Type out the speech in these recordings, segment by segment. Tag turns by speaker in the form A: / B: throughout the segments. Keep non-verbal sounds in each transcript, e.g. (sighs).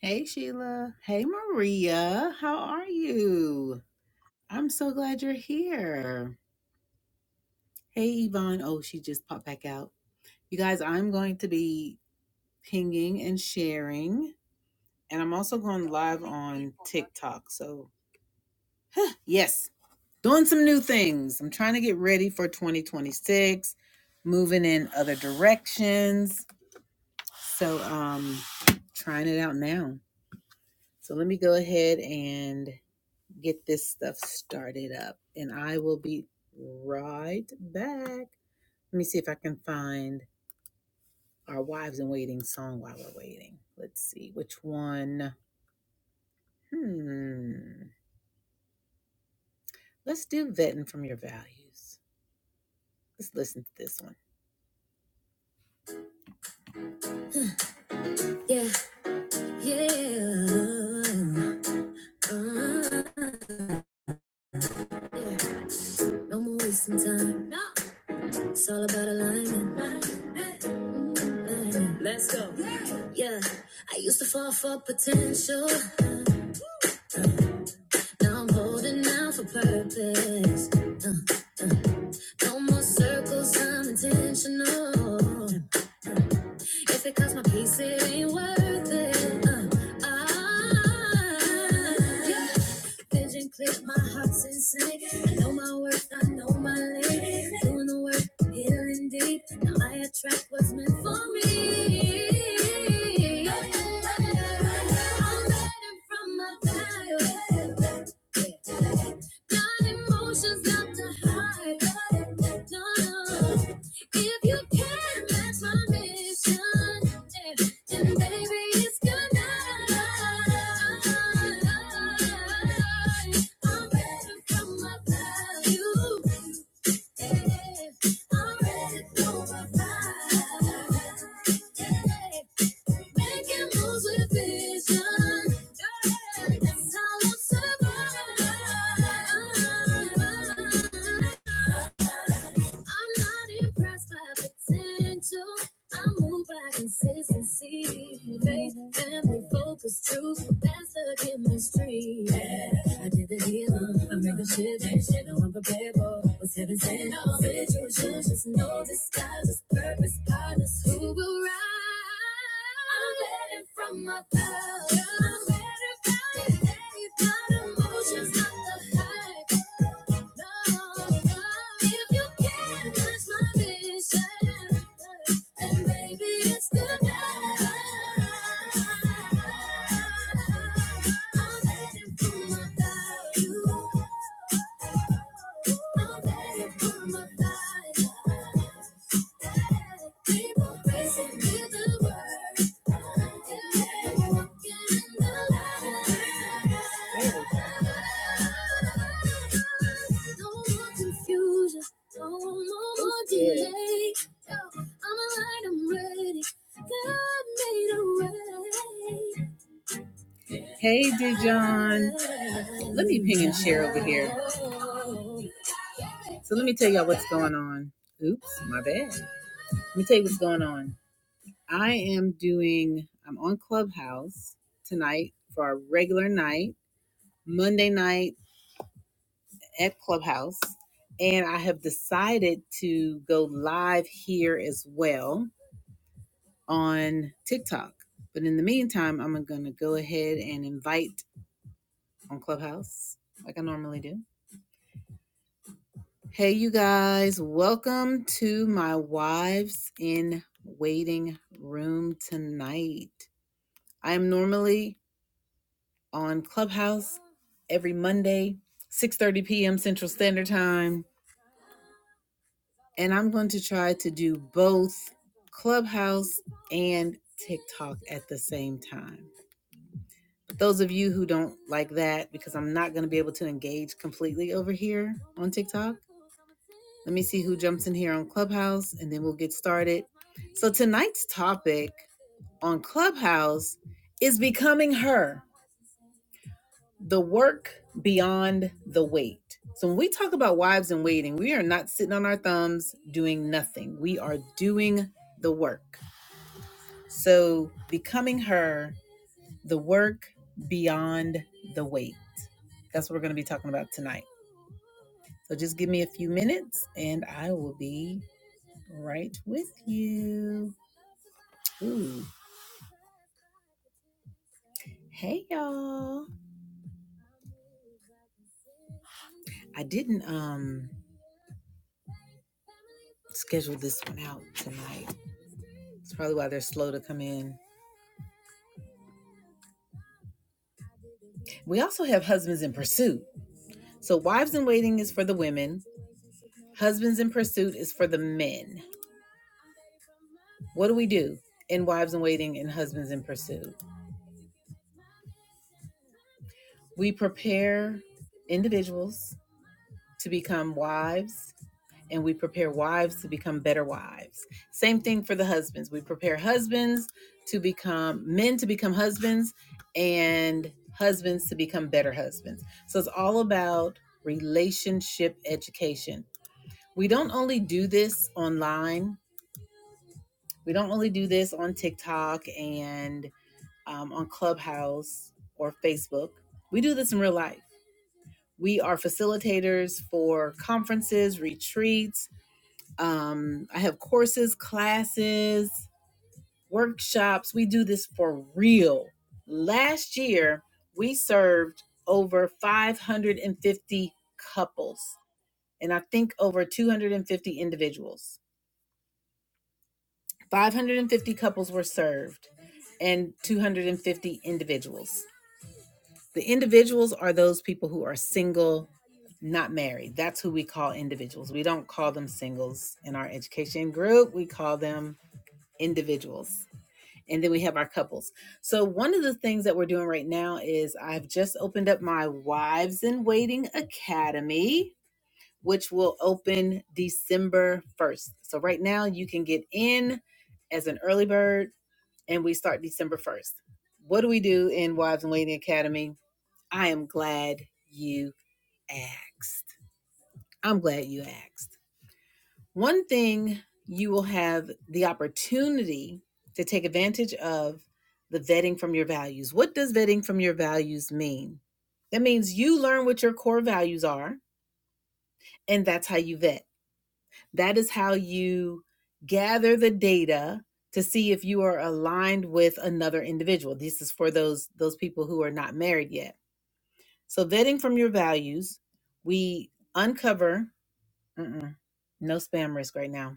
A: Hey, Sheila. Hey, Maria. How are you? I'm so glad you're here. Hey, Yvonne. Oh, she just popped back out. You guys, I'm going to be pinging and sharing, and I'm also going live on TikTok. So, yes, doing some new things. I'm trying to get ready for 2026, moving in other directions. So, um, trying it out now. So, let me go ahead and get this stuff started up. And I will be right back. Let me see if I can find our Wives in Waiting song while we're waiting. Let's see which one. Hmm. Let's do Vetting from Your Values. Let's listen to this one. Yeah, yeah. Uh, yeah. No more wasting time. No. It's all about alignment. Let's go. Yeah, I used to fall for potential. Now I'm holding out for purpose. Uh, uh, No more circles, I'm intentional. If it costs my peace, it ain't worth it. Uh, I, yeah. Vision click, my heart's in sync. I know my worth, I know my lane. Doing the work, healing deep. Now I attract what's meant for me. Yeah. I'm better from my fire. Got emotions not to hide. If you can match my mission, then baby it's good night. I'm ready for my value. Yeah, I'm ready for my vibe. Yeah, Making moves with vision. That's how I'm I'm not impressed by potential. I move by consistency, faith family focus, truth, that's the chemistry. Yeah, I did the healing, I made the shit, ain't shit no unpreparable. What's heaven sent, all situations, just no disguises, purpose, partners who will rise. I'm letting from my past, I'm better by the day, my emotions, not the hype. No, no, if you can't touch my bitch. And maybe it's good night. I'm heading for my value. I'm heading for my value. People racing with the world. Yeah, walking in the light. No more confusion. Oh, no more delay. I'm aligned, I'm ready. God made a way. Hey, Dijon. Let me ping and share over here. So let me tell y'all what's going on. Oops, my bad. Let me tell you what's going on. I am doing, I'm on Clubhouse tonight for our regular night, Monday night at Clubhouse. And I have decided to go live here as well on TikTok. But in the meantime, I'm going to go ahead and invite on Clubhouse like I normally do. Hey, you guys, welcome to my Wives in Waiting room tonight. I am normally on Clubhouse every Monday, 6:30 p.m. Central Standard Time, and I'm going to try to do both Clubhouse and TikTok at the same time. Those of you who don't like that, because I'm not going to be able to engage completely over here on TikTok, let me see who jumps in here on Clubhouse and then we'll get started. So, tonight's topic on Clubhouse is becoming her, the work beyond the wait. So, when we talk about wives in waiting, we are not sitting on our thumbs doing nothing, we are doing the work. So, becoming her, the work beyond the wait. That's what we're going to be talking about tonight. So just give me a few minutes and I will be right with you. Ooh. Hey y'all. I didn't um schedule this one out tonight. It's probably why they're slow to come in. We also have Husbands in Pursuit. So Wives in Waiting is for the women, Husbands in Pursuit is for the men. What do we do in Wives in Waiting and Husbands in Pursuit? We prepare individuals to become wives and we prepare wives to become better wives. Same thing for the husbands. We prepare husbands to become men to become husbands and husbands to become better husbands. So it's all about relationship education. We don't only do this online, we don't only do this on TikTok and um, on Clubhouse or Facebook. We do this in real life. We are facilitators for conferences, retreats, Um, I have courses, classes, workshops. We do this for real. Last year, we served over 550 couples and I think over 250 individuals. 550 couples were served and 250 individuals. The individuals are those people who are single, not married. That's who we call individuals. We don't call them singles in our education group, we call them individuals. and then we have our couples. So one of the things that we're doing right now is I've just opened up my Wives in Waiting Academy, which will open December 1st. So right now you can get in as an early bird and we start December 1st. What do we do in Wives in Waiting Academy? I am glad you asked. I'm glad you asked. One thing you will have the opportunity to take advantage of the vetting from your values. What does vetting from your values mean? That means you learn what your core values are, and that's how you vet. That is how you gather the data to see if you are aligned with another individual. This is for those those people who are not married yet. So vetting from your values, we uncover. Mm-mm, no spam risk right now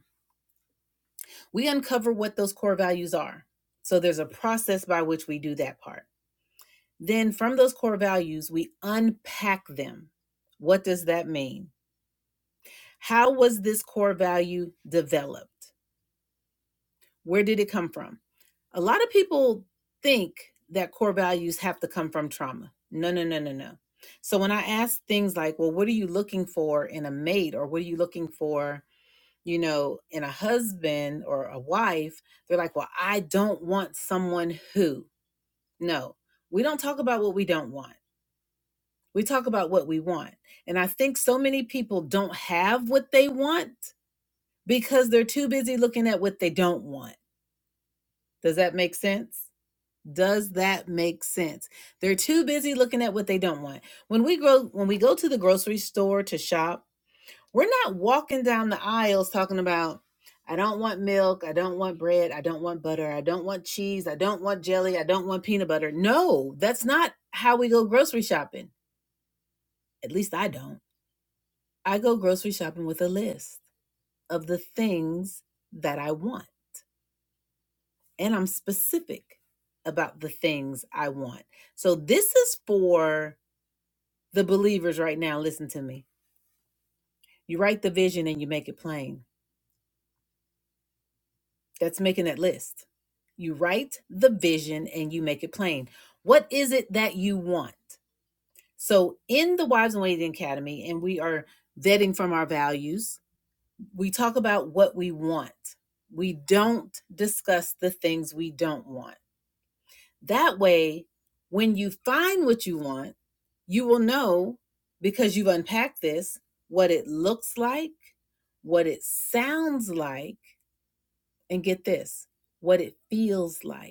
A: We uncover what those core values are. So there's a process by which we do that part. Then from those core values, we unpack them. What does that mean? How was this core value developed? Where did it come from? A lot of people think that core values have to come from trauma. No, no, no, no, no. So when I ask things like, well, what are you looking for in a mate or what are you looking for you know, in a husband or a wife, they're like, well, I don't want someone who. No, we don't talk about what we don't want. We talk about what we want. And I think so many people don't have what they want because they're too busy looking at what they don't want. Does that make sense? Does that make sense? They're too busy looking at what they don't want. When we grow when we go to the grocery store to shop, We're not walking down the aisles talking about, I don't want milk, I don't want bread, I don't want butter, I don't want cheese, I don't want jelly, I don't want peanut butter. No, that's not how we go grocery shopping. At least I don't. I go grocery shopping with a list of the things that I want, and I'm specific about the things I want. So this is for the believers right now. Listen to me. You write the vision and you make it plain. That's making that list. You write the vision and you make it plain. What is it that you want? So, in the Wives and Waiting Academy, and we are vetting from our values, we talk about what we want. We don't discuss the things we don't want. That way, when you find what you want, you will know because you've unpacked this what it looks like, what it sounds like, and get this what it feels like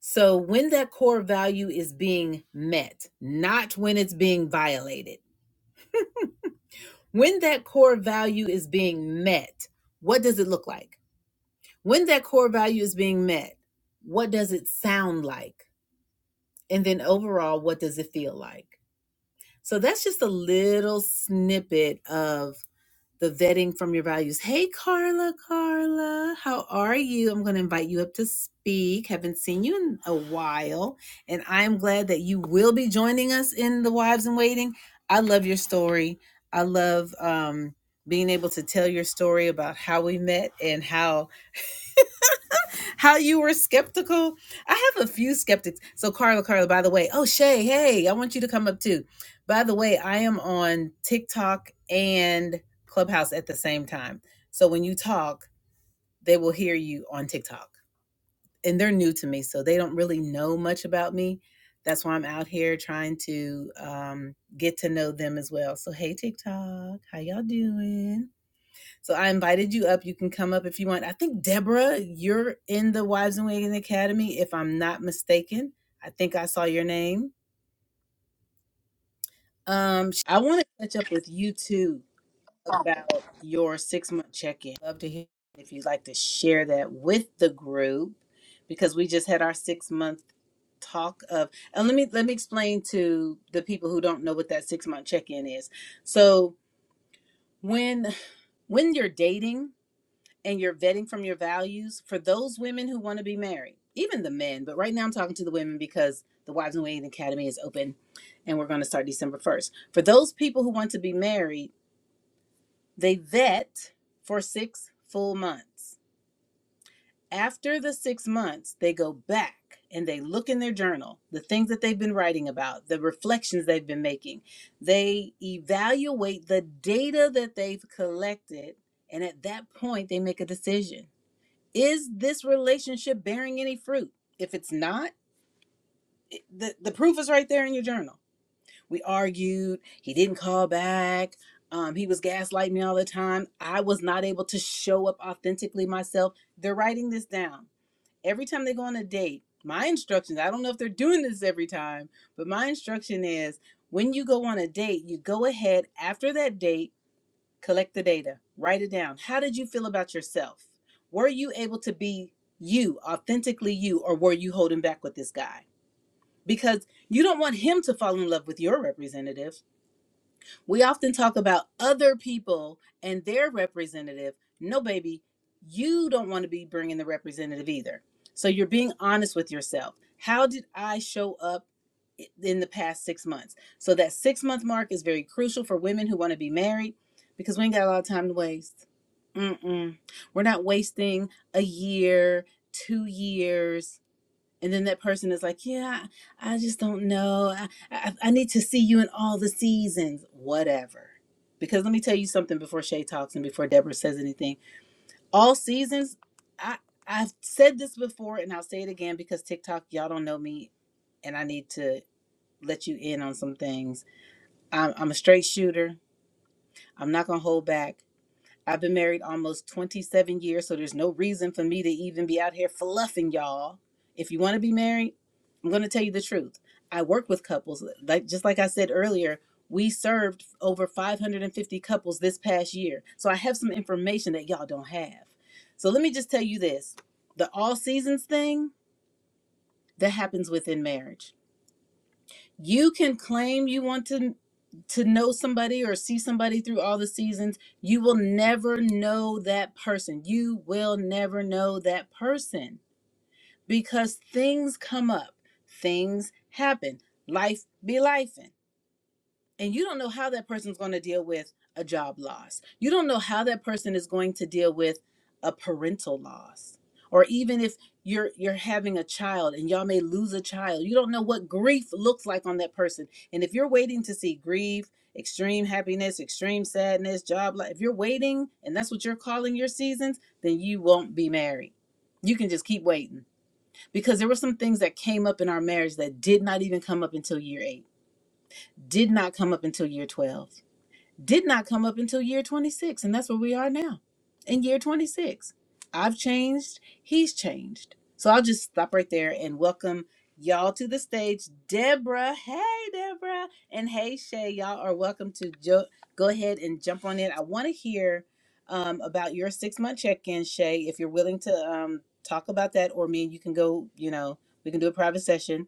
A: So when that core value is being met, not when it's being violated, when that core value is being met, what does it look like? When that core value is being met, what does it sound like? And then overall, what does it feel like? So that's just a little snippet of the vetting from your values. Hey, Carla, Carla, how are you? I'm going to invite you up to speak. Haven't seen you in a while. And I'm glad that you will be joining us in the Wives in Waiting. I love your story. I love um, being able to tell your story about how we met and how how you were skeptical. I have a few skeptics. So Carla, Carla, by the way, oh Shay, hey, I want you to come up too. By the way, I am on TikTok and Clubhouse at the same time. So when you talk, they will hear you on TikTok. And they're new to me, so they don't really know much about me. That's why I'm out here trying to um, get to know them as well. So hey TikTok, how y'all doing? So I invited you up. You can come up if you want. I think Deborah, you're in the Wives and Wagon Academy, if I'm not mistaken. I think I saw your name. Um, I want to catch up with you too about your six month check in. Love to hear if you'd like to share that with the group because we just had our six month talk of and let me let me explain to the people who don't know what that six month check in is. So when when you're dating and you're vetting from your values for those women who want to be married, even the men, but right now I'm talking to the women because the Wives and Waiting Academy is open and we're going to start December 1st. For those people who want to be married, they vet for six full months. After the six months, they go back and they look in their journal, the things that they've been writing about, the reflections they've been making. They evaluate the data that they've collected, and at that point, they make a decision is this relationship bearing any fruit? If it's not, it- the, the proof is right there in your journal. We argued, he didn't call back, um, he was gaslighting me all the time. I was not able to show up authentically myself. They're writing this down. Every time they go on a date, my instructions, I don't know if they're doing this every time, but my instruction is when you go on a date, you go ahead after that date Collect the data, write it down. How did you feel about yourself? Were you able to be you, authentically you, or were you holding back with this guy? Because you don't want him to fall in love with your representative we often talk about other people and their representative. No, baby, you don't want to be bringing the representative either. So you're being honest with yourself. How did I show up in the past six months? So that six month mark is very crucial for women who want to be married because we ain't got a lot of time to waste. Mm-mm. We're not wasting a year, two years and then that person is like yeah i just don't know i i, I need to see you in all the seasons whatever because let me tell you something before shay talks and before deborah says anything all seasons i i've said this before and i'll say it again because tiktok y'all don't know me and i need to let you in on some things i'm, I'm a straight shooter i'm not gonna hold back I've been married almost 27 years, so there's no reason for me to even be out here fluffing y'all. If you want to be married, I'm going to tell you the truth. I work with couples. Like just like I said earlier, we served over 550 couples this past year. So I have some information that y'all don't have. So let me just tell you this. The all seasons thing that happens within marriage you can claim you want to to know somebody or see somebody through all the seasons. You will never know that person. You will never know that person because things come up. Things happen. Life be lifing and you don't know how that person's going to deal with a job loss. You don't know how that person is going to deal with a parental loss. Or even if you're you're having a child and y'all may lose a child. You don't know what grief looks like on that person. And if you're waiting to see grief, extreme happiness, extreme sadness, job loss if you're waiting and that's what you're calling your seasons, then you won't be married. You can just keep waiting because there were some things that came up in our marriage that did not even come up until year 8. Did not come up until year 12 did not come up until year 26 and that's where we are now in year 26 i've changed he's changed so i'll just stop right there and welcome y'all to the stage deborah hey deborah and hey shay y'all are welcome to jo- go ahead and jump on in i want to hear um, about your six month check-in shay if you're willing to um, talk about that or me and you can go you know we can do a private session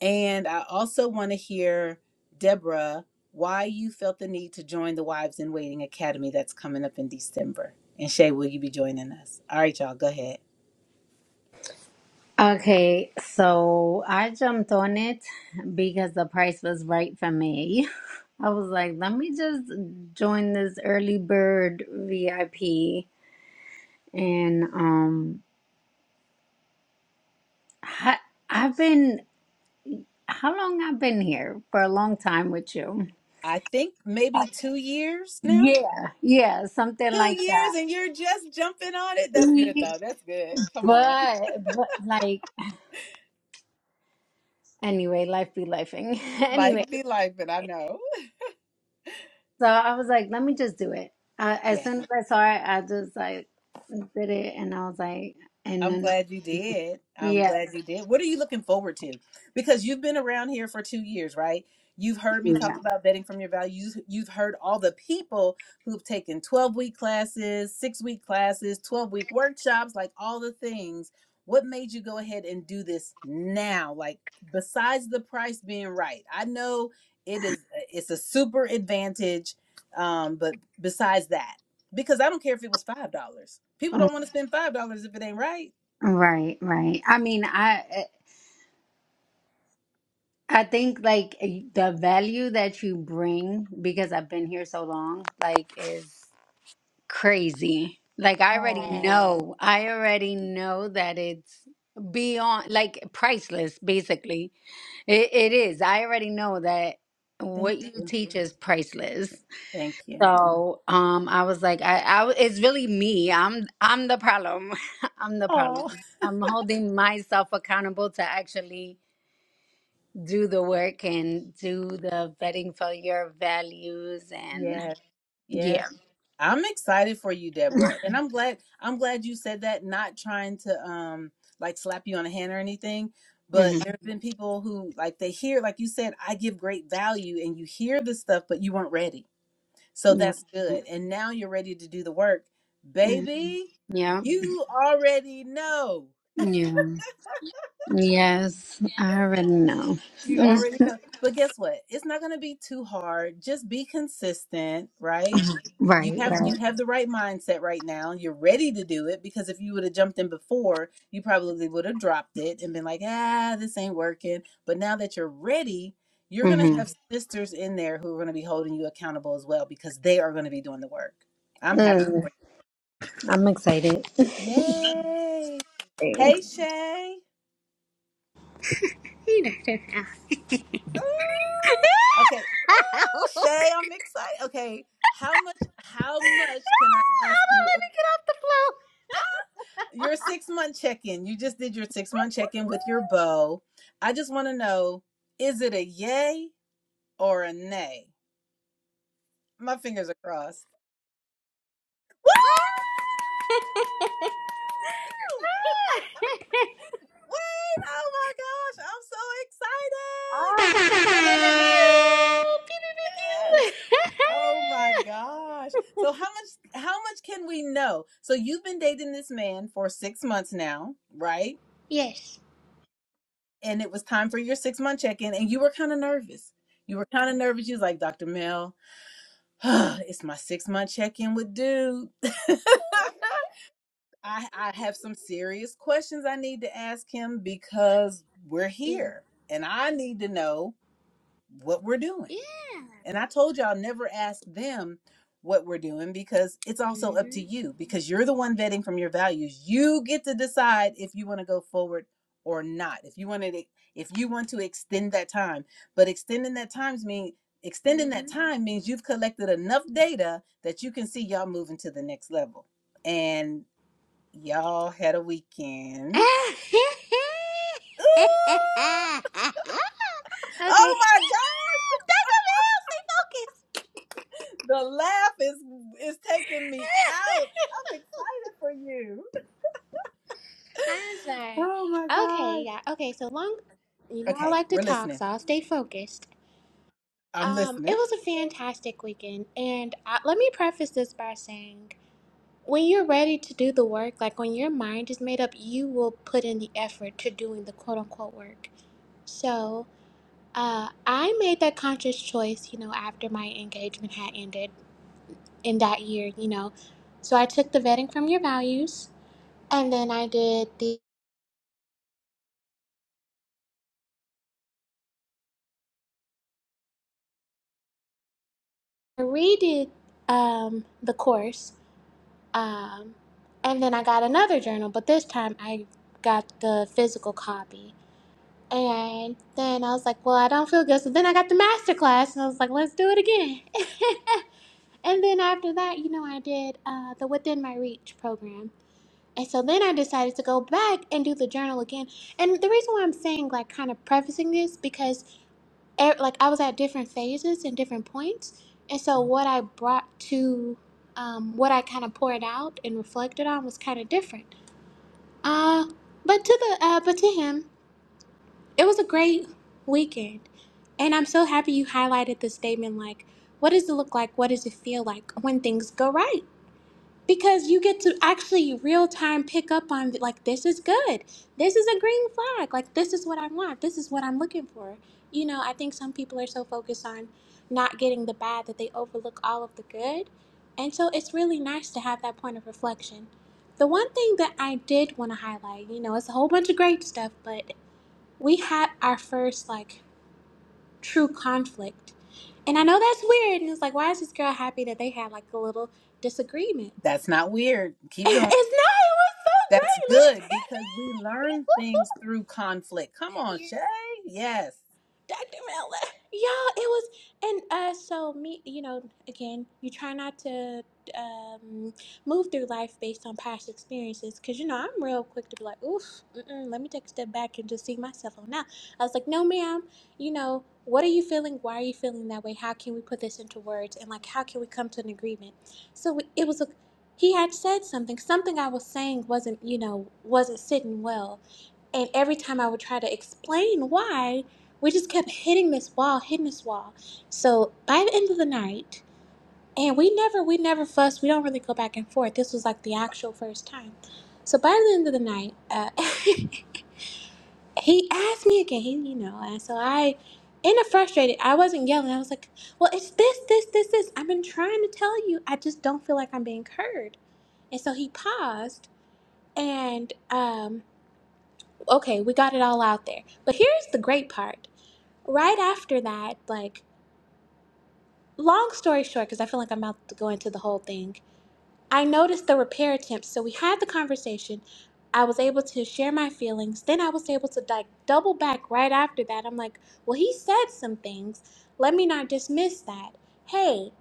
A: and I also want to hear, Deborah, why you felt the need to join the Wives in Waiting Academy that's coming up in December. And Shay, will you be joining us? All right, y'all, go ahead.
B: Okay, so I jumped on it because the price was right for me. (laughs) I was like, let me just join this early bird VIP and um I, I've been how long I've been here? For a long time with you.
A: I think maybe two years now.
B: Yeah, yeah, something
A: Two
B: like
A: years,
B: that.
A: and you're just jumping on it. That's good,
B: (laughs)
A: though. That's good. Come on.
B: But but like anyway, life be lifing. (laughs)
A: (laughs)
B: Anyway,
A: Life be life, but I know.
B: So I was like, let me just do it. Uh, as soon as I saw it, I just like did it, and I was like, and
A: I'm
B: then
A: glad you did. I'm
B: yeah,
A: glad you did. What are you looking forward to? Because you've been around here for two years, right? You've heard me
B: yeah,
A: talk about vetting from your values. You've heard all the people who've taken 12 week classes, six week classes, 12 week workshops, like all the things. What made you go ahead and do this now? Like, besides the price being right, I know it is, it's a super advantage. Um, but besides that, because I don't care if it was $5, people
B: Mm,
A: don't want to spend $5 if it ain't right.
B: right, right. I mean, I I think like eh, the value that you bring because I've been here so long, like, is crazy. Like I already Mm.
A: Oh,
B: know, I already know that it's beyond like priceless. Basically, it, it is. I already know that
A: thank
B: what you
A: you.
B: teach is priceless
A: Thank you.
B: So um, I was like, I, I, w- it's really me. I'm, I'm the problem. (laughs) I'm the problem.
A: Oh,
B: I'm holding myself accountable to actually do the work and do the vetting for your values and
A: yes, yes.
B: yeah.
A: I'm excited for you, Deborah. And I'm glad I'm glad you said that, not trying to um like slap you on the hand or anything, but
B: hmm
A: there have been people who like they hear, like you said, I give great value and you hear the stuff, but you weren't ready. So that's good. And now you're ready to do the work.
B: hmm
A: Baby,
B: Yeah.
A: you already know.
B: Yeah. Yes, I already know.
A: You
B: Mm.
A: already know. But guess what? It's not going to be too hard. Just be consistent, right? You
B: Right,
A: have you
B: right.
A: have the right mindset right now. You're ready to do it because if you would have jumped in before, you probably would have dropped it and been like, "Ah, this ain't working." But now that you're ready, you're going to
B: Mm-hmm.
A: have sisters in there who are going to be holding you accountable as well because they are going to be doing the work. I'm happy
B: Mm.
A: for
B: I'm excited.
A: you. Yay!
B: (laughs)
A: Hey, Shay.
C: You know, I don't know. (laughs)
A: Ooh, okay.
C: Ow! (laughs)
A: Ooh, Shay, I'm excited. Okay. How much how much can I ask
C: Hold on,
A: you?
C: let me get off the floor.
A: Your six month check-in. You just did your six month check-in with your bow. I just want to know, is it a yay or a nay? My fingers are crossed. Woo!
C: (laughs)
A: Wait, oh my gosh, I'm
C: Ah.
A: so excited.
C: (laughs)
A: Yes.
C: Pew-pew-pew-pew,
A: Oh my gosh.
C: pew pew
A: So how much how much can we know? So you've been dating this man for 6 months now, right?
C: (laughs) Yes.
A: And it was time for your 6 month check-in and you were kind of nervous. You were kind of nervous. You was like, "Dr. Mel, (sighs) it's my 6 month check-in with dude." (laughs) I I have some serious questions I need to ask him because we're
C: Yeah.
A: here and I need to know what we're doing.
C: Yeah.
A: And I told y'all never ask them what we're doing because it's also up
C: Mm-hmm.
A: to you because you're the one vetting from your values. You get to decide if you want to go forward or not. If you want to if you want to extend that time. But extending that times mean extending that
C: Mm-hmm.
A: time means you've collected enough data that you can see y'all moving to the next level. And y'all had a weekend. (laughs) Ooh!
C: (laughs) okay.
A: Oh my God!
C: (laughs) Dr. Mel, stay
A: The laugh is is taking me out.
C: focused.
A: I'm
C: (laughs)
A: excited for you.
C: Answer.
A: Oh my
C: Okay, yeah.
A: gosh.
C: Okay, so long, you know, I
A: Okay,
C: like to
A: we're
C: talk,
A: listening.
C: so I'll stay focused.
A: I'm
C: Um, it
A: listening.
C: was a fantastic weekend, and I, let me preface this by saying, when you're ready to do the work, like when your mind is made up, you will put in the effort to doing the quote unquote work. So, uh, I made that conscious choice, you know, after my engagement had ended in that year, you know. So I took the vetting from your values, and then I did the I redid um, the course, um, and then I got another journal, but this time I got the physical copy. And then I was like, well, I don't feel good. So then I got the master class, and I was like, let's do it again. (laughs) and then after that, you know, I did uh, the Within My Reach program. And so then I decided to go back and do the journal again. And the reason why I'm saying, like, kind of prefacing this, because e- like I was at different phases and different points. And so what I brought to um, what I kind of poured out and reflected on was kind of different. Uh, but to the uh, but to him, it was a great weekend, and I'm so happy you highlighted the statement like, "What does it look like? What does it feel like when things go right?" because you get to actually real time pick up on like this is good this is a green flag like this is what i want this is what i'm looking for you know i think some people are so focused on not getting the bad that they overlook all of the good and so it's really nice to have that point of reflection the one thing that i did want to highlight you know it's a whole bunch of great stuff but we had our first like true conflict and i know that's weird and it's like why is this girl happy that they had like a little disagreement
A: That's not weird.
C: (laughs)
A: Keep
C: It's
A: going.
C: not. It was so
A: That's
C: great. Let me
A: good because we learn
C: tell
A: things through conflict. Come
C: you. (laughs)
A: on,
C: You're
A: Shay. Yes.
C: Dr. Miller. Yeah, it was, and uh, so me, you know, again, you try not to um, move through life based on past experiences, because you know I'm real quick to be like, oof, mm-mm, let me take a step back and just see myself on now. I was like, no, ma'am, you know, what are you feeling? Why are you feeling that way? How can we put this into words? And like, how can we come to an agreement? So we, it was a, he had said something, something I was saying wasn't, you know, wasn't sitting well, and every time I would try to explain why we just kept hitting this wall, hitting this wall. So by the end of the night, and we never, we never fussed. We don't really go back and forth. This was like the actual first time. So by the end of the night, uh, (laughs) he asked me again. He, you know, and so I, in a frustrated, I wasn't yelling. I was like, "Well, it's this, this, this, this. I've been trying to tell you. I just don't feel like I'm being heard." And so he paused and, um, okay, we got it all out there. But here's the great part. Right after that, like long story short, because I feel like I'm about to go into the whole thing. I noticed the repair attempts, so we had the conversation. I was able to share my feelings. Then I was able to like double back right after that. I'm like, well, he said some things. Let me not dismiss that. Hey,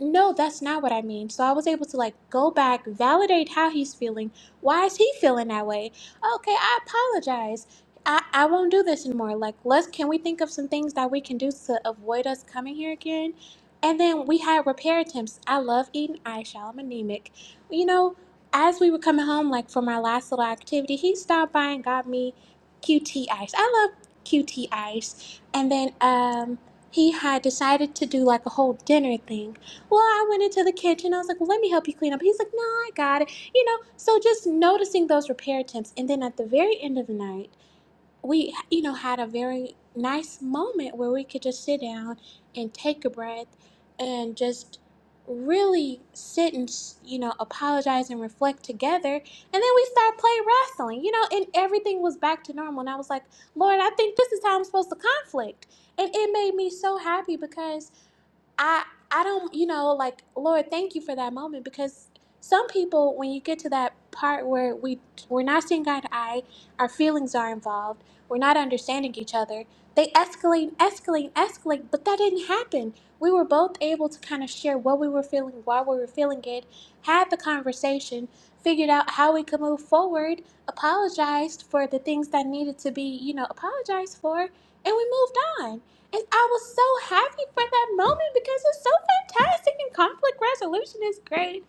C: no, that's not what I mean. So I was able to like go back, validate how he's feeling. Why is he feeling that way? Okay, I apologize. I, I won't do this anymore. Like, let's can we think of some things that we can do to avoid us coming here again? And then we had repair attempts. I love eating ice. y'all. I'm anemic you know, as we were coming home, like from our last little activity, he stopped by and got me QT ice. I love QT ice. And then um, he had decided to do like a whole dinner thing. Well, I went into the kitchen. I was like, well, let me help you clean up. He's like, no, I got it. You know, so just noticing those repair attempts. And then at the very end of the night, we you know had a very nice moment where we could just sit down and take a breath and just really sit and you know apologize and reflect together and then we start playing wrestling you know and everything was back to normal and i was like lord i think this is how i'm supposed to conflict and it made me so happy because I I don't you know like Lord thank you for that moment because some people when you get to that part where we we're not seeing eye to eye our feelings are involved we're not understanding each other they escalate and escalate and escalate but that didn't happen we were both able to kind of share what we were feeling why we were feeling it had the conversation figured out how we could move forward apologized for the things that needed to be you know apologized for and we moved on and i was so happy for that moment because it's so fantastic and conflict resolution is great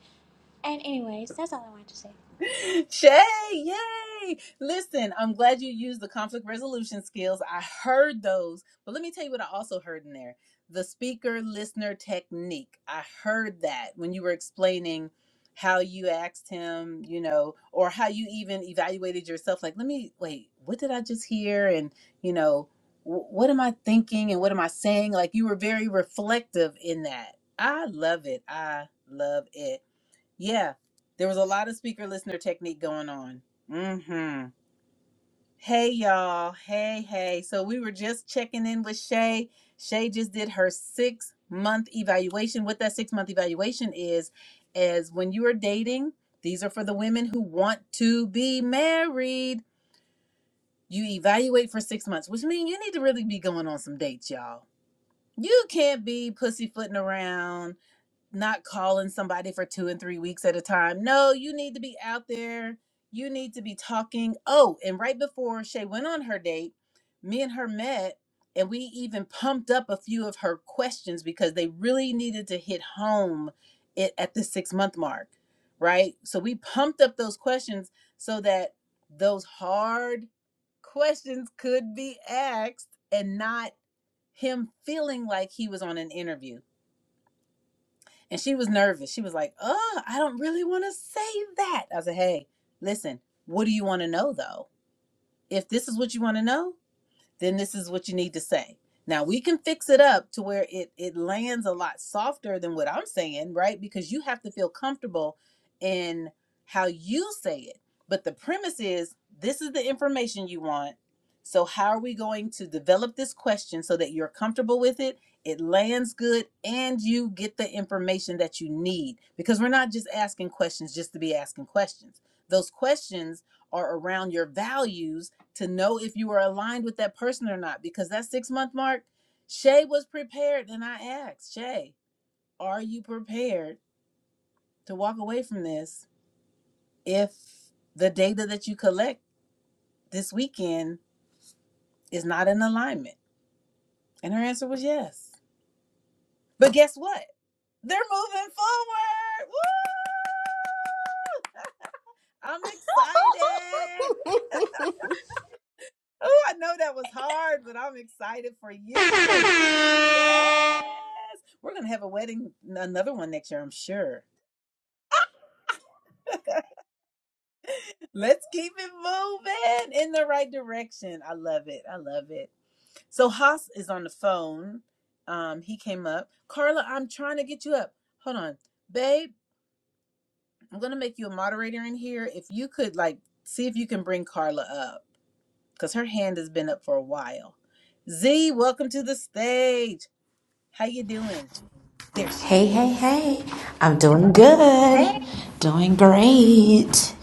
C: and anyways that's all i wanted to say
A: (laughs) Shay, yay! Listen, I'm glad you used the conflict resolution skills. I heard those, but let me tell you what I also heard in there the speaker listener technique. I heard that when you were explaining how you asked him, you know, or how you even evaluated yourself. Like, let me wait, what did I just hear? And, you know, wh- what am I thinking and what am I saying? Like, you were very reflective in that. I love it. I love it. Yeah, there was a lot of speaker listener technique going on. Mm-hmm. Hey y'all. Hey, hey. So we were just checking in with Shay. Shay just did her six month evaluation. What that six month evaluation is, is when you are dating, these are for the women who want to be married. You evaluate for six months, which means you need to really be going on some dates, y'all. You can't be pussyfooting around not calling somebody for two and three weeks at a time. No, you need to be out there. You need to be talking. Oh, and right before Shay went on her date, me and her met, and we even pumped up a few of her questions because they really needed to hit home it at the six month mark, right? So we pumped up those questions so that those hard questions could be asked and not him feeling like he was on an interview and she was nervous. She was like, oh, I don't really want to say that. I said, hey, listen, what do you want to know though? If this is what you want to know, then this is what you need to say. Now we can fix it up to where it it lands a lot softer than what I'm saying, right? Because you have to feel comfortable in how you say it. But the premise is this is the information you want. So how are we going to develop this question so that you're comfortable with it? It lands good and you get the information that you need because we're not just asking questions just to be asking questions. Those questions are around your values to know if you were aligned with that person or not because that six month mark shay was prepared and i asked shay are you prepared to walk away from this if the data that you collect this weekend is not in alignment and her answer was yes but guess what they're moving forward Woo! i'm excited
C: (laughs)
A: oh i know that was hard but i'm excited for you yes! we're gonna have a wedding another one next year i'm sure Let's keep it moving in the right direction. I love it. I love it. So Haas is on the phone. Um, he came up. Carla, I'm trying to get you up. Hold on. Babe, I'm gonna make you a moderator in here. If you could like see if you can bring Carla up, because her hand has been up for a while. Z, welcome to the stage. How you doing? There
D: Hey,
A: she
D: hey,
A: is.
D: hey. I'm doing good.
A: Hey,
D: Doing great.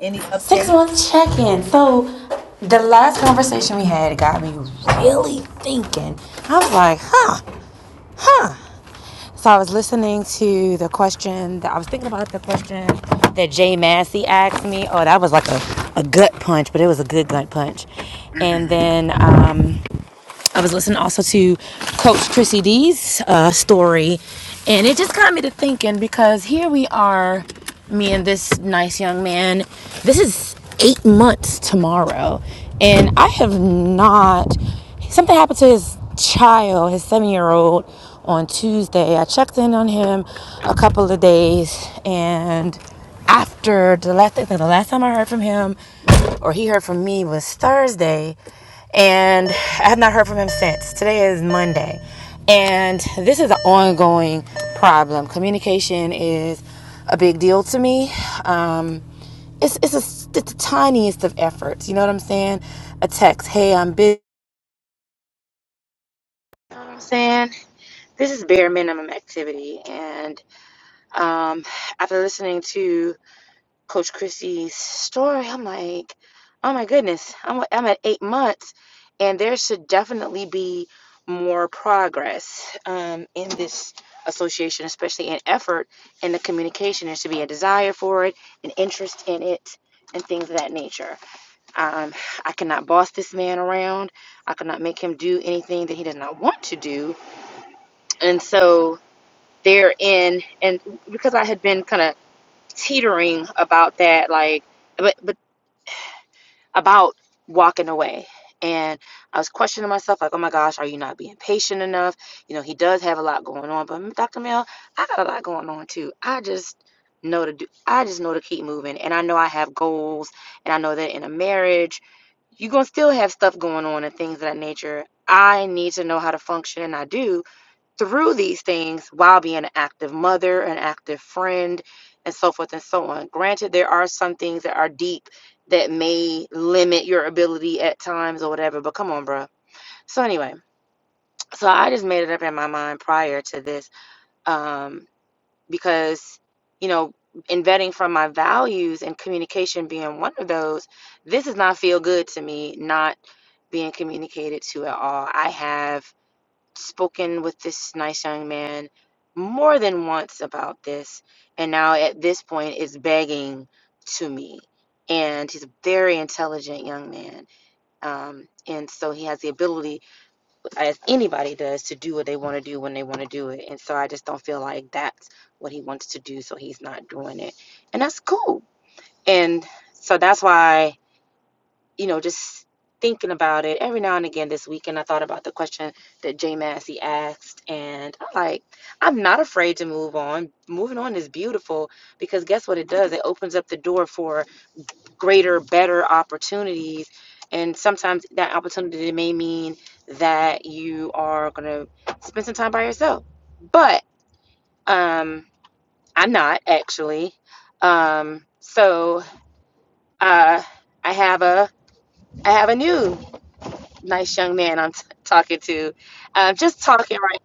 A: Any
D: Six
A: updates?
D: month check in. So, the last conversation we had got me really thinking. I was like, huh, huh. So, I was listening to the question that I was thinking about the question that Jay Massey asked me. Oh, that was like a, a gut punch, but it was a good gut punch. And then,
A: Mm-hmm.
D: um, I was listening also to Coach Chrissy D's uh, story, and it just got me to thinking because here we are, me and this nice young man. This is eight months tomorrow, and I have not. Something happened to his child, his seven year old, on Tuesday. I checked in on him a couple of days, and after the last I the last time I heard from him or he heard from me was Thursday and I have not heard from him since. Today is Monday. And this is an ongoing problem. Communication is a big deal to me. Um, it's it's a, it's the tiniest of efforts. You know what I'm saying? A text, hey, I'm busy. You know what I'm saying this is bare minimum activity. And um, after listening to Coach Chrissy's story, I'm like, oh my goodness, I'm, I'm at eight months, and there should definitely be more progress um, in this association, especially in effort and the communication. There should be a desire for it, an interest in it, and things of that nature. Um, I cannot boss this man around. I cannot make him do anything that he does not want to do. And so therein, and because I had been kind of teetering about that, like, but, but about walking away. And I was questioning myself, like, oh my gosh, are you not being patient enough? You know, he does have a lot going on, but Dr. Mel, I got a lot going on too. I just know to do, I just know to keep moving. And I know I have goals, and I know that in a marriage, you're going to still have stuff going on and things of that nature. I need to know how to function, and I do through these things while being an active mother, an active friend, and so forth and so on. Granted, there are some things that are deep that may limit your ability at times or whatever, but come on, bro. So, anyway, so I just made it up in my mind prior to this um, because, you know, in vetting from my values and communication being one of those, this does not feel good to me, not being communicated to at all. I have spoken with this nice young man more than once about this and now at this point is begging to me and he's a very intelligent young man um, and so he has the ability as anybody does to do what they want to do when they want to do it and so i just don't feel like that's what he wants to do so he's not doing it and that's cool and so that's why you know, just thinking about it every now and again this weekend, I thought about the question that Jay Massey asked, and I'm like, I'm not afraid to move on. Moving on is beautiful because guess what it does? It opens up the door for greater, better opportunities. And sometimes that opportunity may mean that you are going to spend some time by yourself. But um, I'm not actually. Um, so uh, I have a I have a new nice young man I'm t- talking to. Um, just talking right.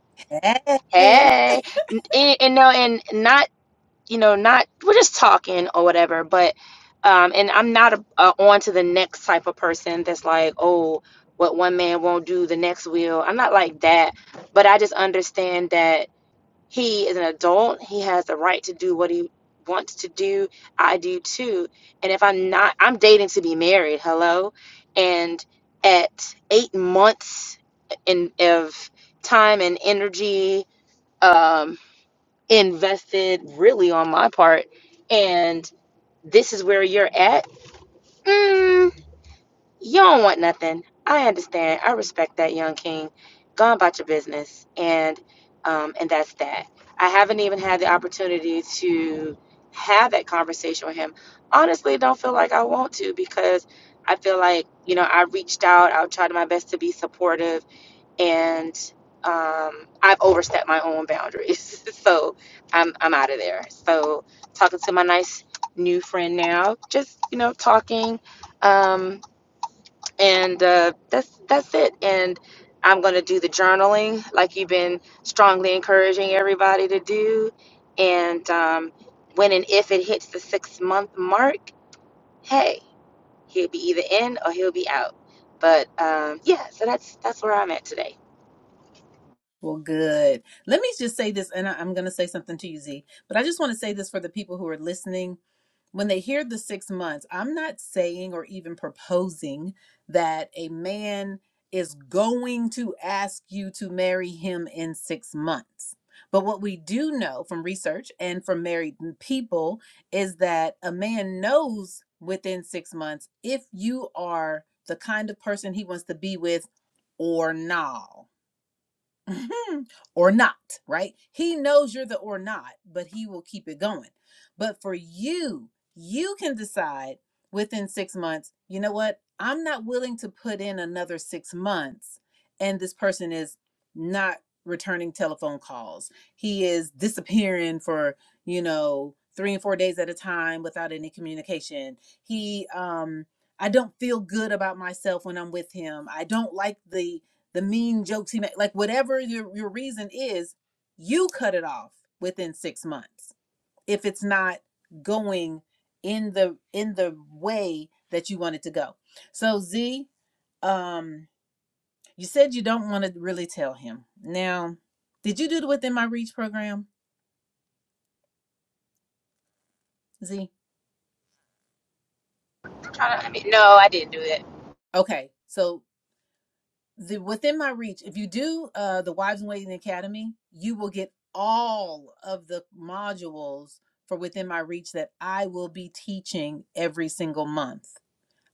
A: Hey.
D: Hey, and, and no, and not you know not we're just talking or whatever. But um, and I'm not a, a on to the next type of person that's like oh what one man won't do the next will. I'm not like that. But I just understand that he is an adult. He has the right to do what he wants to do. I do too. And if I'm not, I'm dating to be married. Hello. And at eight months in of time and energy um, invested, really on my part, and this is where you're at. mm, you don't want nothing. I understand. I respect that, young king. Go on about your business, and um, and that's that. I haven't even had the opportunity to have that conversation with him. Honestly, don't feel like I want to because I feel like you know I reached out. I tried my best to be supportive, and um, I've overstepped my own boundaries. (laughs) so I'm I'm out of there. So talking to my nice new friend now, just you know talking. Um, and uh, that's that's it. And I'm gonna do the journaling, like you've been strongly encouraging everybody to do. And um, when and if it hits the six month mark, hey, he'll be either in or he'll be out. But um, yeah, so that's that's where I'm at today.
A: Well, good. Let me just say this, and I, I'm going to say something to you, Z, but I just want to say this for the people who are listening. When they hear the six months, I'm not saying or even proposing that a man is going to ask you to marry him in six months. But what we do know from research and from married people is that a man knows within six months if you are the kind of person he wants to be with or not. Mhm. or not, right? He knows you're the or not, but he will keep it going. But for you, you can decide within six months, you know what? I'm not willing to put in another six months, and this person is not returning telephone calls. He is disappearing for, you know, three and four days at a time without any communication. He, um, I don't feel good about myself when I'm with him. I don't like the the mean jokes he made, like whatever your, your reason is, you cut it off within six months if it's not going in the in the way that you want it to go. So Z, um, you said you don't want to really tell him. Now, did you do the within my reach program, Z?
D: Trying to, I mean, no, I didn't do that.
A: Okay, so the within my reach if you do uh the wives in waiting academy you will get all of the modules for within my reach that i will be teaching every single month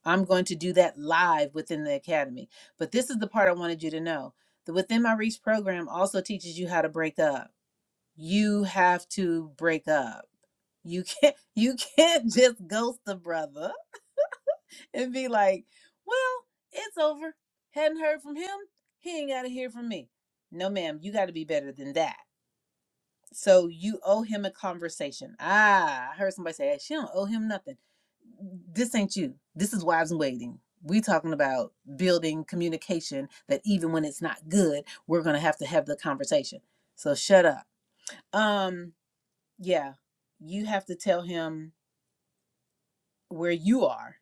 A: i'm going to do that live within the academy but this is the part i wanted you to know the within my reach program also teaches you how to break up you have to break up you can't (laughs) you can't just ghost the brother and be like, well, it's over. Hadn't heard from him. He ain't got to hear from me. No, ma'am, you got to be better than that. So you owe him a conversation. Ah, I heard somebody say, "Hey, she don't owe him nothing. This ain't you. This is Wives in Waiting. We talking about building communication that even when it's not good, we're going to have to have the conversation. So shut up. Um, yeah, you have to tell him where you are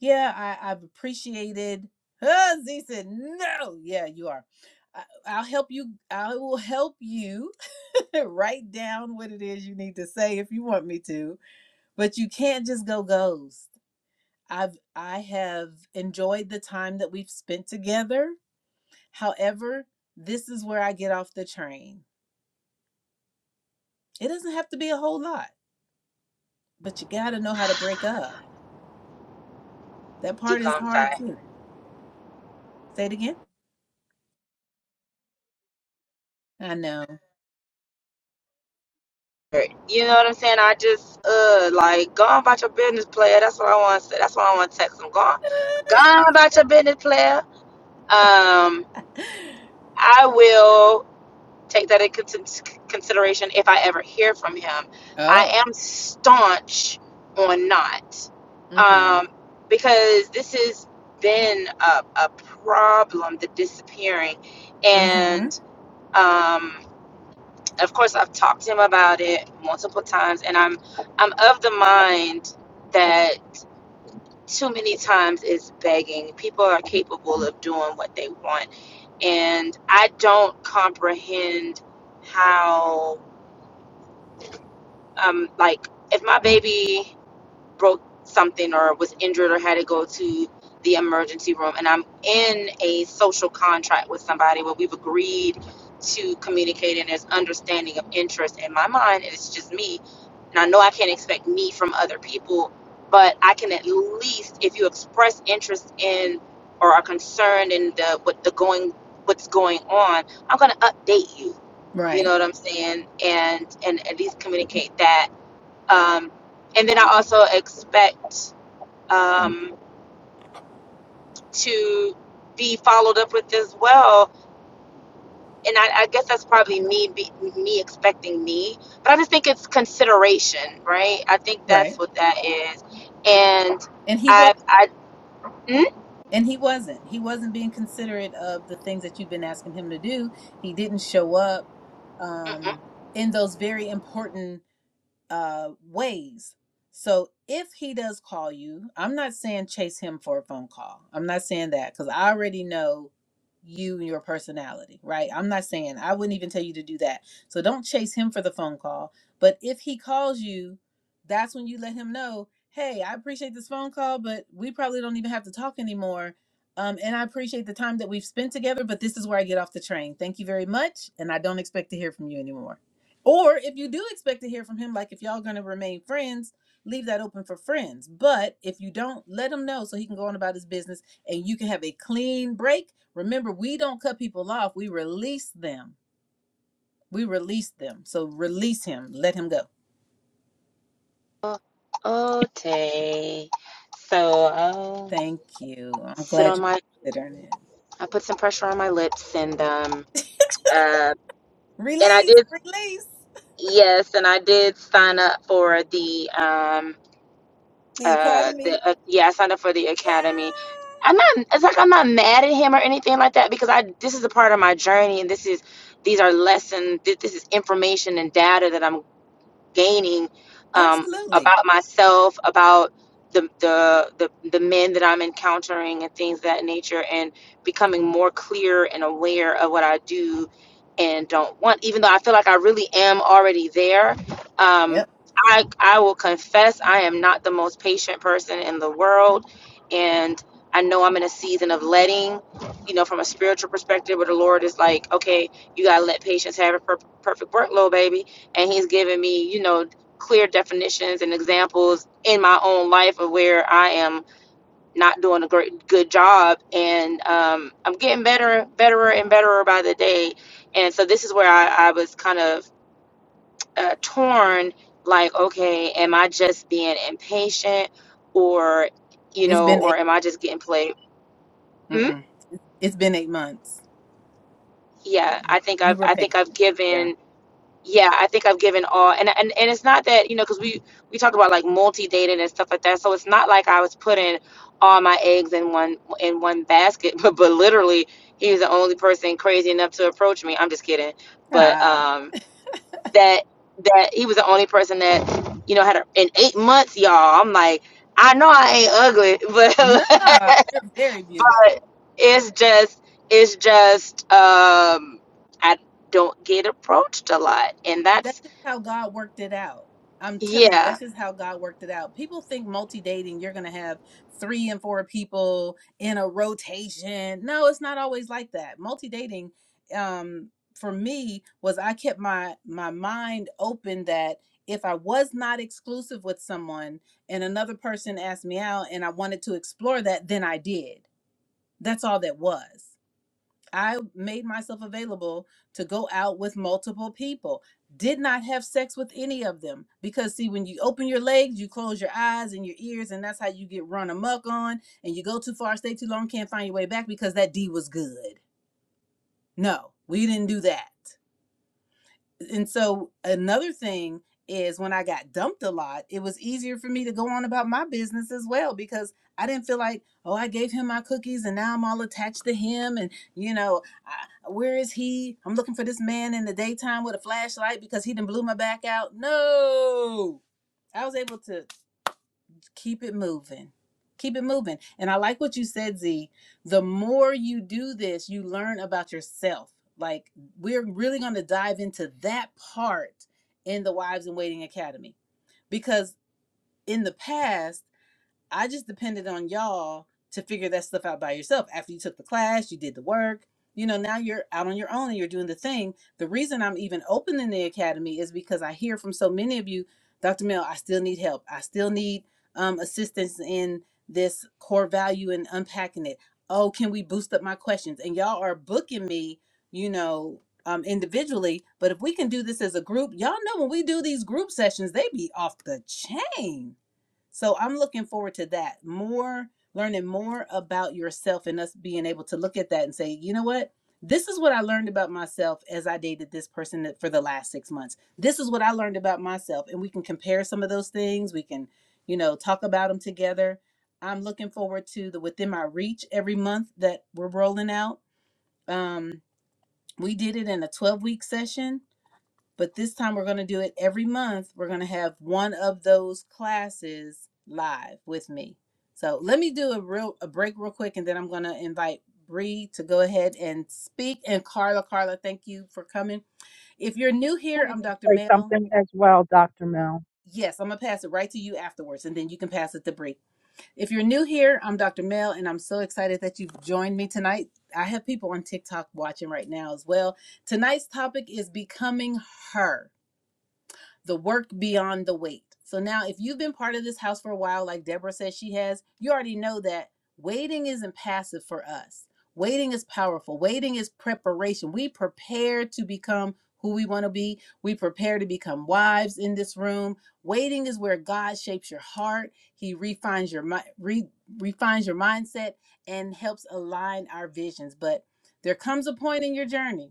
A: yeah, I, I've appreciated. (laughs) Huh, Z said, no, yeah, you are. I, I'll help you. I will help you (laughs) write down what it is you need to say if you want me to, but you can't just go ghost. I've I have enjoyed the time that we've spent together. However, this is where I get off the train. It doesn't have to be a whole lot, but you got to know how to break up. That part
D: Deep
A: is
D: long
A: hard
D: sigh.
A: too. Say it again. I know. (laughs)
D: You know what I'm saying? I just uh like go on about your business, player. That's what I want to say. That's what I want to text him. Go on, go on about your business, player. Um, I will take that into consideration if I ever hear from him.
A: Oh.
D: I am staunch on not,
A: mm-hmm."
D: um, because this has been a, a problem, the disappearing.
A: Mm-hmm.
D: And um, of course, I've talked to him about it multiple times, and I'm, I'm of the mind that too many times is begging. People are capable of doing what they want. And I don't comprehend how, um, like, if my baby broke something or was injured or had to go to the emergency room and I'm in a social contract with somebody where we've agreed to communicate and there's understanding of interest in my mind it's just me and I know I can't expect me from other people but I can at least if you express interest in or are concerned in the what the going what's going on I'm going to update you you know
A: Right.
D: what I'm saying and and at least communicate that um, and then I also expect um, to be followed up with as well. And I, I guess that's probably me be, me expecting me, but I just think it's consideration, right? I think that's
A: Right.
D: what that is. And
A: And he was
D: I, I, mm,
A: and he wasn't. He wasn't being considerate of the things that you've been asking him to do. He didn't show up
D: mm-mm.
A: um in those very important uh, ways. So if he does call you, I'm not saying chase him for a phone call. I'm not saying that because I already know you and your personality, right? I'm not saying I wouldn't even tell you to do that. So don't chase him for the phone call. But if he calls you, that's when you let him know, hey, I appreciate this phone call, but we probably don't even have to talk anymore. Um, and I appreciate the time that we've spent together, but this is where I get off the train. Thank you very much. And I don't expect to hear from you anymore. Or if you do expect to hear from him, like if y'all gonna remain friends, leave that open for friends. But if you don't, let him know so he can go on about his business and you can have a clean break. Remember, we don't cut people off, we release them. We release them. So release him. Let him go.
D: Oh, oh, Tay. So, oh,
A: Thank you. I'm
D: sit
A: glad
D: on
A: you're
D: my
A: considering it.
D: I put some pressure on my lips and um uh and I
A: Release,
D: did
A: release
D: yes and I did sign up for the um
A: the
D: uh,
A: academy.
D: the, uh yeah, I signed up for the academy.
A: Yeah.
D: I'm not. It's like I'm not mad at him or anything like that because I. This is a part of my journey, and this is these are lessons. This, this is information and data that I'm gaining um,
A: Absolutely.
D: about myself, about the, the the the men that I'm encountering and things of that nature, and becoming more clear and aware of what I do and don't want. Even though I feel like I really am already there, um,
A: Yep.
D: I I will confess I am not the most patient person in the world, and I know I'm in a season of letting. You know, from a spiritual perspective, where the Lord is like, okay, you gotta let patience have a per- perfect workload, baby and he's given me you know clear definitions and examples in my own life of where i am not doing a great good job and um, i'm getting better better and better by the day and so this is where i, I was kind of uh, torn like okay am i just being impatient or you
A: It's
D: know
A: been
D: or
A: eight.
D: am i just getting played mm?
A: Mm-mm. It's been eight months.
D: yeah i think
A: You
D: i've
A: were
D: i think
A: patient.
D: i've given
A: Yeah.
D: yeah i think i've given all and and, and it's not that you know because we we talk about like multi-dating and stuff like that so it's not like i was putting all my eggs in one in one basket (laughs) but, but literally he was the only person crazy enough to approach me i'm just kidding but
A: Ah.
D: um that that he was the only person that you know had a, in eight months y'all i'm like i know i ain't ugly (laughs) but
A: Nah, you're very
D: but
A: beautiful.
D: it's just it's just um i don't get approached a lot and that's
A: That's just how God worked it out. I'm telling you,
D: Yeah.
A: that's just how God worked it out. People think multi dating, you're going to have three and four people in a rotation. No, it's not always like that. Multi dating, um, for me, was I kept my my mind open that if I was not exclusive with someone and another person asked me out and I wanted to explore that, then I did. That's all that was. I made myself available to go out with multiple people. Did not have sex with any of them because, see, when you open your legs, you close your eyes and your ears, and that's how you get run amok on. And you go too far, stay too long, can't find your way back because that D was good. No, we didn't do that and so another thing is when I got dumped a lot, it was easier for me to go on about my business as well because I didn't feel like, oh, I gave him my cookies and now I'm all attached to him. And, you know, I, where is he? I'm looking for this man in the daytime with a flashlight because he didn't blew my back out. No, I was able to keep it moving keep it moving and i like what you said z the more you do this you learn about yourself like we're really going to dive into that part in the wives in waiting academy because in the past I just depended on y'all to figure that stuff out by yourself. After you took the class, you did the work. You know, now you're out on your own and you're doing the thing. The reason I'm even opening the academy is because I hear from so many of you, Dr. Mel, I still need help. I still need um, assistance in this core value and unpacking it. Oh, can we boost up my questions? And y'all are booking me, you know, um, individually. But if we can do this as a group, y'all know when we do these group sessions, they be off the chain so I'm looking forward to that. More learning more about yourself and us being able to look at that and say, you know what? This is what I learned about myself as I dated this person for the last six months. This is what I learned about myself. And we can compare some of those things. We can, you know, talk about them together. I'm looking forward to the Within My Reach every month that we're rolling out. Um, we did it in a 12 week session but this time we're going to do it every month. We're going to have one of those classes live with me. So let me do a real a break real quick and then I'm going to invite Bree to go ahead and speak and Carla Carla, thank you for coming. If you're new here,
E: wanted
A: I'm
E: to
A: Dr.
E: say
A: Mel.
E: something as well, Dr. Mel.
A: Yes, I'm going to pass it right to you afterwards and then you can pass it to Bree. If you're new here, I'm Dr. Mel and I'm so excited that you've joined me tonight. I have people on TikTok watching right now as well. Tonight's topic is becoming her the work beyond the wait. So now, if you've been part of this house for a while, like Deborah says she has, you already know that waiting isn't passive for us. Waiting is powerful. Waiting is preparation. We prepare to become who we want to be. We prepare to become wives in this room. Waiting is where God shapes your heart. He refines your mind, re- refines your mindset and helps align our visions. But there comes a point in your journey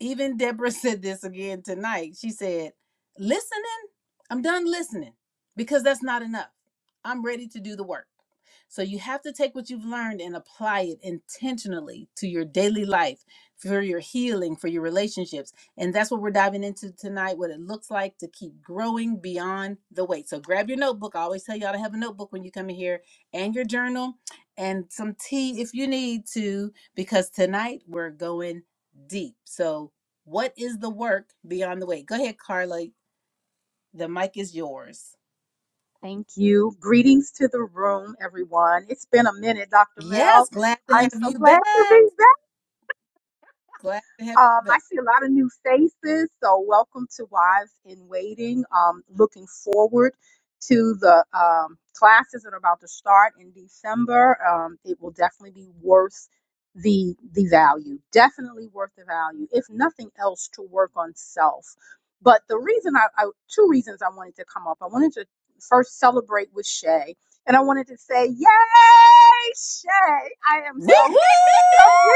A: even Deborah (laughs) said this again tonight. She said, Listening, I'm done listening because that's not enough. I'm ready to do the work. So you have to take what you've learned and apply it intentionally to your daily life, for your healing, for your relationships. And that's what we're diving into tonight what it looks like to keep growing beyond the weight. So grab your notebook. I always tell y'all to have a notebook when you come in here and your journal and some tea if you need to, because tonight we're going deep. So, what is the work beyond the weight? Go ahead, Carla. The mic is yours.
E: Thank you. Greetings to the room, everyone. It's been a minute, Dr.
A: Yes,
E: Mel.
A: glad to
E: I'm
A: have
E: so
A: you
E: glad to
A: back.
E: be back.
A: Glad to have
E: Um,
A: you
E: I
A: back.
E: see a lot of new faces, so welcome to Wives in Waiting. Um, looking forward to the um, classes that are about to start in December. Um, it will definitely be worth the the value, definitely worth the value, if nothing else, to work on self. But the reason I, I two reasons I wanted to come up. I wanted to first celebrate with Shay, and I wanted to say, "Yay, Shay! I am
A: Woo woo!
E: so proud of you."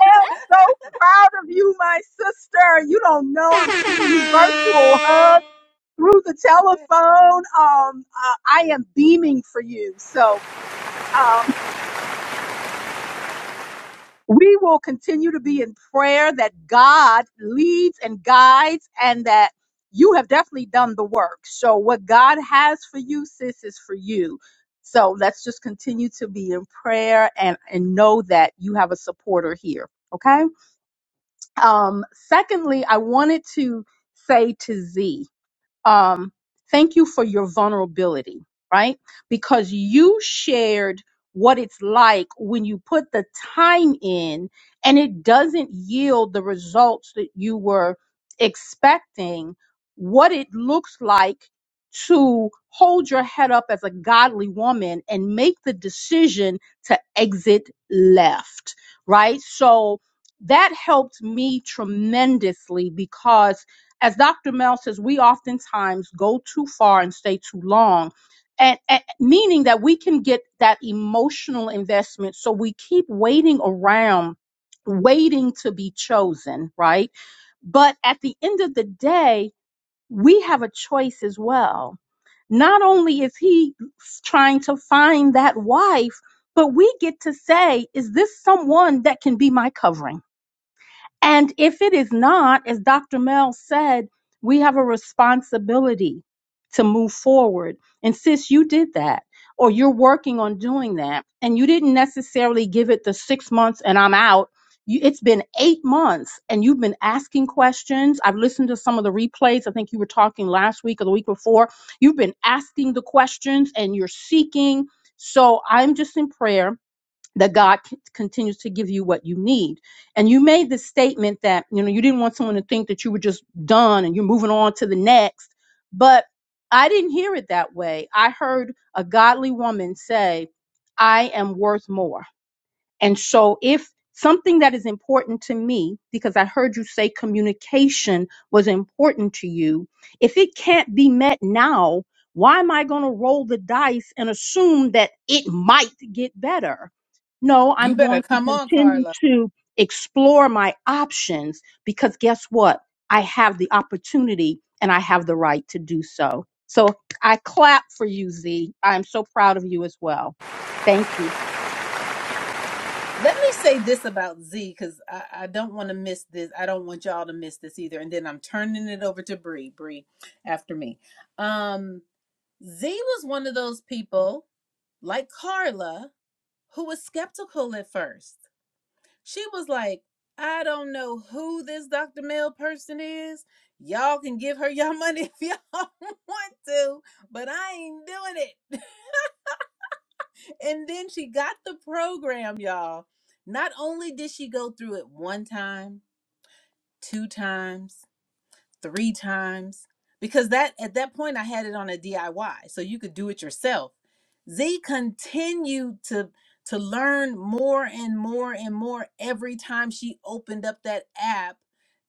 E: am so proud of you, my sister. You don't know I'm sending you virtual hugs through the
A: (laughs)
E: telephone. Um, uh, I am beaming for you. So, um, we will continue to be in prayer that God leads and guides and that you have definitely done the work. So what God has for you, sis, is for you. So let's just continue to be in prayer and, and know that you have a supporter here. Okay. Um, secondly, I wanted to say to Z, um, thank you for your vulnerability, right? Because you shared what it's like when you put the time in and it doesn't yield the results that you were expecting, what it looks like to hold your head up as a godly woman and make the decision to exit left, right? So that helped me tremendously because as Dr. Mel says, we oftentimes go too far and stay too long. And, and meaning that we can get that emotional investment. So we keep waiting around, waiting to be chosen, right? But at the end of the day, we have a choice as well. Not only is he trying to find that wife, but we get to say, is this someone that can be my covering? And if it is not, as Dr. Mel said, we have a responsibility to move forward. And sis, you did that, or you're working on doing that, and you didn't necessarily give it the six months and I'm out. You, it's been eight months and you've been asking questions. I've listened to some of the replays. I think you were talking last week or the week before. You've been asking the questions and you're seeking. So I'm just in prayer that God c- continues to give you what you need. And you made this statement that, you know, you didn't want someone to think that you were just done and you're moving on to the next. But I didn't hear it that way. I heard a godly woman say, I am worth more. And so, if something that is important to me, because I heard you say communication was important to you, if it can't be met now, why am I going to roll the dice and assume that it might get better? No,
A: you
E: I'm
A: better
E: going to
A: come on,
E: continue
A: Carla.
E: to explore my options because guess what? I have the opportunity and I have the right to do so. So I clap for you, Z. I'm so proud of you as well. Thank you.
A: Let me say this about Z because I, I don't want to miss this. I don't want y'all to miss this either. And then I'm turning it over to Bree. Bree, after me. Um, Z was one of those people like Carla who was skeptical at first She was like, I don't know who this Dr. Mel person is. Y'all can give her y'all (laughs) money if y'all (laughs) want to, but I ain't doing it. (laughs) and then she got the program, y'all. Not only did she go through it one time, two times, three times because that at that point I had it on a DIY so you could do it yourself. Z continued to to learn more and more and more every time she opened up that app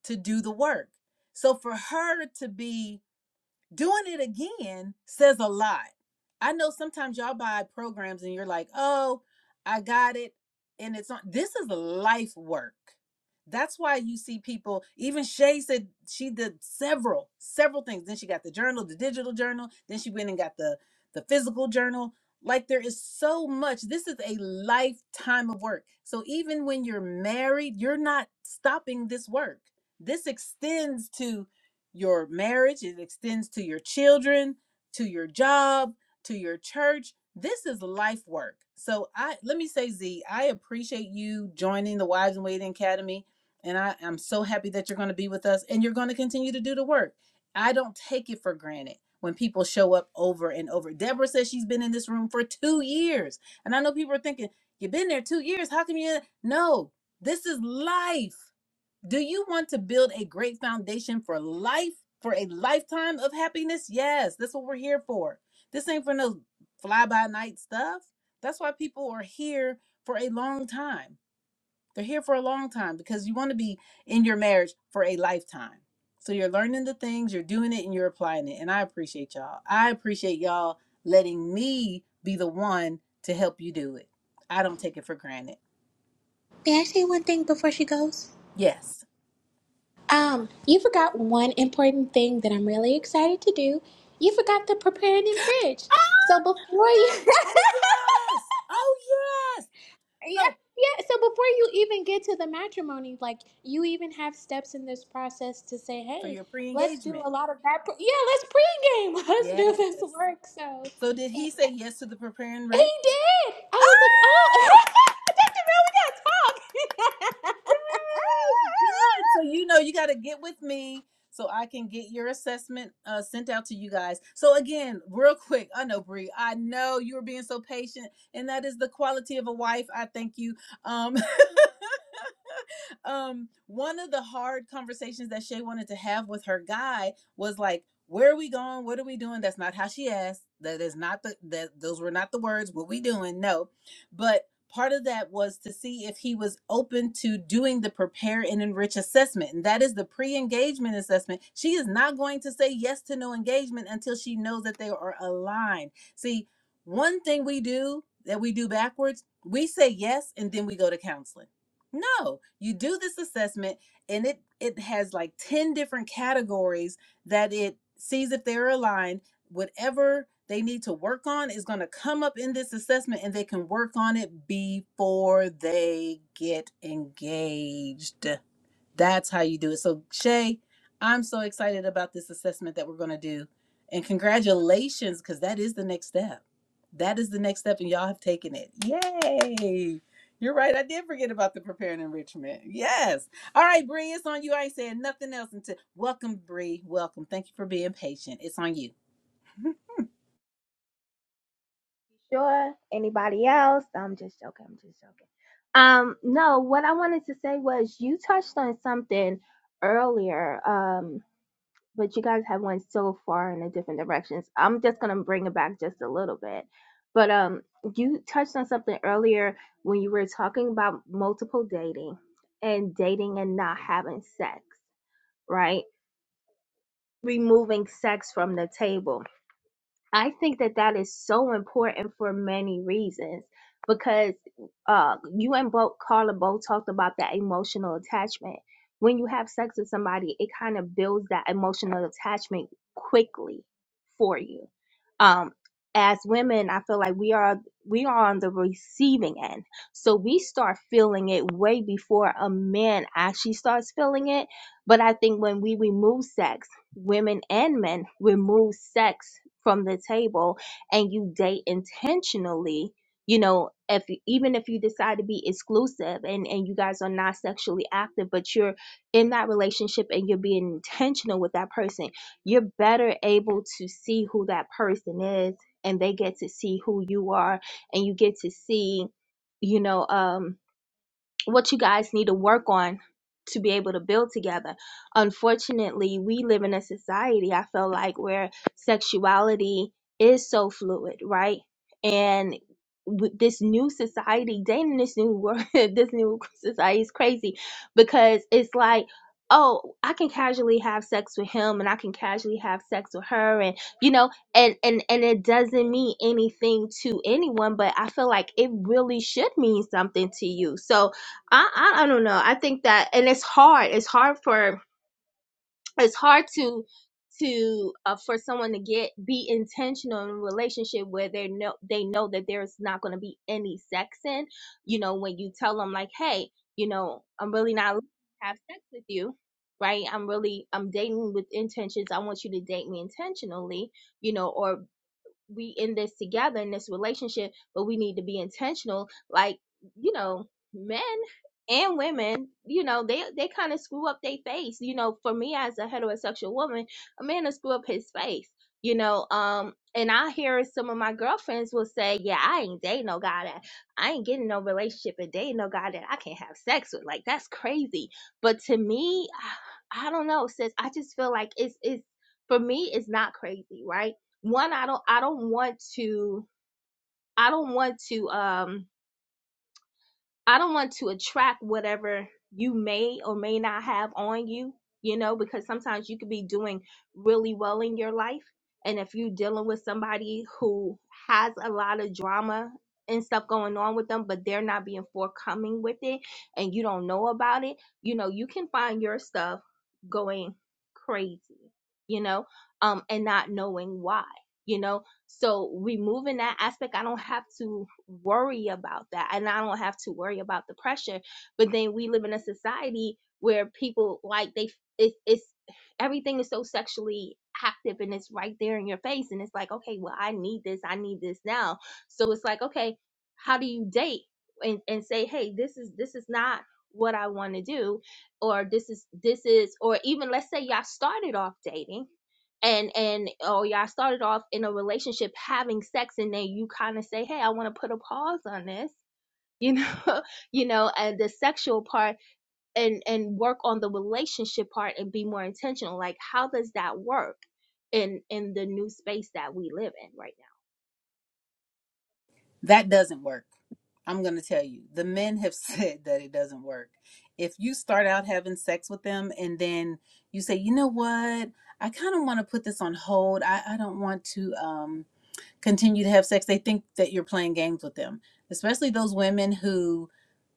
A: to do the work. So for her to be doing it again says a lot. I know sometimes y'all buy programs and you're like, oh, I got it. And it's on. This is life work. That's why you see people, even Shay said she did several, several things. Then she got the journal, the digital journal. Then she went and got the, the physical journal. Like there is so much. This is a lifetime of work. So even when you're married, you're not stopping this work. This extends to your marriage, it extends to your children, to your job, to your church. This is life work. So I let me say, Z, I appreciate you joining the Wives and Waiting Academy. And I, I'm so happy that you're going to be with us and you're going to continue to do the work. I don't take it for granted when people show up over and over. Deborah says she's been in this room for two years. And I know people are thinking, You've been there two years. How come you no? This is life. Do you want to build a great foundation for life, for a lifetime of happiness? Yes, that's what we're here for. This ain't for no fly by night stuff. That's why people are here for a long time. They're here for a long time because you want to be in your marriage for a lifetime. So you're learning the things, you're doing it, and you're applying it. And I appreciate y'all. I appreciate y'all letting me be the one to help you do it. I don't take it for granted.
C: May I say one thing before she goes?
A: Yes.
C: Um, you forgot one important thing that I'm really excited to do. You forgot to prepare and enrich. So before you, (laughs)
A: Oh, yes. Oh, yes.
C: yeah,
A: So
C: yeah. So before you even get to the matrimony, like you even have steps in this process to say,
A: for
C: hey,
A: your
C: let's do
A: pre-engagement.
C: a lot of that. Pre- yeah, let's pregame. (laughs) Let's do
A: Yes.
C: this work. So
A: So did
C: and
A: he say yes to the preparing
C: he
A: Rick?
C: did. I was like, oh, (laughs)
A: Ah,
C: Dr. Mel, we gotta talk.
A: Yay! Good.
C: (laughs)
A: So you know you got to get with me so I can get your assessment uh, sent out to you guys. So again, real quick, I know Bree, I know you were being so patient, and that is the quality of a wife. I thank you. Um, (laughs) um, one of the hard conversations that Shay wanted to have with her guy was like, where are we going? What are we doing? That's not how she asked. That is not the that those were not the words. What we doing? No. But part of that was to see if he was open to doing the prepare and enrich assessment. And that is the pre-engagement assessment. She is not going to say yes to no engagement until she knows that they are aligned. See, one thing we do that we do backwards, we say yes and then we go to counseling no, you do this assessment and it it has like 10 different categories that it sees if they're aligned. Whatever they need to work on is going to come up in this assessment and they can work on it before they get engaged. That's how you do it. So, Shay, I'm so excited about this assessment that we're going to do. And congratulations, because that is the next step. That is the next step, and y'all have taken it. Yay. You're right. I did forget about the preparing enrichment. Yes. All right, Bree, it's on you. I ain't saying nothing else until welcome, Bree. Welcome. Thank you for being patient. It's on you. (laughs)
F: Sure. Anybody else? I'm just joking. I'm just joking. Um, no, what I wanted to say was you touched on something earlier, um, but you guys have went so far in a different directions. I'm just gonna bring it back just a little bit. But um, you touched on something earlier when you were talking about multiple dating and dating and not having sex, right? Removing sex from the table I think that that is so important for many reasons because uh, you and Bo, Carla both talked about that emotional attachment. When you have sex with somebody, it kind of builds that emotional attachment quickly for you. Um, as women, I feel like we are we are on the receiving end, so we start feeling it way before a man actually starts feeling it. But I think when we remove sex women and men remove sex from the table and you date intentionally you know if even if you decide to be exclusive and and you guys are not sexually active but you're in that relationship and you're being intentional with that person you're better able to see who that person is and they get to see who you are and you get to see you know um what you guys need to work on to be able to build together. Unfortunately, we live in a society I feel like where sexuality is so fluid, right? And with this new society, dating this new world, (laughs) this new society is crazy because it's like, oh, I can casually have sex with him and I can casually have sex with her and you know, and and and it doesn't mean anything to anyone, but I feel like it really should mean something to you. So, I, I I don't know. I think that, and it's hard. It's hard for it's hard to to uh, for someone to get be intentional in a relationship where they know they know that there's not going to be any sex in. You know, when you tell them like, hey, you know, I'm really not looking to have sex with you, right? I'm really I'm dating with intentions. I want you to date me intentionally, you know, or we in this together in this relationship, but we need to be intentional. Like, you know, men and women, you know, they they kind of screw up their face. You know, for me as a heterosexual woman, a man will screw up his face. You know, um, and I hear some of my girlfriends will say, "Yeah, I ain't dating no guy that I ain't getting no relationship and dating no guy that I can't have sex with. Like that's crazy." But to me, (sighs) I don't know, sis. I just feel like it's it's for me, it's not crazy, right? one i don't i don't want to i don't want to um i don't want to attract whatever you may or may not have on you you know because sometimes you could be doing really well in your life and if you're dealing with somebody who has a lot of drama and stuff going on with them but they're not being forthcoming with it and you don't know about it you know you can find your stuff going crazy you know um and not knowing why you know so removing that aspect, I don't have to worry about that. And I don't have to worry about the pressure. But then we live in a society where people like they it's it's everything is so sexually active and it's right there in your face. And it's like, okay, well, I need this, I need this now. So it's like, okay, how do you date and, and say, hey, this is this is not what I want to do, or this is this is, or even let's say y'all started off dating and and oh y'all started off in a relationship having sex and then you kind of say hey i want to put a pause on this you know (laughs) you know and the sexual part and and work on the relationship part and be more intentional like how does that work in in the new space that we live in right
A: That doesn't work. I'm going to tell you. The men have (laughs) said that it doesn't work. If you start out having sex with them and then you say, you know what? I kind of want to put this on hold. I, I don't want to um, continue to have sex. They think that you're playing games with them, especially those women who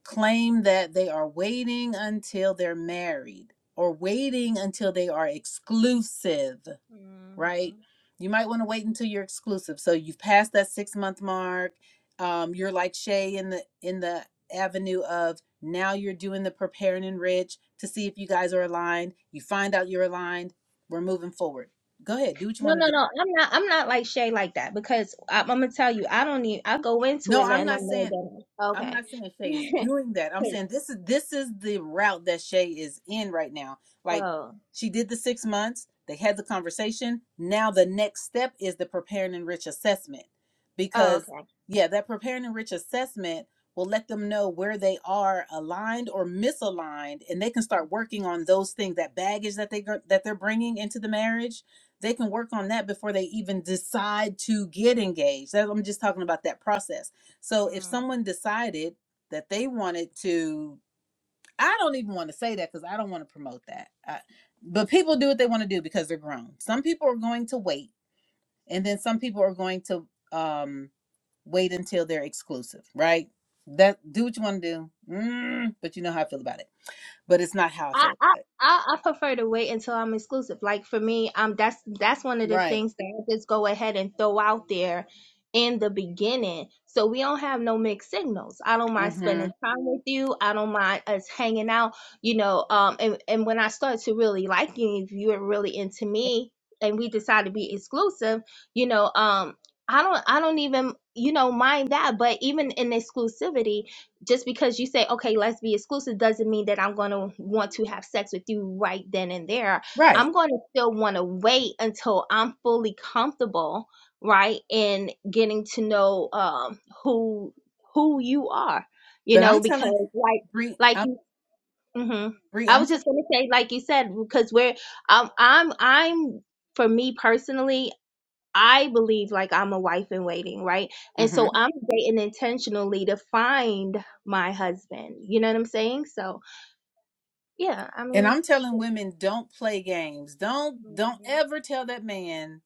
A: claim that they are waiting until they're married or waiting until they are exclusive
F: now hmm
A: right? You might want to wait until you're exclusive. So you've passed that six month mark. Um, you're like Shay in the in the avenue of now you're doing the prepare and enrich to see if you guys are aligned. You find out you're aligned. We're moving forward. Go ahead, do what you
F: No,
A: want to
F: no,
A: do.
F: no. I'm not. I'm not like Shay like that because I, I'm gonna tell you. I don't need. I go into
A: No,
F: it
A: I'm
F: letting them
A: not
F: know
A: saying
F: that.
A: I'm
F: Okay.
A: not saying Shay is
F: (laughs)
A: doing that. I'm saying this is this is the route that Shay is in right now. Like
F: oh.
A: she did the six months, they had the conversation. Now the next step is the preparing and rich assessment.
F: Oh.
A: Because
F: Okay.
A: yeah, that preparing and rich assessment will let them know where they are aligned or misaligned and they can start working on those things that baggage that they gr- that they're bringing into the marriage. They can work on that before they even decide to get engaged. That- I'm just talking about that process so if
F: Mm.
A: someone decided that they wanted to, I don't even want to say that because I don't want to promote that. I, but people do what they want to do because they're grown. Some people are going to wait, and then some people are going to um, wait until they're exclusive, right? That do what you want to do, mm, but you know how I feel about it. But it's not how I
F: I,
A: feel
F: I
A: about it,
F: I I prefer to wait until I'm exclusive. Like for me, um, that's that's one of the
A: right?
F: things that I just go ahead and throw out there in the beginning, so we don't have no mixed signals. I don't mind
A: hmm
F: spending time with you. I don't mind us hanging out. You know, um, and and when I start to really like you, if you are really into me, and we decide to be exclusive, you know, um, I don't I don't even you know mind that. But even in exclusivity, just because you say okay let's be exclusive doesn't mean that i'm going to want to have sex with you right then and there
A: Right.
F: i'm going to still want to wait until i'm fully comfortable right in getting to know um who who you are you
A: But
F: know
A: I'm telling
F: because like
A: Bree,
F: like
A: I'm
F: you hmm
A: Bree,
F: i
A: I'm
F: was just going to say like you said because we're um i'm i'm for me personally I believe like I'm a wife in waiting, right?
A: telling,
F: And so
A: hmm
F: I'm dating intentionally to find my husband. You know what I'm saying? So yeah, I
A: and
F: mean,
A: I'm telling women, don't play games. Don't don't
F: Mhm.
A: ever tell that man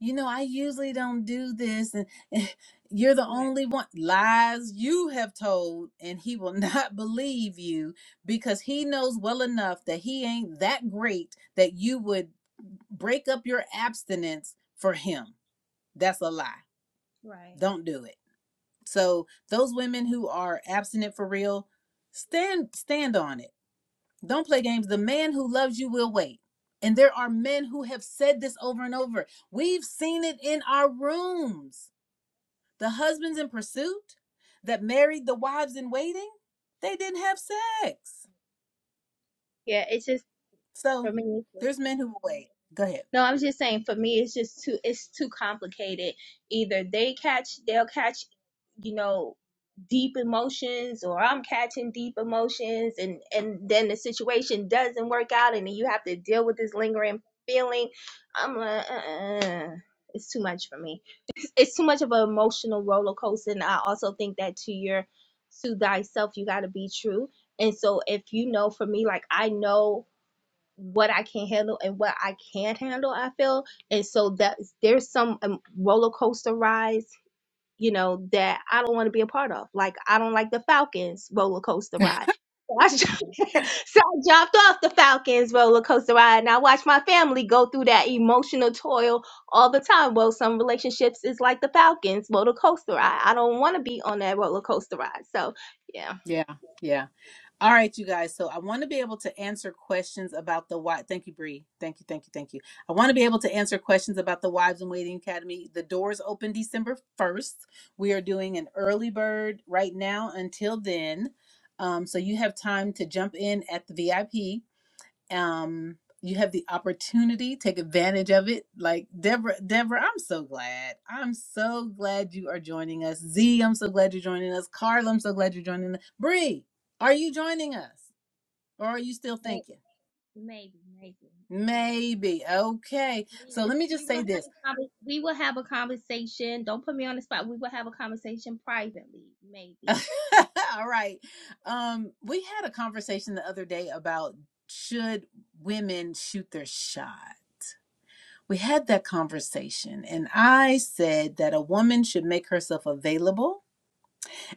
A: you know, I usually don't do this, and, and you're the
F: right,
A: only one. Lies you have told, and he will not (laughs) believe you because he knows well enough that he ain't that great that you would break up your abstinence for him. That's a lie.
F: right.
A: Don't do it. So those women who are abstinent for real, stand stand on it. Don't play games. The man who loves you will wait. And there are men who have said this over and over. We've seen it in our rooms the husbands in pursuit that married the wives in waiting, they didn't have sex.
F: Yeah, it's just
A: So
F: for me. It's
A: there's
F: just
A: men who will wait. Go ahead.
F: No, I was just saying for me it's just too it's too complicated. Either they catch they'll catch, you know, deep emotions or I'm catching deep emotions and and then the situation doesn't work out and then you have to deal with this lingering feeling. I'm like uh-uh. it's too much for me. It's too much of an emotional roller coaster and I also think that to your to thyself you got to be true. And so if you know for me like I know what I can handle and what I can't handle, I feel. And so that there's some um, roller coaster rides, you know, that I don't want to be a part of. Like I don't like the Falcons roller coaster
A: (laughs)
F: ride. So I, (laughs) so I jumped off the Falcons roller coaster ride and I watched my family go through that emotional toil all the time. Well, some relationships is like the Falcons roller coaster ride. I don't want to be on that roller coaster ride. So, yeah.
A: Yeah, yeah. All right, you guys. So I want to be able to answer questions about the why. Thank you, Bree. Thank you, thank you, thank you. I want to be able to answer questions about the Wives in Waiting Academy. The doors open December first. We are doing an early bird right now until then. Um, so you have time to jump in at the VIP. um you have the opportunity take advantage of it like deborah deborah i'm so glad i'm so glad you are joining us z i'm so glad you're joining us carl i'm so glad you're joining us Bree, are you joining us or are you still
F: May-
A: thinking
F: Maybe, maybe, maybe.
A: maybe okay so
F: We,
A: let me
F: we
A: just say
F: will have
A: this
F: a conver- we will have a conversation. Don't put me on the spot. We will have a conversation privately,
A: (laughs)
F: maybe.
A: all right um we had a conversation the other day about should women shoot their shot We had that conversation, and I said that a woman should make herself available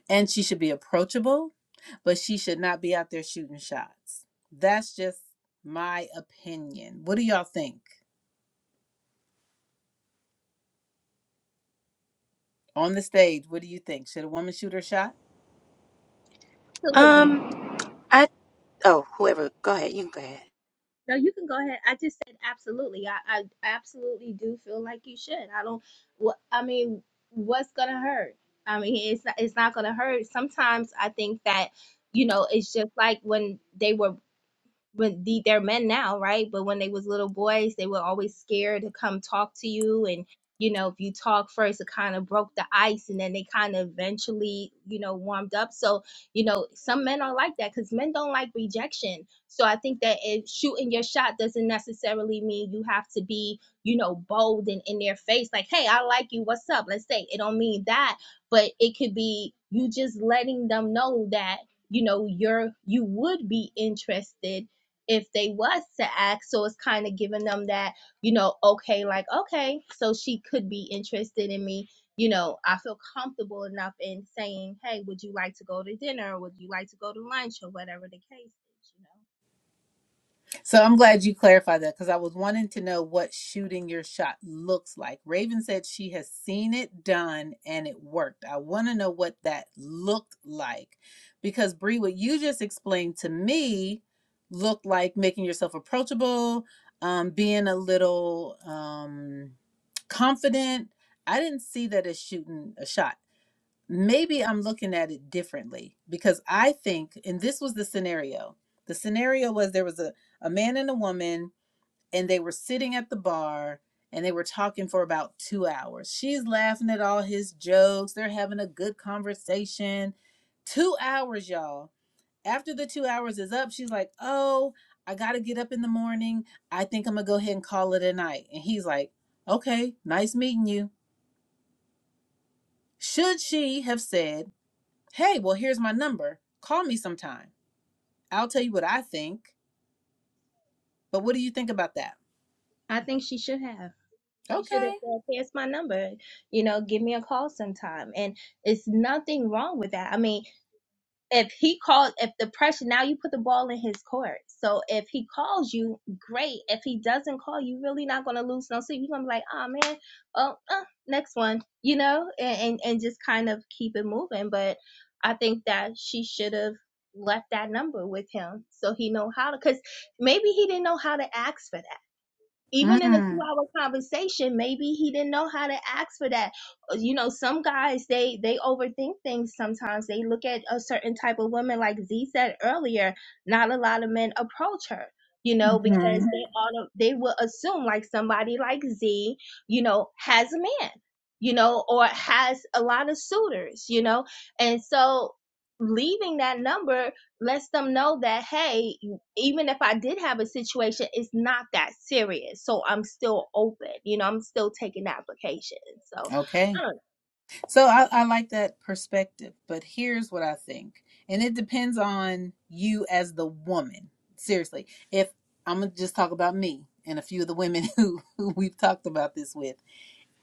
A: and she should be approachable, but she should not be out there shooting shots. That's just my opinion. What do y'all think? On the stage, what do you think? Should a woman shoot her shot?
F: Absolutely.
D: Oh, whoever.
F: No, you can go ahead. I just said absolutely. I, I absolutely do feel like you should. I don't. What I mean, what's gonna hurt? I mean, it's not, it's not gonna hurt. Sometimes I think that you know it's just like when they were when the, they're men now, right? But when they was little boys, they were always scared to come talk to you, and you know, if you talk first, it kind of broke the ice, and then they kind of eventually, you know, warmed up. So, you know, some men are like that because men don't like rejection. So I think that if shooting your shot doesn't necessarily mean you have to be, you know, bold and in their face, like, hey, I like you, what's up? Let's say it don't mean that, but it could be you just letting them know that you know you're you would be interested if they was to act so it's kind of giving them that you know okay like okay so she could be interested in me you know i feel comfortable enough in saying hey would you like to go to dinner or would you like to go to lunch or whatever the case is you know
A: So I'm glad you clarified that because I was wanting to know what shooting your shot looks like. Raven said she has seen it done and it worked. I want to know what that looked like because Bree, what you just explained to me looked like making yourself approachable, um, being a little um, confident. I didn't see that as shooting a shot maybe I'm looking at it differently because I think, and this was the scenario. The scenario was there was a, a man and a woman, and they were sitting at the bar and they were talking for about two hours. She's laughing at all his jokes. They're having a good conversation. Two hours, y'all. After the two hours is up, she's like, Oh, I got to get up in the morning. I think I'm going to go ahead and call it a night. And he's like, Okay, nice meeting you. Should she have said, Hey, well, here's my number. Call me sometime. I'll tell you what I think. But what do you think about that?
F: i think she should have she should
A: Okay.
F: have said here's my number you know give me a call sometime and it's nothing wrong with that i mean if he called if the pressure now you put the ball in his court so if he calls you great if he doesn't call you really not gonna lose no sleep you're gonna be like oh man oh uh, next one you know and, and and just kind of keep it moving but i think that she should have left that number with him so he know how to because maybe he didn't know how to ask for that even in a two
A: Mm.
F: hour conversation maybe he didn't know how to ask for that Uh, you know some guys they they overthink things sometimes they look at a certain type of woman like z said earlier not a lot of men approach her you know
A: hmm
F: because they auto they will assume like somebody like z you know has a man you know or has a lot of suitors you know and so leaving that number lets them know that hey even if I did have a situation, it's not that serious. So I'm still open. You know, I'm still taking applications. So I
A: Okay.
F: don't
A: So I, I like that perspective, but here's what I think. And it depends on you as the woman. Seriously. If I'm going to just talk about me and a few of the women (laughs) who, who we've talked about this with.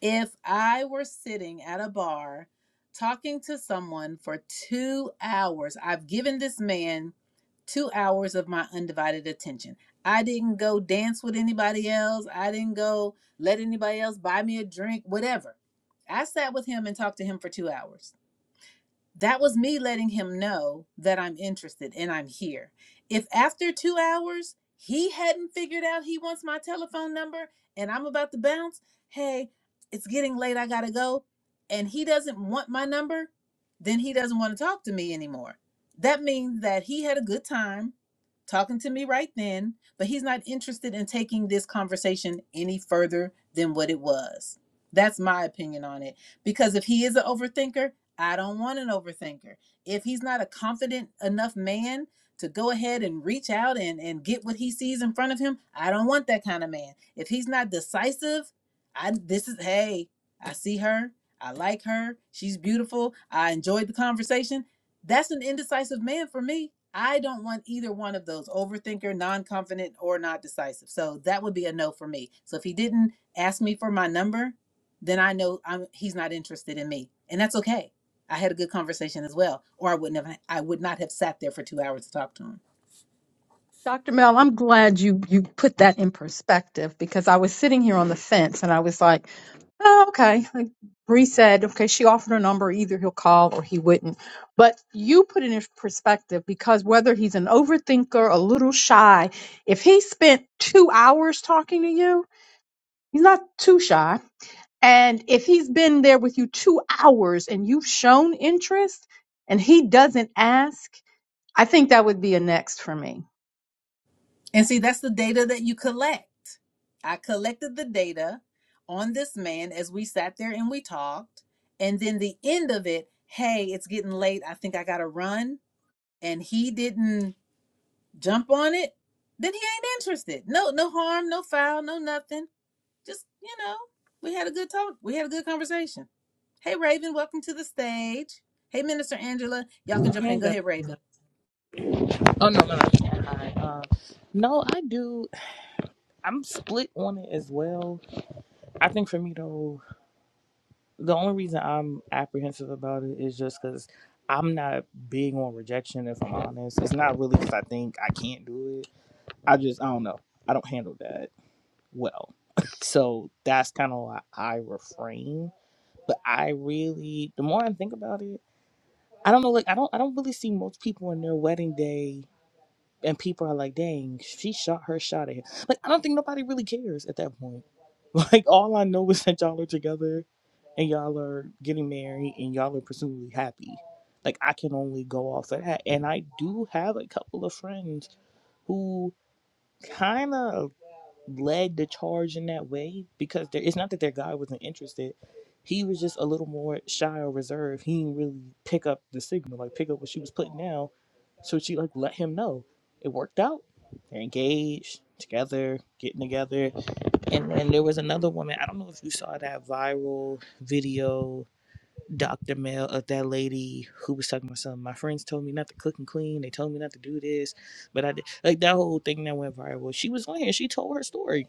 A: If I were sitting at a bar talking to someone for two hours, I've given this man two hours of my undivided attention. I didn't go dance with anybody else. I didn't go let anybody else buy me a drink, whatever. I sat with him and talked to him for two hours. That was me letting him know that I'm interested and I'm here. If after two hours he hadn't figured out he wants my telephone number and I'm about to bounce, hey, it's getting late, I gotta go, and he doesn't want my number, then he doesn't want to talk to me anymore. That means that he had a good time talking to me right then, but he's not interested in taking this conversation any further than what it was. That's my opinion on it. Because if he is an overthinker, I don't want an overthinker. If he's not a confident enough man to go ahead and reach out and, and get what he sees in front of him, I don't want that kind of man. If he's not decisive, I this is hey, I see her, I like her, she's beautiful, I enjoyed the conversation. That's an indecisive man for me. I don't want either one of those overthinker, non confident, or not decisive. So that would be a no for me. So if he didn't ask me for my number, then I know I'm, he's not interested in me. And that's okay I had a good conversation as well, or I wouldn't have. I would not have sat there for two hours to talk to him.
E: Dr. Mel, I'm glad you you put that in perspective because I was sitting here on the fence and I was like, oh, okay. Like Bree said, okay, she offered her number, either he'll call or he wouldn't. But you put it in perspective because whether he's an overthinker, a little shy, if he spent two hours talking to you, he's not too shy. And if he's been there with you two hours and you've shown interest and he doesn't ask, I think that would be a next for me
A: And see, that's the data that you collect. I collected the data on this man as we sat there and we talked, and then the end of it. Hey, it's getting late. I think I gotta run. And he didn't jump on it. Then he ain't interested. No, no harm, no foul, no nothing. Just you know, we had a good talk. We had a good conversation. Hey, Raven, welcome to the stage. Hey, Minister Angela, y'all can jump
G: Hey,
A: in. Go
G: girl.
A: ahead, Raven.
G: Oh no, no, no. Hi. Uh, no, I do. I'm split on it as well. I think for me though, the only reason I'm apprehensive about it is just because I'm not big on rejection. If I'm honest, it's not really because I think I can't do it. I just I don't know. I don't handle that well. (laughs) so that's kind of why I refrain. But I really, the more I think about it, I don't know. Like I don't, I don't really see most people on their wedding day and people are like, "Dang, she shot her shot at him." Like, I don't think nobody really cares at that point. (laughs) Like, all I know is that y'all are together, and y'all are getting married, and y'all are presumably happy. Like, I can only go off of that. And I do have a couple of friends who kind of led the charge in that way because there, it's not that their guy wasn't interested. He was just a little more shy or reserved. He didn't really pick up the signal, like pick up what she was putting down. So she like let him know. It worked out. They're engaged, together, getting together. And then there was another woman. I don't know if you saw that viral video, Dr. Mel, of that lady who was talking about something. My friends told me not to cook and clean. They told me not to do this, but I did. Like that whole thing that went viral. She was on here. She told her story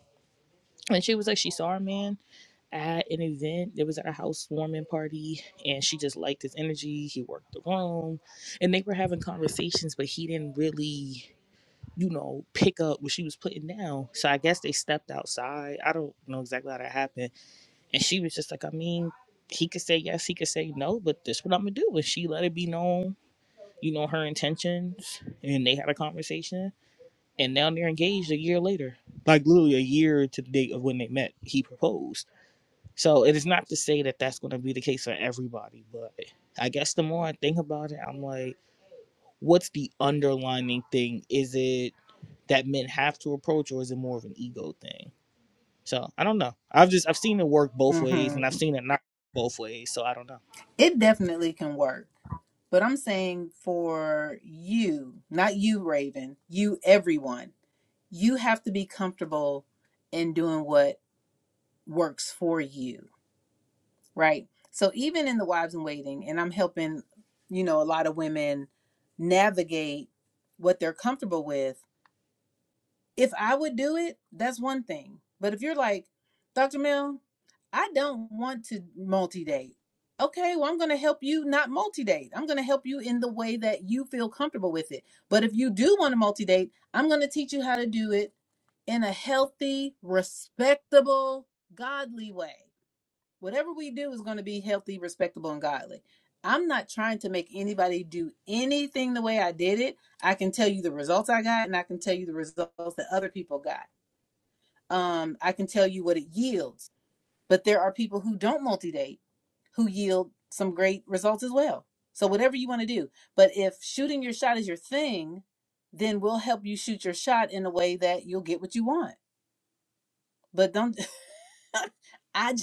G: and she was like she saw a man at an event it was at a housewarming party and she just liked his energy he worked the room and they were having conversations but he didn't really you know pick up what she was putting down so i guess they stepped outside i don't know exactly how that happened and she was just like i mean he could say yes he could say no but this what i'm gonna do and she let it be known you know her intentions and they had a conversation and now they're engaged a year later like literally a year to the date of when they met he proposed so it is not to say that that's going to be the case for everybody, but I guess the more I think about it, I'm like, what's the underlining thing? Is it that men have to approach, or is it more of an ego thing? So I don't know. I've just I've seen it work both ways,
A: hmm
G: and I've seen it not both ways. So I don't know.
A: It definitely can work. But I'm saying for you, not you, Raven, you, everyone, you have to be comfortable in doing what works for you, right? So even in the Wives in Waiting, and I'm helping, you know, a lot of women navigate what they're comfortable with if I would do it, that's one thing. But if you're like, Dr. Mill, I don't want to multi date. Okay, well, I'm going to help you not multi date. I'm going to help you in the way that you feel comfortable with it. But if you do want to multi date, I'm going to teach you how to do it in a healthy, respectable, godly way whatever we do is going to be healthy, respectable, and godly. I'm not trying to make anybody do anything the way I did it. I can tell you the results I got, and I can tell you the results that other people got. Um, I can tell you what it yields. But there are people who don't multi date who yield some great results as well. So, whatever you want to do. But if shooting your shot is your thing, then we'll help you shoot your shot in a way that you'll get what you want. But don't, (laughs) I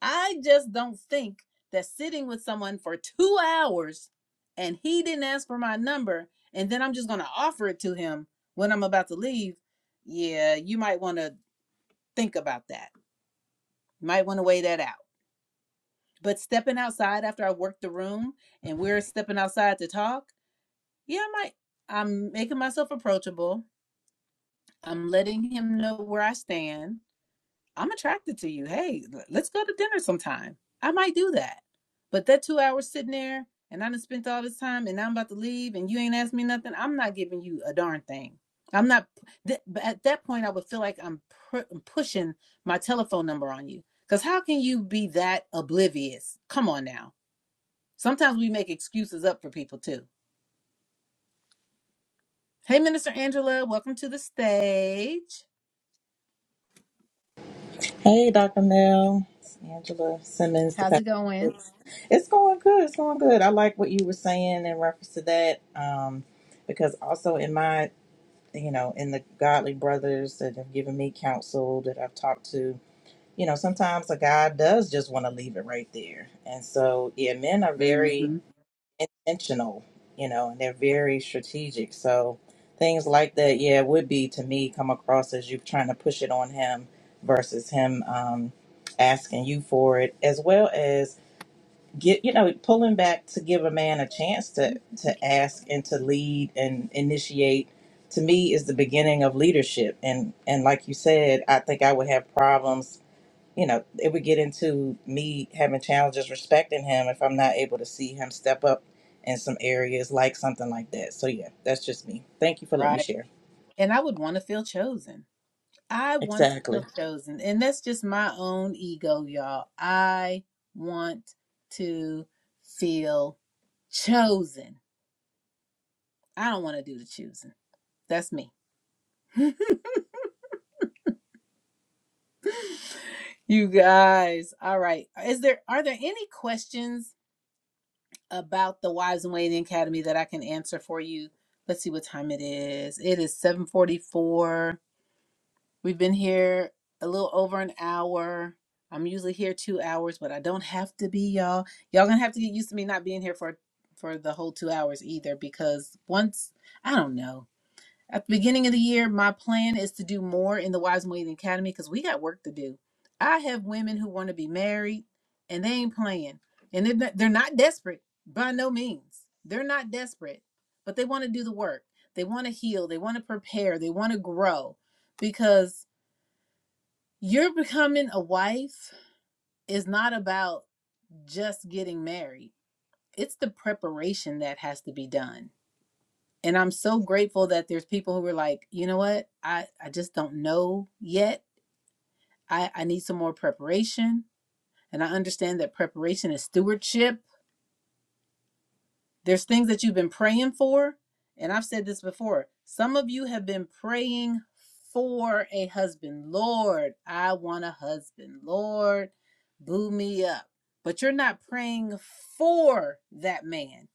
A: I just don't think that sitting with someone for two hours and he didn't ask for my number and then I'm just going to offer it to him when I'm about to leave. Yeah, you might want to think about that. You might want to weigh that out. But stepping outside after I work the room and we're stepping outside to talk, yeah, I might. I'm making myself approachable. I'm letting him know where I stand I'm attracted to you. Hey, let's go to dinner sometime. I might do that. But that two hours sitting there and I done spent all this time and now I'm about to leave and you ain't asked me nothing, I'm not giving you a darn thing. I'm not, th- but at that point, I would feel like I'm pr- pushing my telephone number on you. Because how can you be that oblivious? Come on now. Sometimes we make excuses up for people too. Hey, Minister Angela, welcome to the stage.
H: Hey, Dr. Mel, it's Angela Simmons. The
A: How's it
H: pastor.
A: going?
H: It's it's going good. It's going good. I like what you were saying in reference to that, um, because also in my, you know, in the godly brothers that have given me counsel that I've talked to, you know, sometimes a guy does just want to leave it right there, and so yeah, men are very
A: hmm
H: intentional, you know, and they're very strategic. So things like that, yeah, would be to me come across as you trying to push it on him versus him um, asking you for it, as well as get you know pulling back to give a man a chance to to ask and to lead and initiate. To me, is the beginning of leadership, and and like you said, I think I would have problems you know, it would get into me having challenges respecting him if I'm not able to see him step up in some areas like something like that. So yeah, that's just me. Thank you for letting me
A: Right.
H: share.
A: And I would want to feel chosen. I want to
H: Exactly.
A: feel chosen. And that's just my own ego, y'all. I want to feel chosen. I don't want to do the choosing. That's me. You guys. All right. Is there are there any questions about the Wives and Waiting Academy that I can answer for you? Let's see what time it is. It is 744. We've been here a little over an hour. I'm usually here two hours, but I don't have to be, y'all. Y'all gonna have to get used to me not being here for for the whole two hours either, because once I don't know. At the beginning of the year, my plan is to do more in the Wise and Waiting Academy because we got work to do. I have women who want to be married, and they ain't playing, and they're not, they're not desperate by no means. They're not desperate, but they want to do the work. They want to heal. They want to prepare. They want to grow because you're becoming a wife is not about just getting married. It's the preparation that has to be done. And I'm so grateful that there's people who are like, you know what? I, I just don't know yet. I, I need some more preparation. And I understand that preparation is stewardship There's things that you've been praying for. And I've said this before. Some of you have been praying for a husband. Lord, I want a husband. Lord, boo me up. But you're not praying for that man.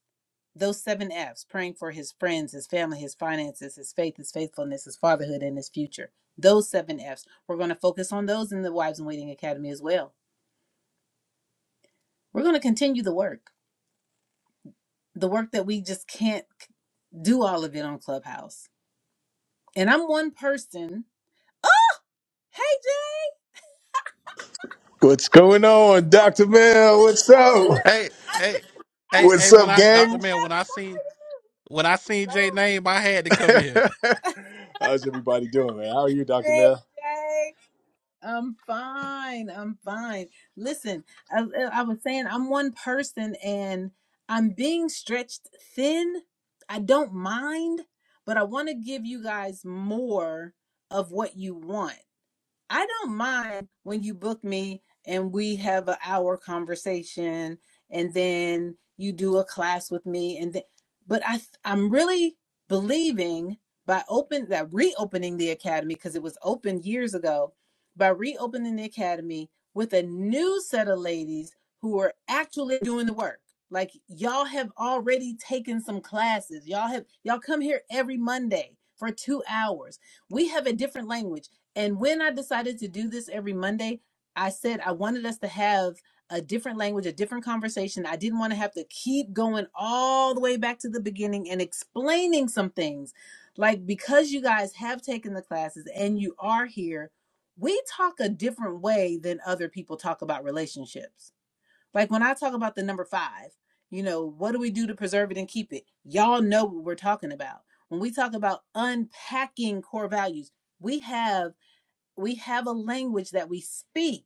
A: Those seven F's praying for his friends, his family, his finances, his faith, his faithfulness, his fatherhood, and his future. Those seven F's. We're going to focus on those in the Wives in Waiting Academy as well. We're going to continue the work, the work that we just can't do all of it on Clubhouse and I'm one person. Hey, Jay,
I: What's going on, Dr. Mel? What's
A: oh, I,
I: up?
J: Hey,
A: I
J: hey,
A: just I
J: hey, hey,
I: What's
A: just
J: when
I: up,
J: I
A: looked
J: Dr.
I: gang?
A: down
J: Mel, when I seen when
A: and I saw
J: I
A: it.
J: seen
A: What's
J: Jay name, I had to come in here.
I: (laughs) How's everybody doing, man? How are you,
A: up?
I: Dr.
A: Hey,
I: Mel?
A: Jay. I'm fine. I'm fine. Listen, I, uh, I was saying I'm one person and I'm being stretched thin. I don't mind, but I want to give you guys more of what you want. I don't mind when you book me and we have an hour conversation and then you do a class with me and then but I I'm really believing by open that reopening the academy because it was open years ago by reopening the academy with a new set of ladies who are actually doing the work like y'all have already taken some classes y'all have y'all come here every monday for 2 hours we have a different language and when I decided to do this every Monday, I said I wanted us to have a different language, a different conversation. I didn't want to have to keep going all the way back to the beginning and explaining some things. Like, because you guys have taken the classes and you are here, we talk a different way than other people talk about relationships. Like, when I talk about the number five, you know, what do we do to preserve it and keep it? Y'all know what we're talking about. When we talk about unpacking core values, we have we have a language that we speak.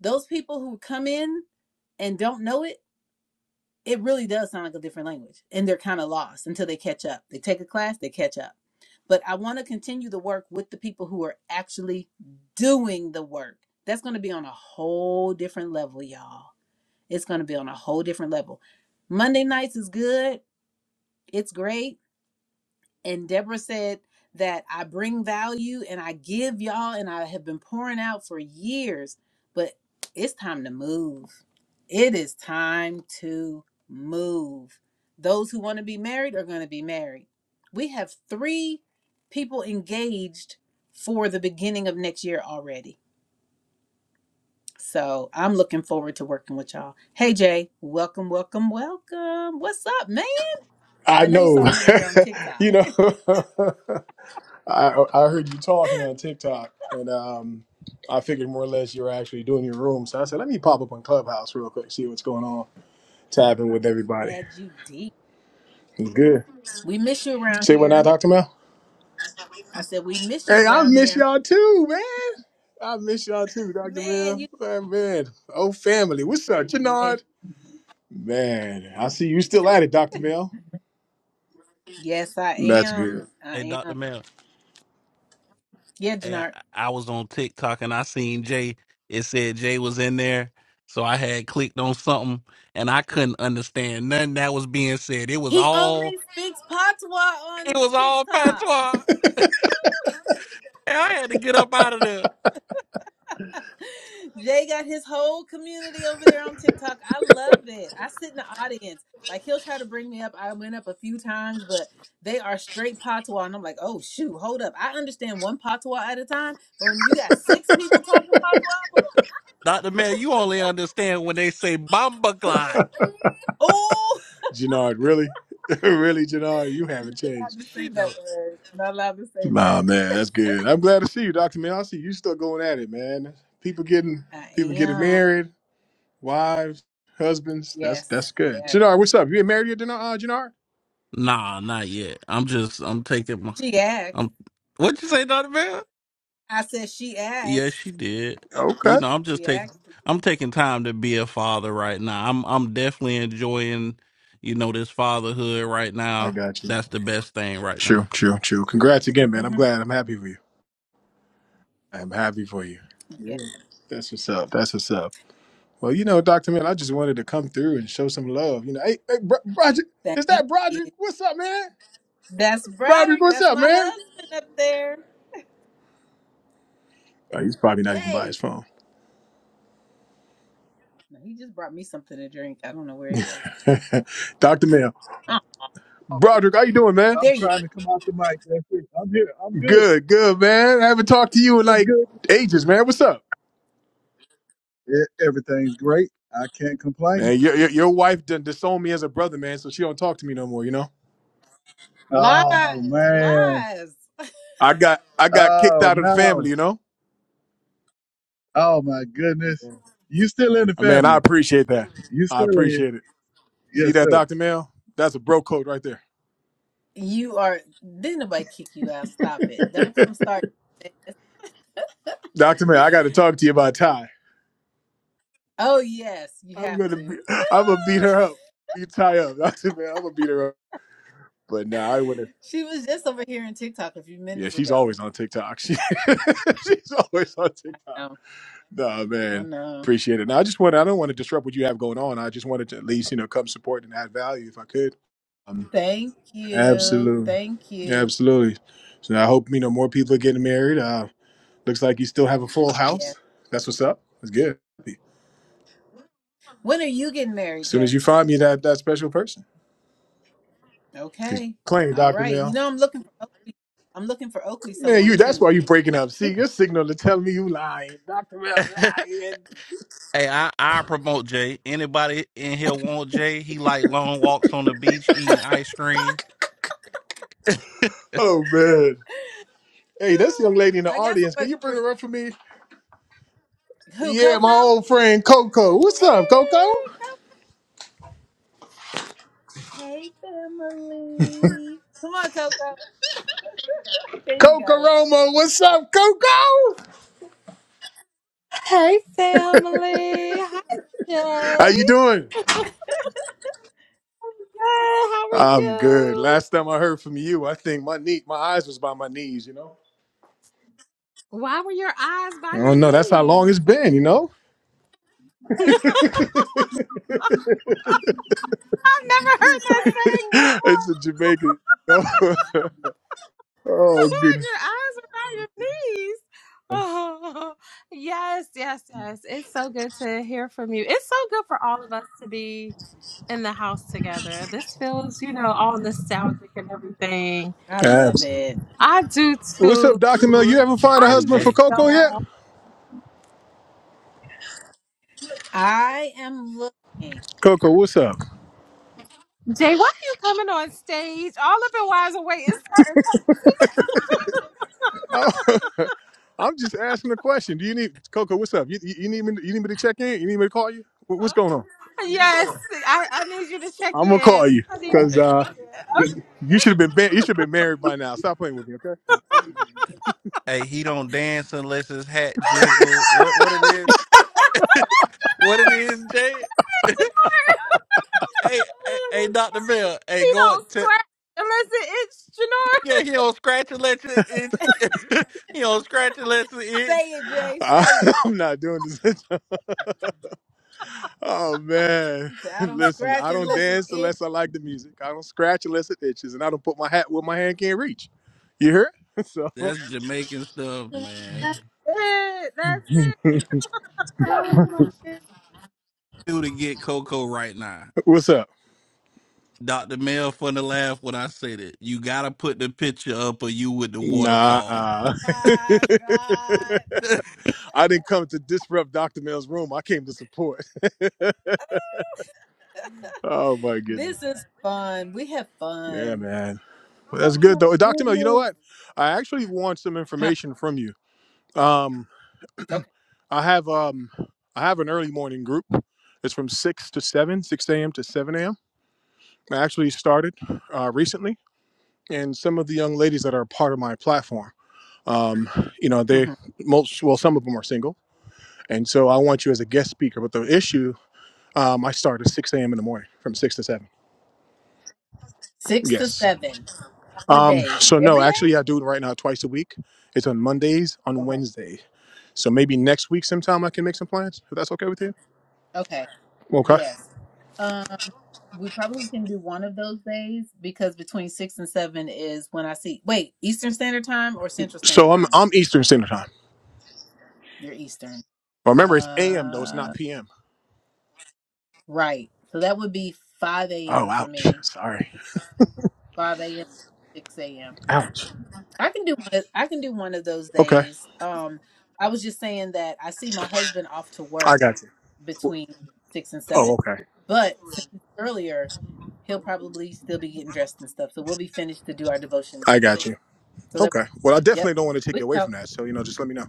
A: Those people who come in and don't know it, it really does sound like a different language. And they're kind of lost until they catch up. They take a class, they catch up. But I want to continue the work with the people who are actually doing the work. That's going to be on a whole different level, y'all. It's going to be on a whole different level. Monday nights is good. It's great and Deborah said that I bring value and I give y'all, and I have been pouring out for years, but it's time to move. It is time to move. Those who want to be married are going to be married. We have three people engaged for the beginning of next year already. So I'm looking forward to working with y'all. Hey, Jay, welcome, welcome, welcome. What's up, man?
I: I
A: I know you saw
I: know.
A: me over there on
I: (laughs)
A: TikTok.
I: you know, (laughs) I, I heard you talking
A: (laughs)
I: on TikTok, and um, I figured more or less you were actually doing your room. So I said, let me pop up on Clubhouse real quick, see what's going on, tapping
A: I'm
I: with everybody.
A: glad you did.
I: It's good.
A: We miss you around
I: Say what now,
A: here.
I: Dr. Mel?
A: I said, We miss you
I: Hey, I
A: around
I: miss
A: here.
I: y'all too, man. I miss y'all too, Dr.
A: Man,
I: Mel.
A: you
I: Man, man. Oh, family. What's up,
A: (laughs) we
I: Janard?
A: miss
I: Man, I see you still at it, Dr. Mel.
A: Yes, I
I: That's
A: am.
I: good.
J: Hey,
A: I
J: Dr.
A: am.
J: Mel.
A: Yeah,
J: Hey, I,
A: Janart.
J: I was on TikTok and I seen Jay. It said Jay was in there. So I had clicked on something and I couldn't understand nothing that was being said. It was
A: He
J: all
A: only speaks patois
J: it
A: on
J: was all
A: TikTok.
J: patois. And I had to get up out of there.
A: Jay got his whole community over there on TikTok. I love it. I sit in the audience. Like he'll try to bring me up. I went up a few times, but they are straight patois. And I'm like, oh shoot, hold up. I understand one patois at a time. But when you got six people talking patois, I'm like,
J: Dr. Mel, you only understand when they say Bomba Glide.
A: oh
I: Gennard, really? (laughs) really, Gennard, you
A: I'm
I: haven't
A: not
I: changed.
A: allowed to say
J: She
A: that
J: do.
A: word. I'm not allowed to say
I: Nah,
A: that.
I: man, that's good. I'm glad to see you, Dr. Mel. I see you still going at it, man. People getting
A: I
I: people getting
A: am.
I: married, wives, husbands. That's that's
A: Yes,
I: good.
A: yes.
I: Gennard, what's up? You ain't married yet, Gennard? Uh, Gennard?
J: Nah, not yet. I'm just I'm taking my
A: She asked.
J: I'm what you say, Dr. Mel?
A: I said she
J: Yeah,
A: asked.
J: she did. You
I: Okay.
J: know, I'm just
A: She
J: taking
A: asked.
J: I'm taking time to be a father right now. I'm I'm definitely enjoying, you know, this fatherhood right
I: I
J: now.
I: got you.
J: That's the best thing right now.
I: True, true, true. Congrats again, man. I'm
A: hmm
I: glad. I'm happy for you. I'm happy for you. Yeah.
A: Yeah.
I: That's what's up. That's what's up. Well, you know, Doctor Mill, I just wanted to come through and show some love. You know, hey, hey, Bro- Broderick, is
A: Thank
I: that
A: you.
I: Broderick? What's up, man?
A: That's
I: Broderick,
A: Broderick.
I: what's
A: That's
I: up,
A: my
I: man?
A: husband up there,
I: Oh, he's probably not even by his
A: babe.
I: phone.
A: No, he just brought me something to drink. I don't know where he is.
I: (laughs) Doctor Mill,
A: Oh,
I: Broderick, how you doing, man?
K: I'm
A: there you go.
K: trying to come off the mic. That's it. I'm here. I'm good.
I: Good, good, man. I haven't talked to you in
K: It's
I: like
K: good. to see
I: ages,
K: you.
I: man. What's up,
K: E- Everything's great. I can't complain.
I: man? Your your, your wife done disowned me as a brother, man, so she don't talk to me no more. You know,
K: Oh
A: Lies,
K: man.
A: lies.
I: I got I got kicked
K: Oh
I: out of the
K: no.
I: family. You know,
K: Oh my goodness. You still in the
I: Uh, man, I
K: family.
I: appreciate that.
K: You
I: I
K: still in.
I: appreciate it. See
K: Yes,
I: that,
K: sir.
I: Doctor Mill? That's a bro code right
A: You are. Didn't nobody kick you out? Stop it.
I: there.
A: Don't
I: (laughs)
A: come start.
I: Doctor Man, I got to talk to you about Ty.
A: Oh yes, you
I: I'm
A: have
I: gonna, be,
A: to.
I: I'm gonna beat her up. Beat Ty up, (laughs) Doctor Man. I'm gonna beat her up. But nah, I wouldn't.
A: (laughs) She was just over here in TikTok a few
I: Yeah,
A: minutes
I: she's
A: ago.
I: always on TikTok. She, (laughs) she's always on TikTok.
A: No,
I: Nah,
A: I
I: man,
A: know.
I: appreciate it. Now, I just want, I don't want to disrupt what you have going on. I just wanted to at least, you know, come support and add value if I could. Um,
A: Thank you.
I: absolutely,
A: Thank you.
I: absolutely. So I hope you know more people are getting married. Uh, looks like you still have a full
A: Yeah.
I: house. That's what's up. That's good. As
A: When are you getting married,
I: soon as
A: Jay?
I: you find me that that special person. He's
A: Okay.
I: playing
A: All
I: Dr.
A: right. You
I: Mel.
A: know I'm looking for Oakley. I'm looking for Oakley
I: Man,
A: someone
I: you that's
A: too.
I: why you breaking up.
A: (laughs)
I: See, your signal to tell me you lying. Dr. Mel
J: (laughs) hey,
I: lying.
J: I I promote Jay. Anybody in here want Jay? He like long walks on the beach, eating ice cream. (laughs)
I: Oh man. Hey, this young lady in the
A: I got
I: audience. Can
A: somebody
I: you bring
A: for you.
I: her up for me?
A: Who,
I: Yeah,
A: Coco?
I: my old friend Coco. What's
A: Hey,
I: up, Coco?
A: Coco. Hey, family. Come on, Coco. There you
I: Coco
A: go.
I: Romo, what's up, Coco?
L: Hey family. Hi
I: How
L: Jay.
I: you doing?
L: Hey, how are
I: I'm good.
L: you?
I: Last time I heard from you, I think my knee my eyes was by my knees, you know?
L: Why were your eyes
I: I
L: by your
I: don't know. That's how long
L: knees?
I: it's been, you know?
L: (laughs) I've
I: (laughs) it's
L: never heard that saying before.
I: a Jamaican. (laughs) oh
L: (laughs) Why
I: goodness.
L: your eyes are by your knees. Oh yes, yes, yes. It's so good to hear from you. It's so good for all of us to be in the house together. This feels, you know, all nostalgic and everything.
A: I love
I: Absolutely.
A: it.
L: I do
I: What's up,
L: too.
I: Dr. Mel? You ever find a
L: I
J: Hey
I: husband
L: miss
I: for
J: Jay,
I: Coco yet?
L: y'all.
A: I am looking. (laughs)
I: Coco, what's up?
L: Jay, why are you coming on stage? All up in Wise Awake. It's certain.
I: Oh, (laughs) I'm just asking a question. Do you need Coco? What's up? You, you, you need me? You need me to check in? You need me to call you? What- What's going on?
L: Yes, I, I need you to check
I: I'm gonna
L: in.
I: call you
L: I need you (laughs) to
I: because
J: hey,
I: uh, you should have been ba- you should have been married by now. Stop playing with me, okay?
J: hey, he don't dance unless his hat jiggle. What what it is? What it is, Jay? (laughs) hey, hey, hey,
A: Oh,
J: Doctor Bell, Hey,
L: He
J: go
L: don't
J: up to
L: scratch unless it itches,
J: yeah. He don't scratch unless it itch. (laughs) he don't scratch unless it
A: just
J: itch.
A: say it, Jay.
I: I,
A: Say it.
I: (laughs) I'm not doing this. (laughs) oh man,
A: He said,
I: (laughs)
A: I don't
I: listen.
A: scratch
I: I don't
A: unless it
I: dance
A: itch.
I: unless I like the music. I don't scratch unless it itches, and I don't put my hat where my hand can't reach. You hear? (laughs) So,
J: That's Jamaican stuff,
L: Janora.
J: man.
L: That's it. That's it.
I: (laughs)
A: Oh my
J: do to get Coco right now.
I: what's up?
J: Dr. Mel finna laugh when I said it. You gotta put the picture up of you with the
I: Nah, (laughs)
J: waterfall.
A: My God.
J: (laughs)
I: I didn't come to disrupt Dr. Mel's room. I came to support. (laughs) oh my goodness.
A: This is fun. We have
I: Yeah,
A: fun.
I: man. Well,
A: Oh
I: that's good
A: my
I: though. Dr. Mel, you know
A: goodness.
I: what? I actually want some
A: Huh.
I: information from you. Um,
A: Okay.
I: I have um I have an early morning group. It's from six to seven, six AM to seven AM. I actually started uh recently and some of the young ladies that are part of my platform. Um, you know, they
A: hmm
I: most well, some of them are single And so I want you as a guest speaker. But the issue, um, I start at 6 a.m. in the morning from 6 to 7.
A: Six to
I: Yes.
A: seven. On what
I: Um,
A: days?
I: so, no,
A: Every day?
I: actually, I do it right now twice a week. It's on Mondays, on
A: Okay.
I: Wednesday. So maybe next week sometime I can make some plans, if that's okay with you.
A: Okay.
I: Okay.
A: Yes. Um, we probably can do one of those days because between six and seven is when I see. Wait, Eastern Standard Time or Central
I: So
A: Standard
I: I'm,
A: Time?
I: I'm Eastern Standard Time.
A: You're Eastern.
I: Remember, it's AM, though, it's not
A: Uh,
I: PM.
A: right. So that would be 5
I: Oh,
A: a.m. for
I: ouch.
A: me.
I: Sorry.
A: 5 a.m. to 6 a.m.
I: Ouch.
A: I can do one of, I can do one of those
I: Okay.
A: days. Um, I was just saying that I see my husband off to
I: I
A: work
I: got you.
A: between 6 and
I: Oh,
A: 7.
I: okay.
A: But since it's earlier, he'll probably still be getting dressed and stuff. So we'll be finished to do our devotion
I: I
A: before
I: got
A: then.
I: you.
A: So that
I: Okay. Well, I definitely
A: yep.
I: don't want to take
A: We
I: you away from
A: talk.
I: that. So, you know, just let me know.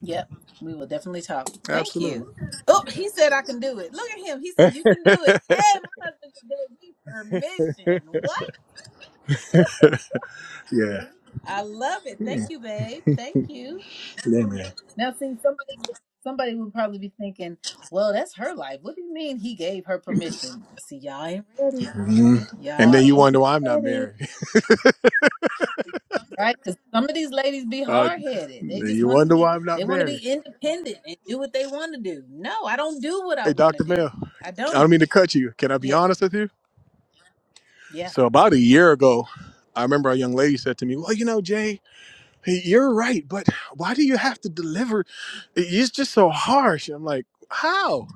A: Yep. We will definitely talk. Thank you.
I: Absolutely.
A: Oh, he said I can do it. Look at him. He said you can do it. Hey, my husband just gave me permission. What?
I: (laughs) yeah.
A: I love it. Thank you, babe. Thank you.
I: Yeah, man.
A: Now, see, somebody somebody would probably be thinking, "Well, that's her life. What do you mean he gave her permission?" See, y'all ain't ready.
I: hmm And then
A: Y'all
I: you
A: ain't
I: wonder why I'm not
A: ready,
I: married. (laughs)
A: right? Because some of these ladies be
I: Uh,
A: hard headed. They
I: then
A: just
I: you
A: want to
I: wonder
A: be
I: why I'm not
A: they want to be
I: married.
A: independent and do what they want to do. No, I don't do what I
I: Hey,
A: want to
I: Dr.
A: do.
I: Mel, I
A: I don't.
I: don't mean to cut you. Can I be
A: Yeah,
I: honest with you?
A: yeah.
I: So about a year ago, I remember a young lady said to me, "Well, you know, Jay, hey, you're right, but why do you have to deliver? It's just so harsh." And I'm like, "How?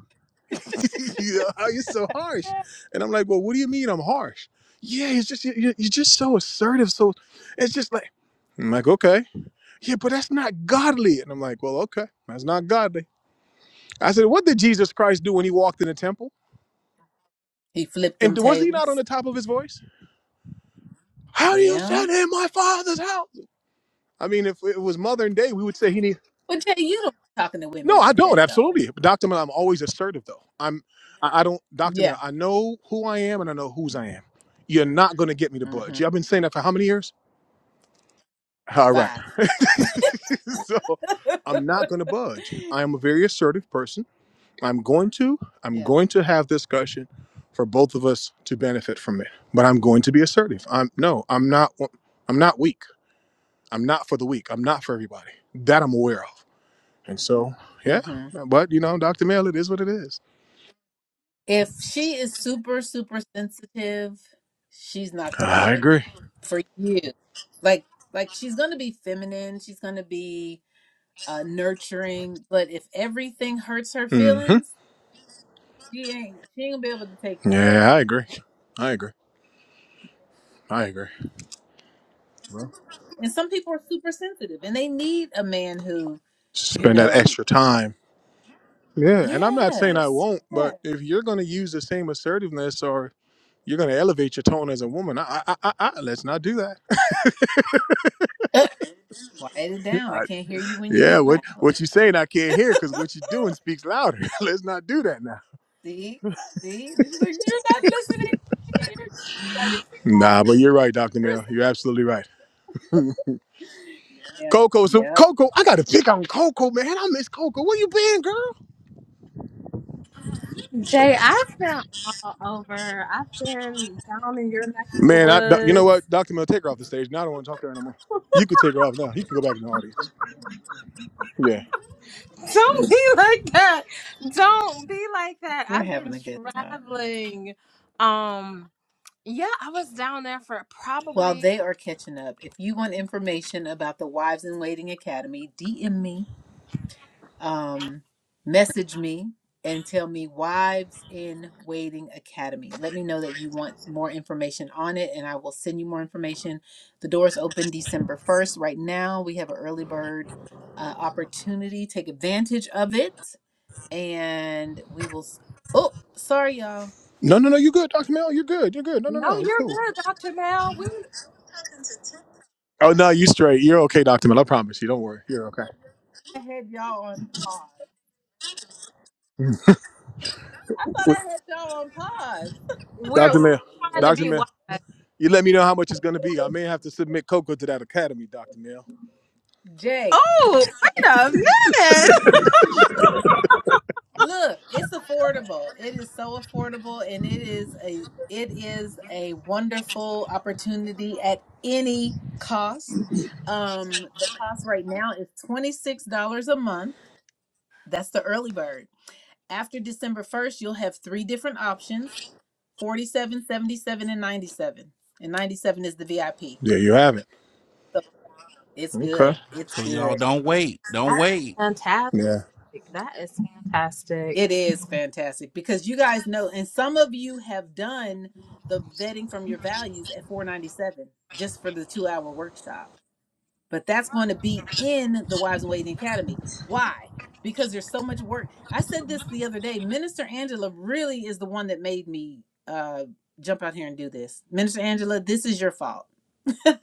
I: (laughs) you know, how you so harsh?" And I'm like, "Well, what do you mean I'm harsh? Yeah, it's just you- you- you're just so assertive. So it's just like." I'm like, okay. yeah, but that's not godly. And I'm like, well, okay, that's not godly. I said, what did Jesus Christ do when he walked in the temple?
A: He flipped
I: And
A: them
I: was he not on
A: tables.
I: the top of his voice? How do you
A: Yeah.
I: set in my father's house? I mean, if it was modern day, we would say he needs.
A: But Jay, you don't be talking to
I: No,
A: women
I: I
A: like
I: don't.
A: that though.
I: Absolutely. But Dr. Mel, I'm always assertive, though. I'm, I, I don't, Dr. Mel,
A: Yeah.
I: I know who I am and I know whose I am. You're not going to get me to
A: Mm-hmm.
I: budge. I've been saying that for how many years? All right.
A: Five.
I: (laughs) so I'm not
A: (laughs)
I: going to budge. I am a very assertive person. I'm going to, I'm
A: yeah.
I: going to have this discussion for both of us to benefit from it. But I'm going to be assertive. I'm no, I'm not I'm not weak. I'm not for the weak. I'm not for everybody. That I'm aware of. And so, yeah.
A: Mm-hmm.
I: But you know, Dr. Mel, it is what it is.
A: If she is super, super sensitive, she's not the
I: I
A: one
I: agree.
A: for you. Like, like she's gonna be feminine. She's gonna be uh, nurturing. But if everything hurts her
I: Mm-hmm.
A: feelings, she ain't. She ain't gonna be able to take you, Jay.
I: Yeah, I agree. I agree. I agree. Well,
A: And some people are super sensitive, and they need a man who, you
I: Spend that
A: know,
I: extra time. Yeah, and I'm not saying I
A: yes,
I: won't,
A: yeah.
I: but if you're going to use the same assertiveness or you're going to elevate your tone as a woman, I, I, I, I, let's not do that. (laughs)
A: Uh, quiet it down. I
I: I-
A: can't hear you when you
I: yeah,
A: get
I: what
A: loud.
I: what you saying I can't hear because
A: (laughs)
I: what you doing speaks louder. (laughs) Let's not do that now.
A: See? See? And she's like, You're not listening to me. You're shutting me off.
I: Nah, but you're right,
A: You're,
I: Doctor
A: (laughs) you're
I: Mill. You're
A: so-"
I: absolutely right.
A: Yep,
I: Coco, so
A: yep.
I: Coco, I got to pick on Coco, man. I miss Coco. Where you been, girl?
L: Jay, I've been all over. I've been down in your neck of the
I: Man, I, doc- you know
L: woods.
I: what, Doctor Mill, take her off the stage. Now I don't want to talk to her anymore. You could take her off now. You can go back in the audience. Yeah.
L: Don't be (laughs) like that. Don't be like that.
A: We're
L: I've been
A: having a good time.
L: traveling. Um, yeah, I was down there for
A: While
L: probably
A: they are catching up, if you want information about the Wives in Waiting Academy, DM me um, message me and tell me Wives in Waiting Academy. Let me know that you want more information on it, and I will send you more information. The doors open December 1st. Right now, we have an early bird uh, opportunity. Take advantage of it, and we will. s- Oh, sorry, y'all.
I: No, no, no. You good, Doctor Mill? You're good. You're good. No, no,
L: No,
I: no. It's
L: you're
I: cool.
L: good, Dr. Mel. We're
I: Oh no, you straight. You're okay, Doctor Mill. I promise you. Don't worry. You're okay.
A: I had y'all on pause. I thought
I: Wait,
A: I had y'all on pause. (laughs)
L: we're
A: sorry.
I: Doctor
L: we're
I: Mill,
L: trying to
I: Doctor
L: be
I: Mill.
L: wise.
I: You let me know how much it's gonna be. I may have to submit Coco to that academy, Doctor Mill.
A: Jay.
L: Oh, wait a minute.
A: Look, it's affordable. It is so affordable and it is a it is a wonderful opportunity at any cost. Um the cost right now is $26 a month. That's the early bird. After December 1st, you'll have three different options, 47, 77, and 97. And 97 is the VIP.
I: Yeah, you haven't.
A: So it's good.
I: Okay.
A: It's
J: so y'all
A: good.
J: don't wait.
L: (laughs)
J: Don't
L: That's
J: wait.
L: fantastic.
I: Yeah.
L: That is fantastic.
A: It is fantastic because you guys know, and some of you have done the vetting from your values at 497 just for the two hour workshop. But that's going to be in the Wives and Waiting Academy. Why? Because there's so much work. I said this the other day. Minister Angela really is the one that made me uh, jump out here and do this. Minister Angela, this is your fault (laughs)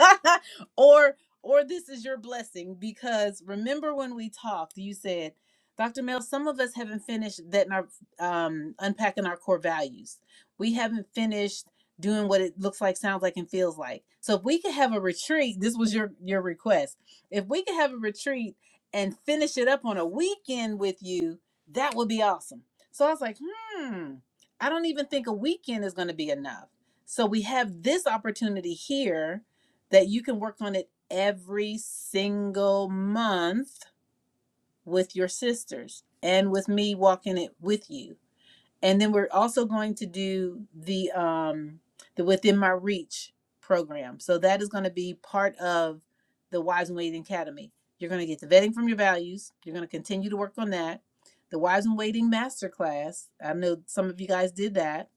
A: or or this is your blessing because remember when we talked you said dr mel some of us haven't finished that in our um, unpacking our core values we haven't finished doing what it looks like sounds like and feels like so if we could have a retreat this was your your request if we could have a retreat and finish it up on a weekend with you that would be awesome so i was like hmm i don't even think a weekend is going to be enough so we have this opportunity here that you can work on it every single month with your sisters and with me walking it with you. And then we're also going to do the um the within my reach program. So that is going to be part of the Wives and Waiting Academy. You're going to get the vetting from your values. You're going to continue to work on that. The Wives and Waiting Masterclass. I know some of you guys did that.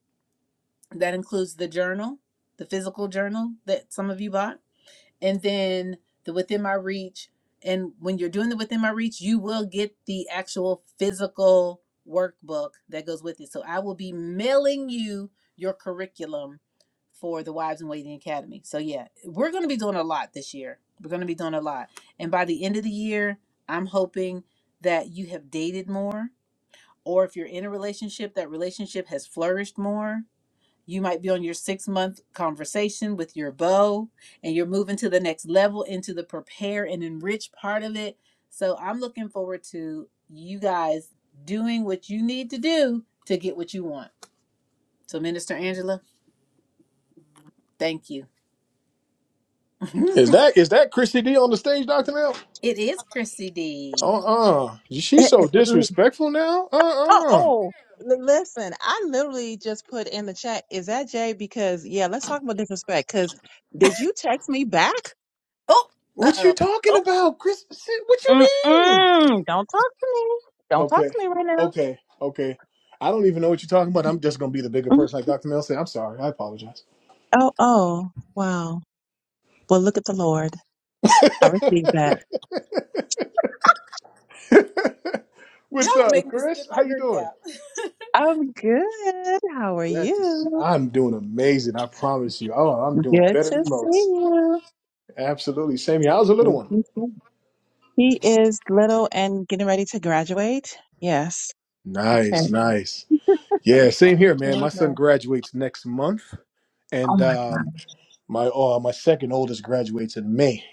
A: That includes the journal, the physical journal that some of you bought and then the within my reach and when you're doing the within my reach you will get the actual physical workbook that goes with it so i will be mailing you your curriculum for the wives and waiting academy so yeah we're going to be doing a lot this year we're going to be doing a lot and by the end of the year i'm hoping that you have dated more or if you're in a relationship that relationship has flourished more you might be on your six month conversation with your beau and you're moving to the next level into the prepare and enrich part of it. So I'm looking forward to you guys doing what you need to do to get what you want. So, Minister Angela, thank you. (laughs)
I: Is
A: it
I: that is that Christy D on the stage, Doctor Mel?
A: is Chrissy D.
I: Uh uh She's so
M: (laughs)
I: disrespectful now. Uh
M: oh,
I: uh
M: oh, l- listen, I literally just put in the chat, is that Jay? Because, yeah, let's talk about disrespect. Because did you text me back?
A: Oh, uh
I: What
A: oh.
I: you talking
M: Oh,
I: about, Chris? What you mean?
M: mm-mm, don't talk to me. Don't talk
I: Okay.
M: to me right now.
I: Okay. Okay. I don't even know what you're talking about. I'm just gonna be the bigger
M: Mm,
I: person, like Doctor Mel said. I'm sorry. I apologize. (laughs)
M: Oh, oh, wow. Well, look at the Lord. I received that.
A: Y'all
I: What's
A: gonna make
I: up,
A: me spit
I: Chris?
A: my
I: How you
A: drink
I: doing?
A: out.
M: I'm good. How are
I: Glad to see.
M: you?
I: I'm doing amazing. I promise you. Oh, I'm doing
M: Good
I: better
M: to
I: than
M: see
I: most.
M: you.
I: Absolutely. Same here. How's the little
M: Good to
I: one?
M: see you. He is little and getting ready to graduate. Yes. Okay.
I: Nice. Nice. Yeah,
M: She
I: same
M: is
I: here, man. My
M: little.
I: son graduates next month,
M: Oh
I: and
M: my God.
I: um, my uh, my second oldest graduates in May.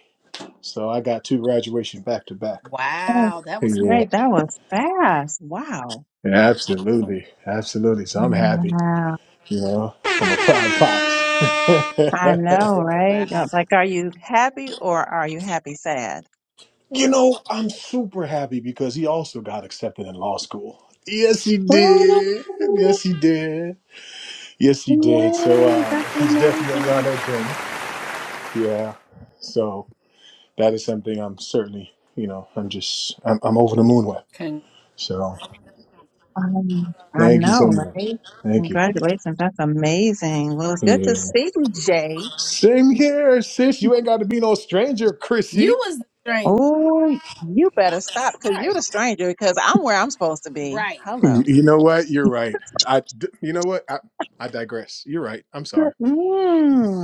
I: So I got two graduation back to
A: (laughs)
I: back.
M: Oh,
A: wow, that was
I: Yeah,
A: quick.
M: great. That was fast. Wow.
I: absolutely, absolutely. So I'm happy.
M: Wow.
I: You know, I'm a proud pops.
M: I know,
I: (laughs)
M: right?
A: Wow.
M: Yeah, It's like, are you happy or are you happy sad?
I: you know, I'm super happy because he also got accepted in law school. Yes, he did.
M: Oh,
I: Yes, he did. Yes, he did. So
M: yay.
I: um,
M: That's
I: he's definitely on
M: amazing.
I: that journey. Yeah. So that is something I'm certainly, you know, I'm just, I'm, I'm over the moon with.
A: Con-
I: So
M: Um, I
I: thank you so
M: know,
I: much.
M: right?
I: Thank you.
M: Congratulations. That's amazing. Well, it's good to
I: Yeah.
M: see you, Jay.
I: Same here, sis. You ain't got to be no stranger,
A: you
I: Chrissy.
A: was the stranger.
M: Oh, you better stop because you're
A: Right.
M: the stranger because I'm where I'm supposed to be.
A: Right.
M: Hello.
I: You know what? You're right. I, d- you know what? I, I digress. You're right. I'm sorry.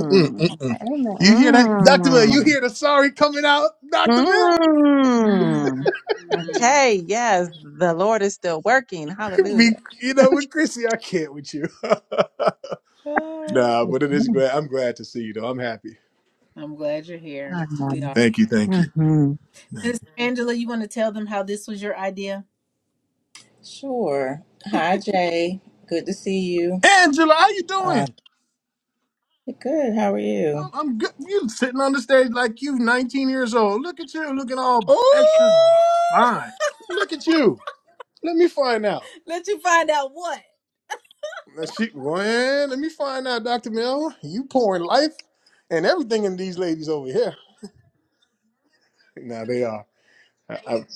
I: Mm, mm, mm.
M: Amen.
I: You hear that, Doctor Mill? You
M: Mm.
I: hear the sorry coming out, Doctor Mill?
M: Mm.
A: Mm-hmm.
M: Okay, yes, the Lord is still working.
I: (laughs) Be-
M: Hallelujah.
I: you know, with Chrissy, I can't with you.
A: (sighs)
I: (laughs)
A: Oh,
I: nah, but it is
M: Mm-hmm.
I: glad. I'm glad to see you, though. I'm happy.
A: I'm glad you're here. We are.
I: Thank you. Thank you.
M: Mm-hmm.
I: Thank you.
A: Minister Angela, you want to tell them how this was your idea?
H: Sure. Hi Jay. Good to see you.
I: Angela, how you doing?
H: Good. How are
I: I'm
H: you?
I: I'm good. You sitting on the stage like you, 19 years old. Look at you, looking all extra
A: Oh,
I: fine. Look at you. Let me find out.
A: (laughs) let you find out what.
I: And She, man, let me find out, Dr. Mel. You pouring life and everything in these ladies over here. Now they are. I, I'm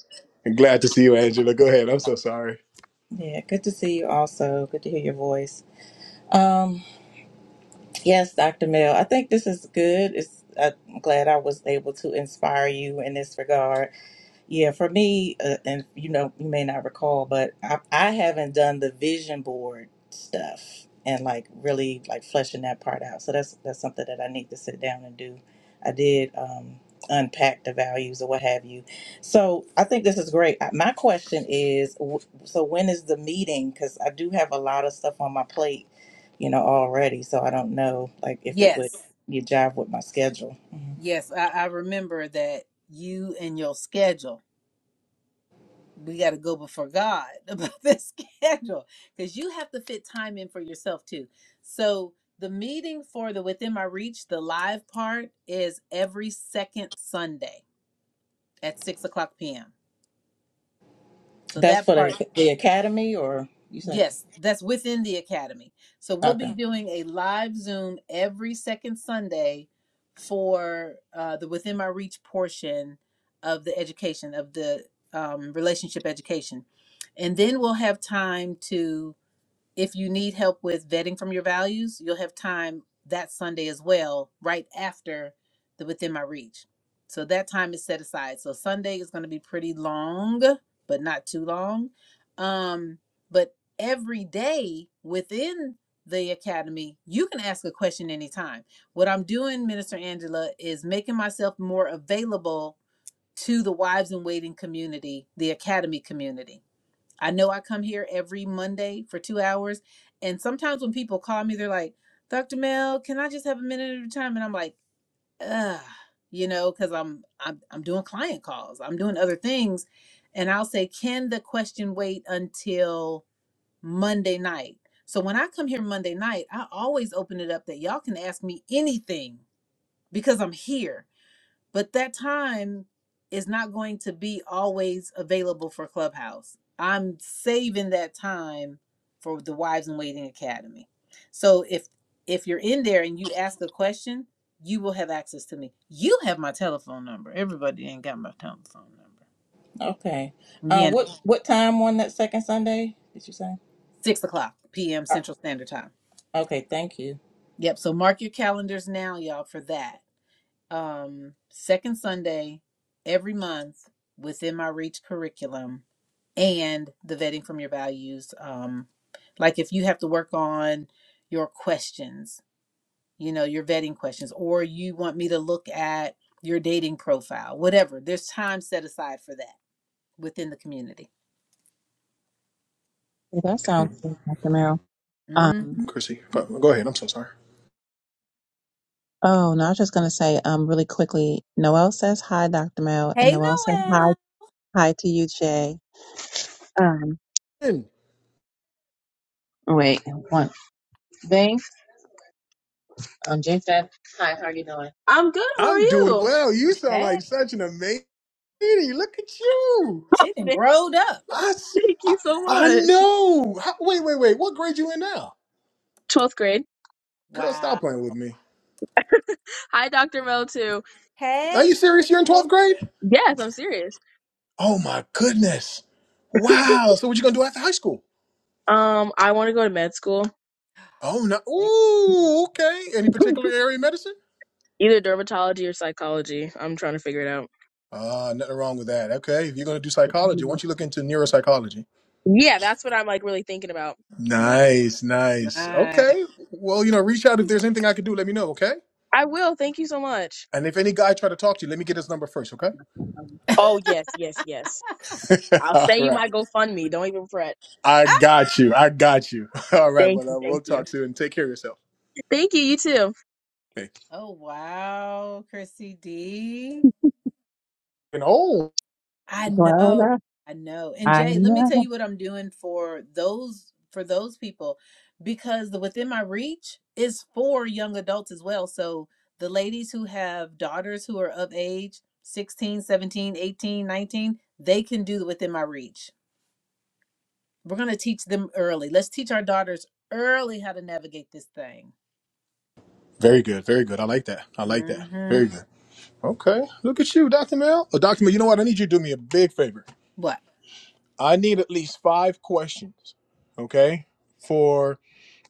I: I'm glad to see you, Angela. Go ahead. I'm so sorry.
H: Yeah, good to see you also. Good to hear your voice. Um, yes, Dr. Mel, I think this is good. It's I'm glad I was able to inspire you in this regard Yeah, for me, uh, and you know, you may not recall, but I, I haven't done the vision board stuff and like really like fleshing that part out. So that's that's something that I need to sit down and do. I did um, unpack the values or what have you. So I think this is great. Uh, My question is, w- so when is the meeting? Because I do have a lot of stuff on my plate, you know, already. So I don't know like if it would
A: Yes.
H: you jive with my schedule. Mhm.
A: Yes. I, I remember that you and your schedule, we got to go before God (laughs) about this schedule because you have to fit time in for yourself too. So the meeting for the Within My Reach, the live part is every second Sunday at 6 o'clock p.m. So
H: That's
A: that
H: for
A: part.
H: the the academy, or you said
A: Yes, that's within the academy. So we'll
H: okay.
A: be doing a live Zoom every second Sunday for uh, the Within My Reach portion of the education, of the um, relationship education. And then we'll have time to. If you need help with vetting from your values, you'll have time that Sunday as well, right after the Within My Reach. So that time is set aside. So Sunday is going to be pretty long, but not too long. Um, but every day within the academy, you can ask a question anytime. What I'm doing, Minister Angela, is making myself more available to the wives in waiting community, the academy community. I know I come here every Monday for two hours. And sometimes when people call me, they're like, Dr. Mel, can I just have a minute at a time? And I'm like, ugh, you know, because I'm, I'm I'm doing client calls, I'm doing other things. And I'll say, can the question wait until Monday night? So when I come here Monday night, I always open it up that y'all can ask me anything because I'm here but that time is not going to be always available for clubhouse i'm saving that time for the wives in waiting academy so if if you're in there and you ask a question you will have access to me you have my telephone number everybody ain't got my telephone number
H: Okay. Uh,
A: yeah
H: what what time on that second Sunday did you say?
A: six o'clock pm
H: Uh,
A: central standard time
H: Okay, thank you.
A: yep so mark your calendars now y'all for that um second sunday every month within my reach curriculum and the vetting from your values. Um, like if you have to work on your questions, you know, your vetting questions, or you want me to look at your dating profile, whatever. There's time set aside for that within the community.
M: Well, that sounds good, Dr. Merrill.
A: hmm
M: Um,
I: Chrissy, go go ahead. I'm so sorry.
M: oh, no, I was just going to say um, really quickly Noel says hi, Dr. Merrill, and
A: Hey,
M: Noel said hi,
A: Noel.
M: hi to you, Jay. Um,
I: And
M: wait, one thing. Um, Jay said, Hi, how are you doing? I'm good, how are
I: I'm doing
M: you?
I: well. You sound like
A: Hey,
I: such an amazing. lady. Look at you.
A: She
M: (laughs)
A: done
M: Thank
A: growed up.
I: I, s- I,
M: you so
I: I
M: much.
I: know. How, wait, wait, wait. What grade you in now?
M: 12th grade.
I: Girl,
A: Wow.
I: stop playing with me.
M: Hi, Dr. Mel, too.
I: Are
A: Hey,
I: you serious? You're in 12th
A: Noel.
I: grade?
M: Yes, I'm serious.
I: Oh my goodness. Wow. So what you gonna do after high school?
M: Um, I want to go to med school,
I: Oh no.
A: yeah.
I: Ooh, okay. Any particular area of medicine?
M: either dermatology or psychology. I'm trying to figure it
I: Uh, nothing wrong with that. Okay. If you're gonna do psychology, why
M: out.
I: don't you look into neuropsychology?
M: Yeah, that's what I'm like really thinking about.
A: Nice,
I: Nice, nice.
A: nice.
I: Okay. Well, you know, reach out if there's anything I could do, let me know, okay?
M: I will. Thank you so much.
I: And if any guy try to talk to you, let me get his number first, okay?
M: Oh, yes, yes, yes.
I: (laughs)
M: I'll
I: All
M: send you
I: right.
M: my GoFundMe. Don't even fret.
I: I
A: Ah!
I: got you. I got you. (laughs) All right,
M: Thank
I: but
M: you.
I: uh,
M: Thank
I: we'll
M: you.
I: talk soon. Take care of yourself.
M: Thank you. You too.
I: Thank
A: Oh, wow, Chrissy D.
I: you. And oh,
A: I
M: Well,
A: know,
M: that-
A: I know. And
M: I
A: Jay, let me
M: know.
A: tell you what I'm doing for those for those people because the within my reach is for young adults as well. So the ladies who have daughters who are of age 16, 17, 18, 19, they can do the within my reach. We're going to teach them early. Let's teach our daughters early how to navigate this thing.
I: very good. Very good. I like that. I like that.
A: Mhm.
I: Very good. Okay. Look at you, Dr. Mel. Oh, Dr. Mel, you know what? I need you to do me a big favor.
A: What?
I: I need at least five questions. Okay. For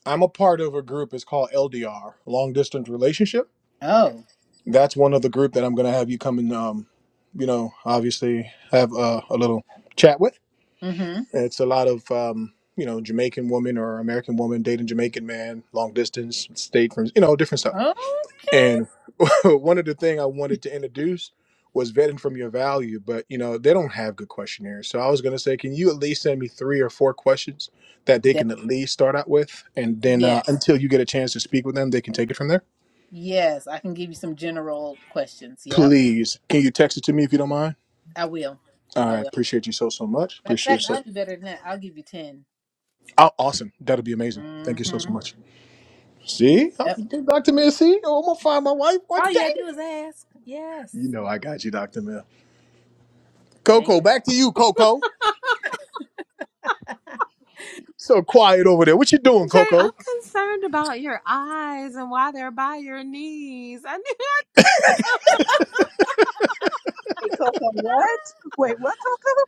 I: I'm a part of a group. It's called LDR, Long Distance Relationship.
A: Oh.
I: That's one of the group that I'm going to have you come and, um, you know, obviously have uh, a little chat with.
A: Mhm.
I: It's a lot of um, you know Jamaican woman or American woman dating Jamaican man, long distance, state from you know different stuff.
A: Okay.
I: And (laughs) one of the thing I wanted to introduce was vetting from your value, but you know they don't have good questionnaires. So I was gonna say, can you at least send me three or four questions that they can at least start out with, and then uh,
A: Yes,
I: until you get a chance to speak with them, they can take it from there.
A: yes, I can give you some general questions. Yep,
I: Please, can you text it to me if you don't mind?
A: I will. I
I: I
A: will.
I: appreciate you so so much.
A: In
I: Appreciate you
A: fact,
I: so.
A: I'll do better than that. I'll give you 10.
I: Oh, awesome. That'll be amazing. Thank you so
A: Mm-hmm.
I: so much. See, I'm,
A: Yep.
I: Dr. Mill, see, oh, I'm gonna find my wife one
A: All you
I: day.
A: gotta do is ask. Yes.
I: You know, I got you, Dr. Mill.
A: Thank
I: Coco, back to you, Coco. So quiet over there. What you doing,
L: Jay, I'm
I: Coco?
L: concerned about your eyes and why they're by your knees. I knew.
M: Hey, Coco, what? Wait, what, Coco?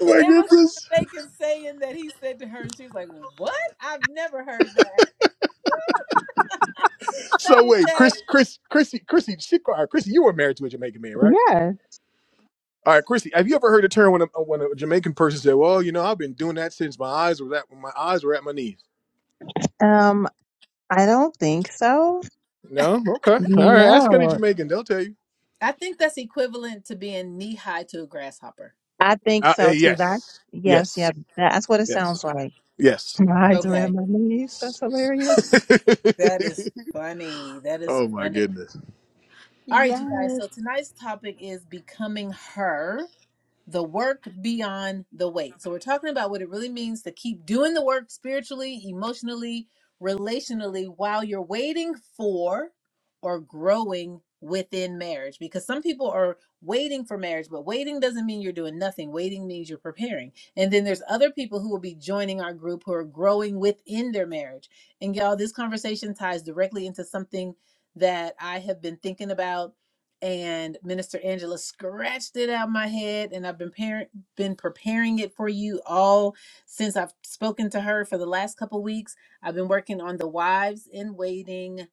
I: Oh my
A: It was
I: goodness.
A: a Jamaican saying that he said to her, and she was like, What? I've never heard that.
I: So
A: Same
I: wait,
A: thing.
I: Chris, Chris, Chrissy, Chrissy, she cried. Chrissy, you were married to a Jamaican man, right?
M: Yes.
I: All right, Chrissy, have you ever heard a term when a, uh, when a Jamaican person said, "Well, you know, I've been doing that since my eyes were that when my eyes were at my knees"?
M: Um, I don't think so.
I: No, okay, all right. Ask any
M: No,
I: Jamaican; they'll tell you.
A: I think that's equivalent to being knee high to a grasshopper.
M: I think
I: Uh, eh,
M: so too. That
I: yes,
M: yes,
I: yes,
M: yeah, that's what it
I: yes,
M: sounds like.
I: yes.
M: My eyes were
A: Okay.
M: on my knees. That's hilarious.
I: (laughs)
A: That is funny. That is
I: oh my
A: funny.
I: goodness.
A: All right, you
L: Yes.
A: guys. So tonight's topic is becoming her. the work beyond the weight. So we're talking about what it really means to keep doing the work spiritually, emotionally, relationally while you're waiting for or growing within marriage because some people are waiting for marriage but waiting doesn't mean you're doing nothing waiting means you're preparing and then there's other people who will be joining our group who are growing within their marriage and y'all this conversation ties directly into something that i have been thinking about and Minister Angela scratched it out of my head, and I've been par- been preparing it for you all since I've spoken to her for the last couple weeks. I've been working on the Wives in Waiting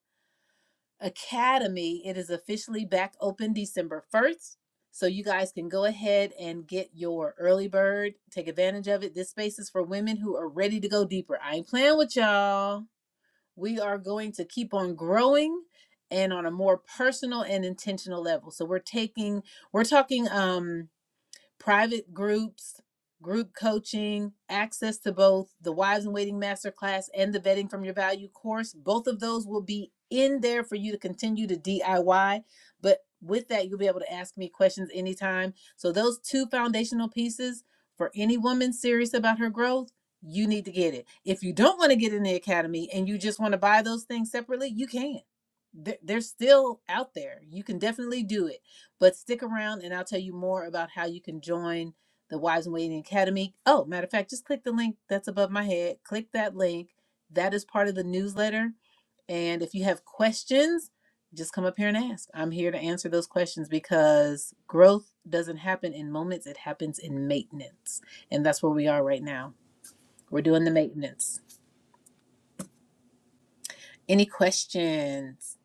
A: Academy. It is officially back open December first, so you guys can go ahead and get your early bird. Take advantage of it. This space is for women who are ready to go deeper. I ain't playing with y'all we are going to keep on growing and on a more personal and intentional level. So we're taking, we're talking, um, private groups, group coaching, access to both the Wives in Waiting Masterclass and the Vetting from Your Value course. Both of those will be in there for you to continue to DIY. But with that, you'll be able to ask me questions anytime. So, those two foundational pieces for any woman serious about her growth. You need to get it. If you don't want to get in the academy and you just want to buy those things separately, you can. They're, they're still out there. You can definitely do it but stick around and I'll tell you more about how you can join the Wives and Waiting Academy. Oh, matter of fact, just click the link that's above my head. Click that link. That is part of the newsletter. And if you have questions, just come up here and ask. I'm here to answer those questions because growth doesn't happen in moments, it happens in maintenance. And that's where we are right now. We're doing the maintenance. Any questions?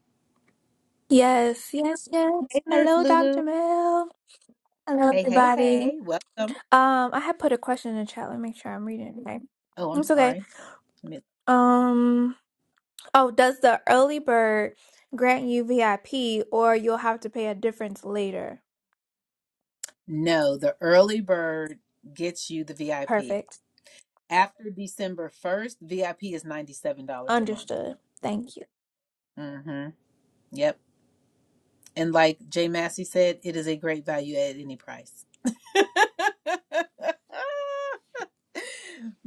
N: Yes, yes, yes.
A: Hey, Nurse
N: Hello, Dr.
A: Lulu.
N: Mel. Hello,
A: Hey, hey,
N: everybody.
A: hey. Welcome.
N: Um, I had put a question in the chat. Let me make sure I'm reading it right.
A: Oh, I'm
N: It's okay.
A: sorry. Let me
N: Um, oh, does the early bird grant you VIP or you'll have to pay a difference later?
A: No, the early bird gets you the VIP.
N: Perfect.
A: After December 1st, VIP is $97 a month.
N: Understood. Thank you.
A: Mm-hmm. Yep. And like Jay Massey said, it is a great value at any price. (laughs)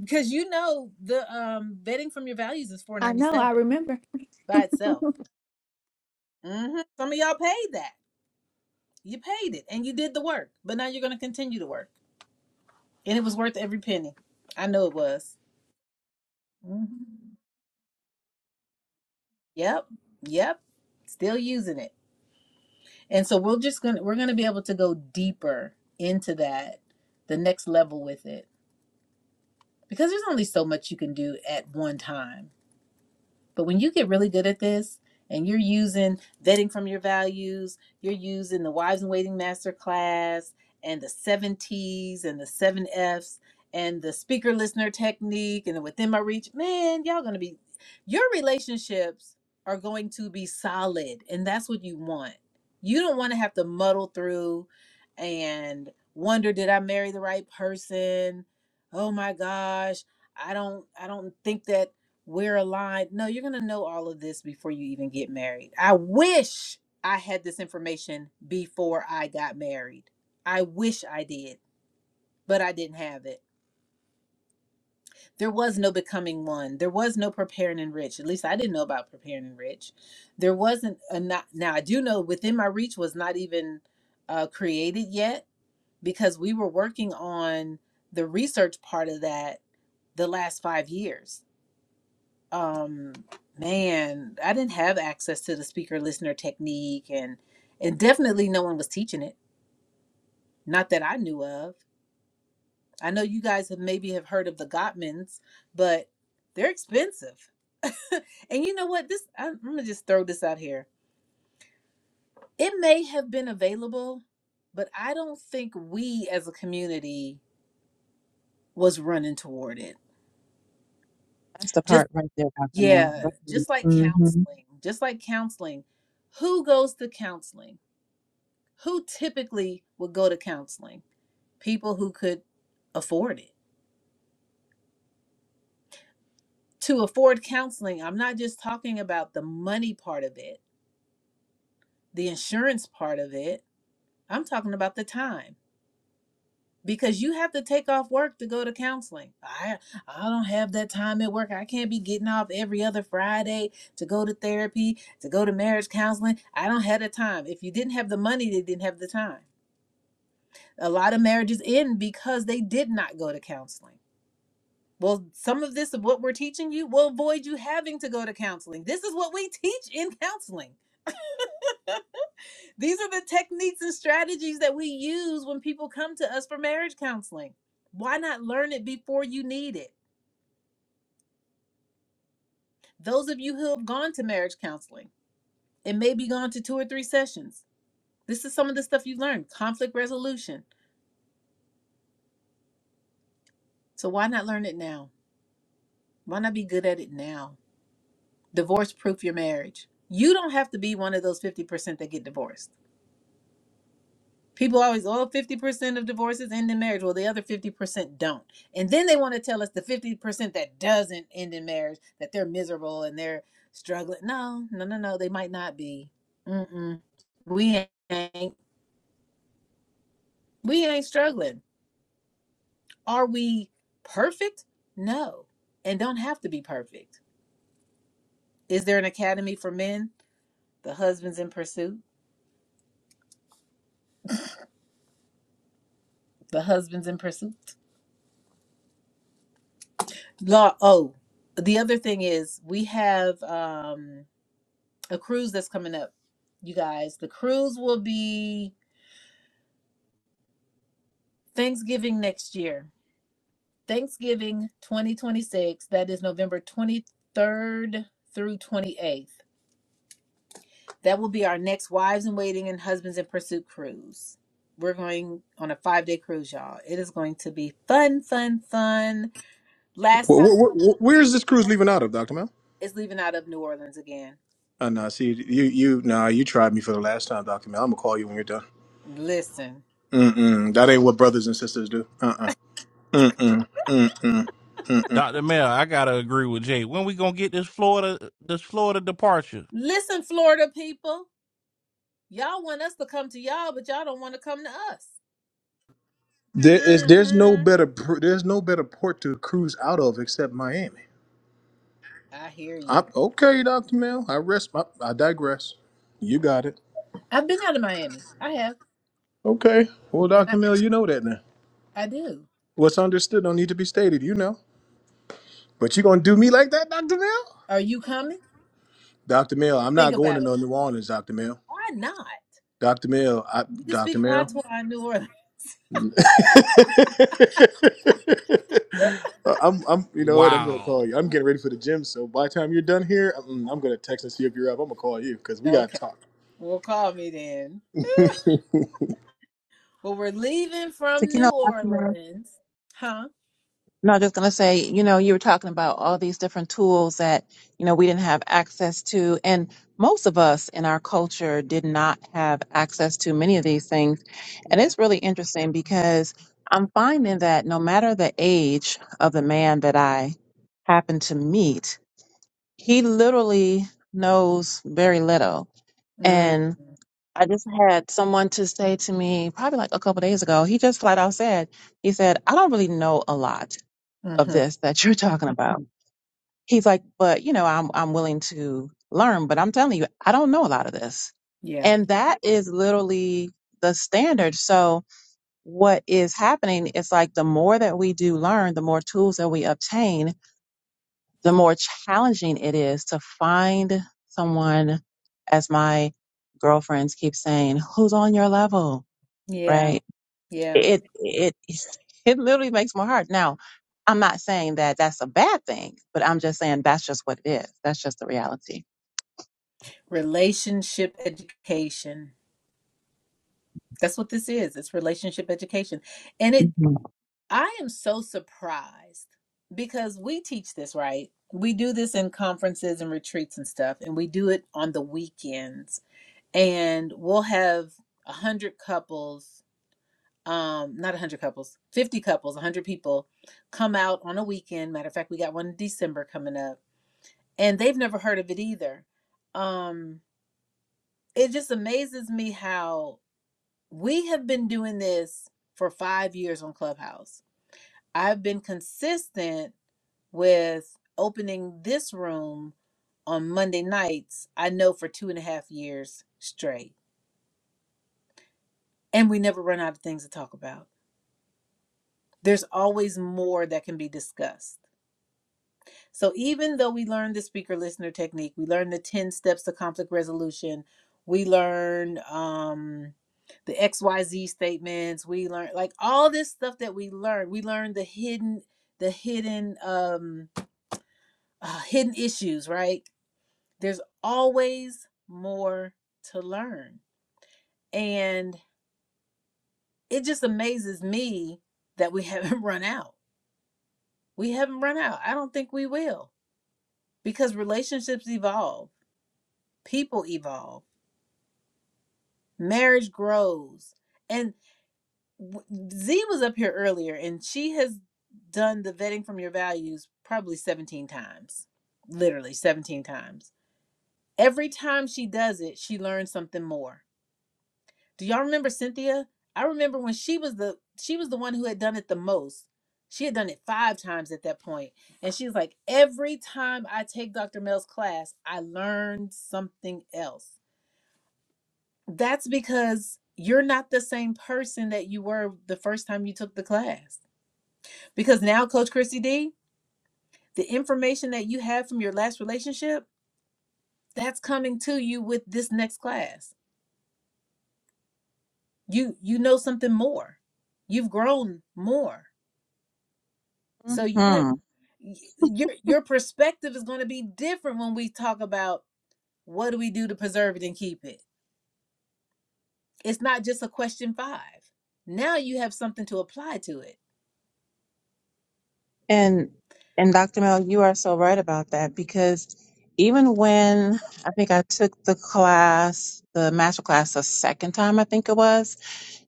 A: Because you know the um betting from your values is
N: I know, I
A: 497
N: remember.
A: by itself.
N: (laughs)
A: hmm Some of y'all paid that. You paid it and you did the work, but now you're gonna continue to work. And it was worth every penny. I know it was. hmm Yep. Yep. Still using it. And so we're just going to we're going to be able to go deeper into that the next level with it because there's only so much you can do at one time. But when you get really good at this and you're using vetting from your values, you're using the Wives and Waiting Master class and the seven T's and the seven F's and the speaker listener technique and the within my reach, man, y'all gonna be your relationships are going to be solid and that's what you want. You don't want to have to muddle through and wonder did I marry the right person? Oh my gosh, I don't I don't think that we're aligned. No, you're going to know all of this before you even get married. I wish I had this information before I got married. I wish I did, but I didn't have it. There was no becoming one. There was no preparing and rich. At least I didn't know about preparing and rich. There wasn't a not, now I do know within my reach was not even uh, created yet because we were working on the research part of that the last 5 years um man i didn't have access to the speaker listener technique and and definitely no one was teaching it not that i knew of i know you guys have maybe have heard of the gottmans but they're expensive (laughs) and you know what this I, i'm gonna just throw this out here it may have been available but i don't think we as a community was running toward it
M: That's the
A: just
M: part right there, Dr. Mel.
A: yeah just like
M: Mm-hmm.
A: counseling just like counseling who goes to counseling who typically would go to counseling? People who could afford it. To afford counseling, I'm not just talking about the money part of it, the insurance part of it. I'm talking about the time because you have to take off work to go to counseling. I I don't have that time at work. I can't be getting off every other Friday to go to therapy, to go to marriage counseling. I don't have the time. If you didn't have the money, they didn't have the time. A lot of marriages end because they did not go to counseling Well, some of this of what we're teaching you will avoid you having to go to counseling. This is what we (laughs) teach in counseling. (laughs) These are the techniques and strategies that we use when people come to us for marriage counseling. Why not learn it before you need it? Those of you who have gone to marriage counseling and maybe gone to two or three sessions, this is some of the stuff you've learned conflict resolution. So why not learn it now? Why not be good at it now? Divorce proof your marriage. You don't have to be one of those 50% that get divorced People always, oh, 50% of divorces end in marriage. Well, the other 50% don't. And then they want to tell us the 50% that doesn't end in marriage, that they're miserable and they're struggling. No, no, no, no. They might not be. Mm-mm. We ain't, we ain't struggling. Are we perfect? No. And don't have to be perfect. Is there an academy for men? The husband's in pursuit. The husband's in pursuit. Law. Oh, the other thing is we have, um, a cruise that's coming up, you guys. The cruise will be Thanksgiving next year. Thanksgiving 2026. That is November 23rd through 28th. That will be our next Wives in Waiting and Husbands in Pursuit cruise. We're going on a five day cruise, y'all. It is going to be fun, fun, fun. Last
I: Where, where,
A: time
I: where,
A: Coco
I: where
A: came
I: is this
A: with
I: cruise
A: us,
I: leaving out of, Doctor Mel?
A: it's leaving out of New Orleans again.
I: Uh, nah, see, you, you, nah, you tried me for the last time, Doctor Mel. I'm gonna call you when you're done.
A: Listen,
I: Mm-mm, that ain't what brothers and sisters do. Uh-uh. Mm-mm. Mm-mm. Mm-mm.
J: Dr. Mel, I gotta agree with Jay. When we gonna get this Florida this Florida departure?
A: listen, Florida people. Y'all want us to come to y'all, but y'all don't want to come to us.
I: There is, there's no
A: hmm
I: better, pr- there's no better port to cruise out of except Miami.
A: I hear
I: I,
A: you.
I: okay, Doctor Mel. I rest. I, I digress. You got it.
A: I've been out of Miami. I have,
I: Okay. Well,
A: and
I: Doctor
A: I
I: Mel, you know that now.
A: I do.
I: What's understood don't need to be stated. You know. But you gonna do me like that, Doctor Mel?
A: Are you coming?
I: Doctor Mel, I'm
A: Think
I: not going to
A: about it.
I: no New Orleans, Doctor Mel.
A: Why not?
I: Dr. Mill, I,
A: You can
I: Dr.
A: speak
I: Mill.
A: patois in New Orleans. (laughs)
I: (laughs) I'm, I'm, you know what? I'm gonna
J: Wow.
I: call you. I'm getting ready for the gym, so by the time you're done here, I'm, I'm gonna text and see if you're up. I'm gonna call you because we gotta
A: Okay.
I: talk.
A: Well, call me then. Well, we're leaving
M: Like
A: from
M: you know,
A: New
M: Dr. Mel,
A: Orleans, huh?
M: no, I was just going to say, you know, you were talking about all these different tools that, you know, we didn't have access to. And most of us in our culture did not have access to many of these things. And
A: Yeah.
M: it's really interesting because I'm finding that no matter the age of the man that I happen to meet, he literally knows very little.
A: Mm.
M: I just had someone to say to me probably like a couple days ago. He just flat out said, he said, I don't really know a lot of
A: Mm-hmm.
M: this that you're talking about. He's like, but you know, I'm I'm willing to learn, but I'm telling you, I don't know a lot of this.
A: Yeah.
M: And that is literally the standard. So what is happening is like the more that we do learn, the more tools that we obtain, the more challenging it is to find someone as my girlfriends keep saying, who's on your level?
A: Yeah.
M: right?
A: Yeah.
M: It it it literally makes my heart. Now, I'm not saying that that's a bad thing, but I'm just saying that's just what it is. That's just the reality.
A: Relationship education. That's what this is. It's relationship education. And it
M: Mhm.
A: I am so surprised because we teach this, right? We do this in conferences and retreats and stuff, and we do it on the weekends. And we'll have a hundred couples, um, not a hundred couples, fifty couples, a hundred people come out on a weekend. Matter of fact, we got one in December coming up, and they've never heard of it either. Um, it just amazes me how we have been doing this for five years on Clubhouse. I've been consistent with opening this room on Monday nights, I know for two and a half years straight. And we never run out of things to talk about. There's always more that can be discussed. So even though we learned the speaker listener technique, we learned the 10 steps to conflict resolution, we learned um, the XYZ statements, we learned like all this stuff that we learned. We learned the hidden, the hidden, um, uh, hidden issues, right? There's always more to learn. And it just amazes me that we (laughs) haven't run out. We haven't run out. I don't think we will because relationships evolve, people evolve, marriage grows. And Z was up here earlier and she has done the vetting from your values probably 17 times, literally 17 times. Every time she does it, she learns something more Do y'all remember Cynthia? I remember when she was the she was the one who had done it the most. She had done it five times at that point, and she was like, "Every time I take Dr. Mel's class, I learn something else." That's because you're not the same person that you were the first time you took the class. Because now, Coach Chrissy D, the information that you have from your last relationship, that's coming to you with this next class. You you know something more. You've grown more So you have
M: hmm
A: y- your your perspective is going to be different when we talk about what do we do to preserve it and keep it. It's not just a question 5. Now you have something to apply to it.
M: And and Dr. Mel, you are so right about that because even when I think I took the class, the master class, the second time I think it was,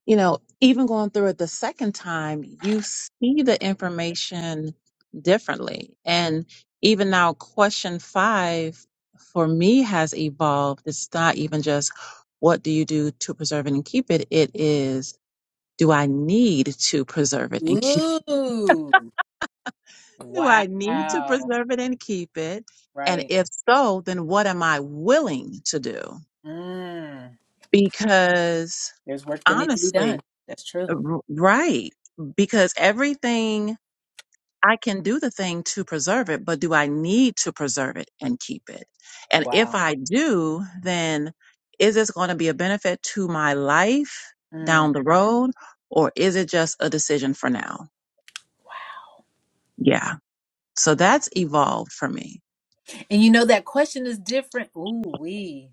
M: you know, even going through it the second time, you see the information differently.
A: Mm.
M: And even now, question five for me has evolved. It's not even just what do you do to preserve it and keep it? It is do I need to preserve it and keep it? (laughs)
A: Ooh.
M: Do I need to
A: Wow.
M: preserve it and keep it? And
A: Right.
M: if so, then what am I willing to do?
A: Mm.
M: Because
A: There's work that needs to be done.
M: honestly,
A: That's true.
M: r- right, because everything I can do the thing to preserve it, but do I need to preserve it and keep it? And if
A: Wow.
M: I do, then is this going to be a benefit to my life
A: Mm.
M: down the road or is it just a decision for now? Yeah. So that's evolved for me.
A: And you know that question is different. Ooh wee.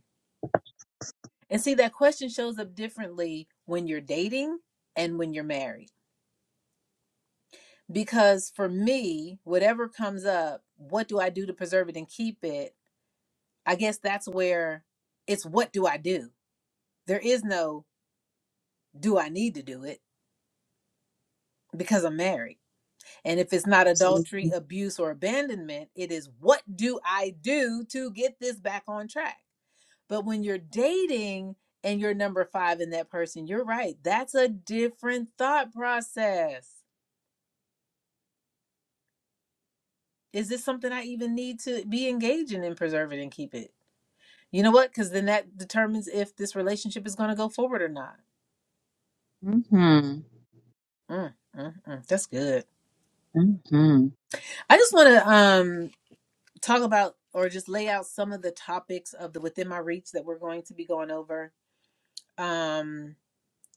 A: And see that question shows up differently when you're dating and when you're married. Because for me, whatever comes up, what do I do to preserve it and keep it? I guess that's where it's what do I do? There is no do I need to do it because I'm married. And if it's not adultery,
M: Absolutely.
A: abuse, or abandonment, it is what do I do to get this back on track? But when you're dating and you're number five in that person, you're right. That's a different thought process. Is this something I even need to be engaging in, preserve it and keep it? You know what? Because then that determines if this relationship is going to go forward or not.
M: hmm
A: Mm, mm, mm. That's good.
M: hmm
A: I just want to um, talk about or just lay out some of the topics of the within my reach that we're going to be going over. Um,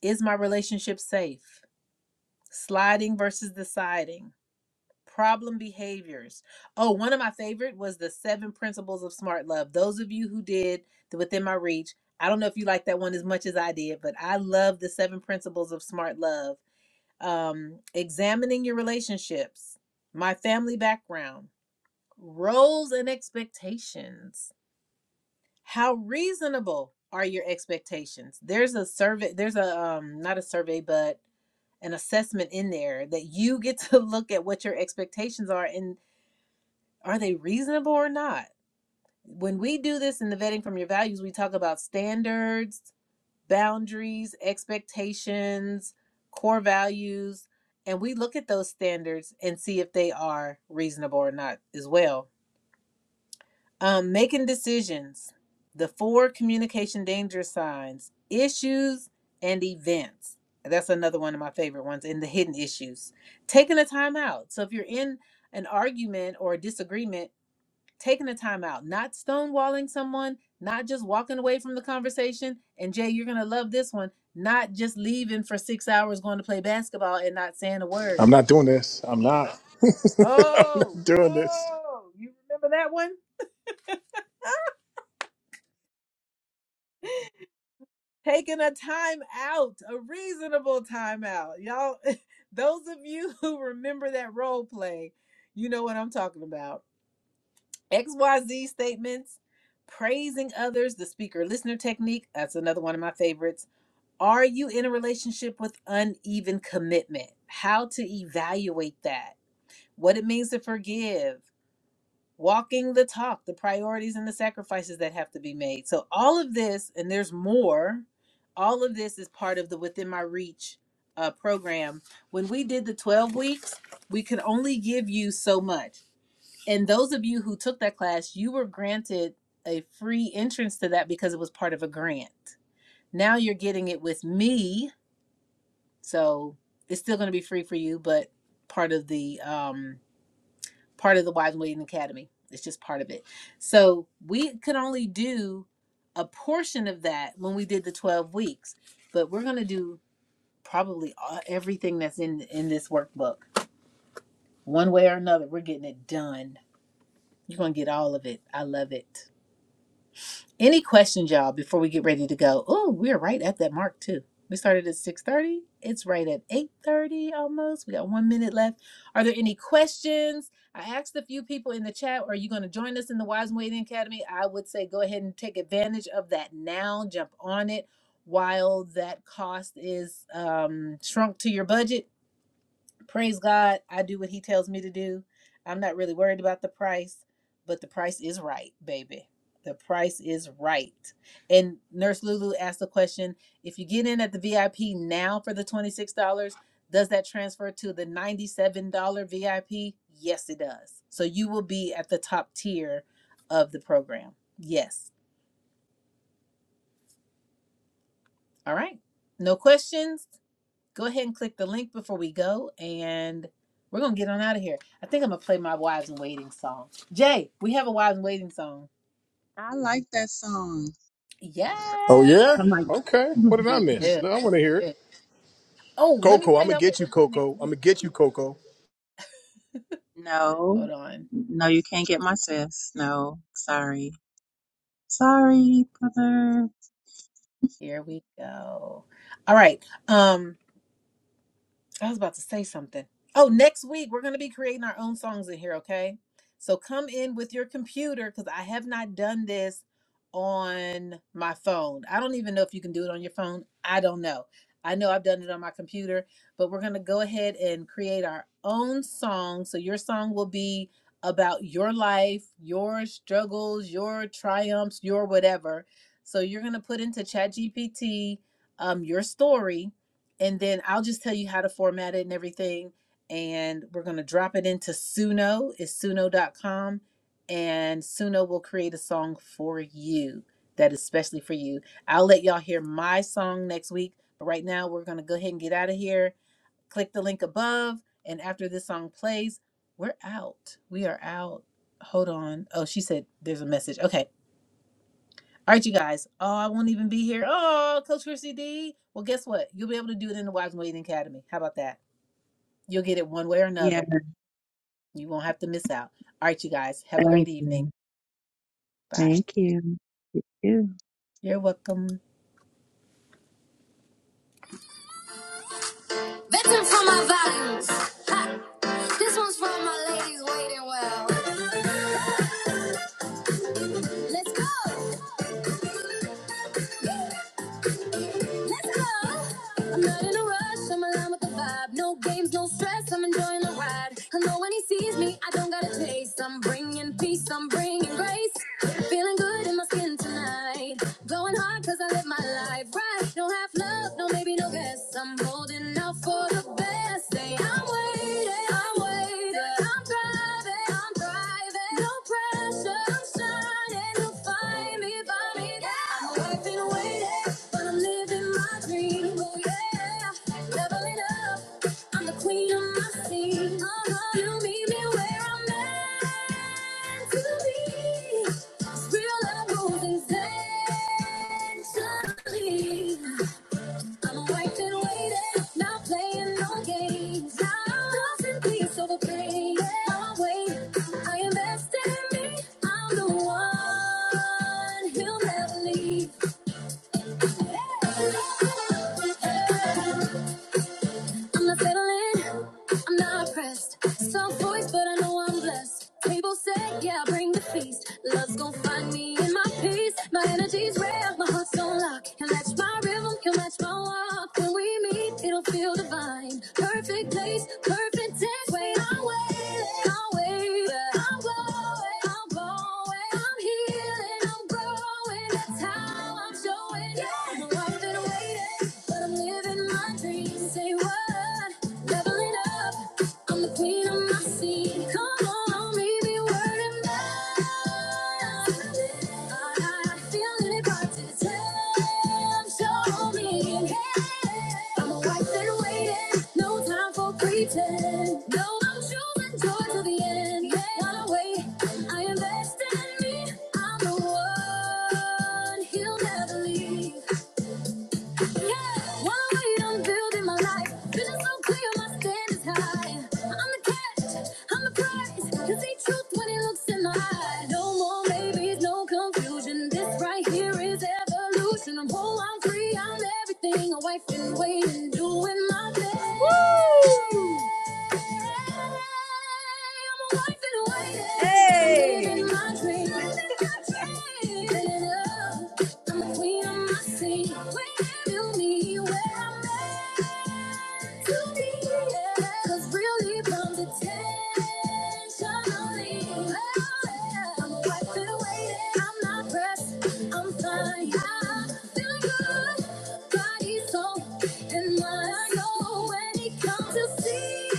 A: is my relationship safe? Sliding versus deciding problem behaviors. Oh, one of my favorite was the seven principles of smart love. Those of you who did the within my reach, I don't know if you like that one as much as I did, but I love the seven principles of smart love. Um, examining your relationships, my family background, roles and expectations. How reasonable are your expectations? There's a survey, there's a um not a survey, but an assessment in there that you get to (laughs) look at what your expectations are and. Are they reasonable or not? When we do this in the vetting from your values, we talk about standards, boundaries, expectations, core values, and we look at those standards and see if they are reasonable or not as well. Um, making decisions, the four communication danger signs, issues, and events. That's another one of my favorite ones, and the hidden issues. Taking a time out. So if you're in an argument or a disagreement, taking the time out, not stonewalling someone, not just walking away from the conversation. And Jay, you're going to love this one, not just leaving for six hours going to play basketball and not saying a
I: (laughs) I'm
A: word.
I: not doing this. I'm not. (laughs) I'm
A: Oh,
I: not doing this.
A: oh, you remember that one? Taking a time out, a reasonable time out. Y'all, (laughs) those of you (laughs) who remember that role play, you know what I'm talking about. XYZ statements, praising others, the speaker listener technique. That's another one of my favorites Are you in a relationship with uneven commitment? How to evaluate that? What it means to forgive? Walking the talk, the priorities and the sacrifices that have to be made. So, all of this, and there's more, all of this is part of the Within My Reach uh, program. When we did the 12 weeks, we could only give you so much. And those of you who took that class, you were granted a free entrance to that because it was part of a grant. Now you're getting it with me so it's still going to be free for you, but part of the um, part of the Wives in Waiting Academy. It's just part of it. So we could only do a portion of that when we did the twelve weeks, but we're going to do probably all, everything that's in in this workbook, one way or another. We're getting it done. You're going to get all of it. I love it. Any questions, y'all, before we get ready to go? Oh, we're right at that mark too. We started at 6:30. It's right at 8:30 almost. We got one minute left. Are there any questions? I asked a few people in the chat, are you going to join us in the Wise and Waiting Academy? I would say go ahead and take advantage of that now. Jump on it while that cost is um, shrunk to your budget Praise God, I do what He tells me to do. I'm not really worried about the price, but the price is right, baby. The price is right. And Nurse Lulu asked the question if you get in at the VIP now for the $26, does that transfer to the $97 VIP? Yes, it does. So you will be at the top tier of the program. Yes. All right. No questions? go ahead and click the link before we go and we're gonna get on out of here. I think I'm gonna play my wives in waiting song. Jay, we have a wives in waiting song.
M: I like that song.
I: Oh
A: Yeah,
I: yeah?
M: I'm like,
I: Okay. What did I
A: we
M: (laughs)
I: miss?
A: do.
I: No, I
A: We
I: want to hear it.
A: do. Oh, let me
I: Coco, I'm
A: tell
I: gonna
A: y'all what
I: get
A: we're
I: you,
A: doing next
I: Coco. I'm
A: week
I: gonna get you,
A: too.
I: Coco.
M: no,
A: Hold on.
M: no, you can't get my sis. No, sorry. Sorry, brother.
A: Here we go. All right. Um I was about to say something. Oh, next week we're going to be creating our own songs in here, okay? So come in with your computer because I have not done this on my phone. I don't even know if you can do it on your phone. I don't know. I know I've done it on my computer, but we're going to go ahead and create our own song. So your song will be about your life, your struggles, your triumphs, your whatever. So you're going to put into ChatGPT um, your story and then I'll just tell you how to format it and everything. And we're going to drop it into Suno, it's suno.com. And Suno will create a song for you that is especially for you. I'll let y'all hear my song next week. But right now, we're going to go ahead and get out of here. Click the link above. And after this song plays, we're out. We are out. Hold on. Oh, she said there's a message. Okay. All right, you guys. Oh, I won't even be here. Oh, Coach Chrissy D. Well, guess what? You'll be able to do it in the Wives and Waiting Academy. How about that? You'll get it one way or
M: Yeah,
A: another. You won't have to miss out. All right, you guys. Have a great
M: thank
A: evening.
M: you.
A: Bye.
M: Thank you. Thank you.
A: You're welcome. Veteran from my values. Ha! This one's from my ladies waiting well. Let's go. Let's go. I'm not in a rush. I'm aligned with the vibe. No games, no stress. I'm enjoying the ride. I know when he sees me, I don't gotta chase. I'm bringing peace. I'm bringing grace. Feeling good in my skin tonight. Going hard cause I live my life right. Don't have love, no maybe, no guess. I'm holding out for the best. Say, I'm waiting, I'm waiting. I'm driving, I'm driving. No pressure, I'm shining. You'll find me, find me. Yeah. I'm awake and waiting, but I'm living my dream. Oh, yeah. Leveling up, I'm the queen of my scene. Uh-huh. You meet me where I'm at. To me, Real life goes intentionally. I'm wiped and waiting, not playing no games. I'm lost in peace over pain. My way, I invest in me. I'm the one he'll never leave. Yeah. I'm not settling, I'm not pressed. Soft voice, but I know I'm blessed. Table set, yeah, bring the feast. Love's gonna find me in my peace. My energy's rare, my heart's on lock. Can match my rhythm, can match my walk. When we meet, it'll feel divine. Perfect place, perfect time. Wait, I'll wait, I'll wait. I'm going, I'm going. I'm healing, I'm growing. That's how I'm showing. Yeah. I'm walking, waiting, but I'm living. my. Say what? Leveling up. I'm the queen of my scene. Come on, baby, word and mind. I feel it, but to tell. Show me. I'm a wife and waiting. No time for pretend. No, I'm choosing joy to the end. Yeah, gotta I invest in me. I'm the one he'll never leave. Yeah, one way building my life. Vision so clear, my standards high. I'm the catch, I'm the prize. Cause they truth when it looks in my eye. No more maybes, no confusion. This right here is evolution. i I'm free, I'm everything. A wife in waiting, doing my best. Woo! Hey! And I know when he comes to see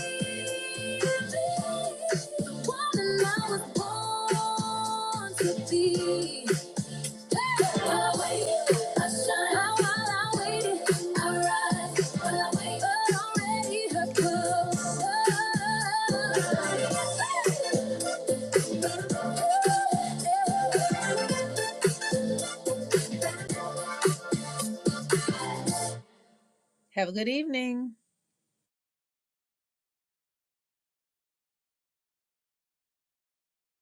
A: have a good evening.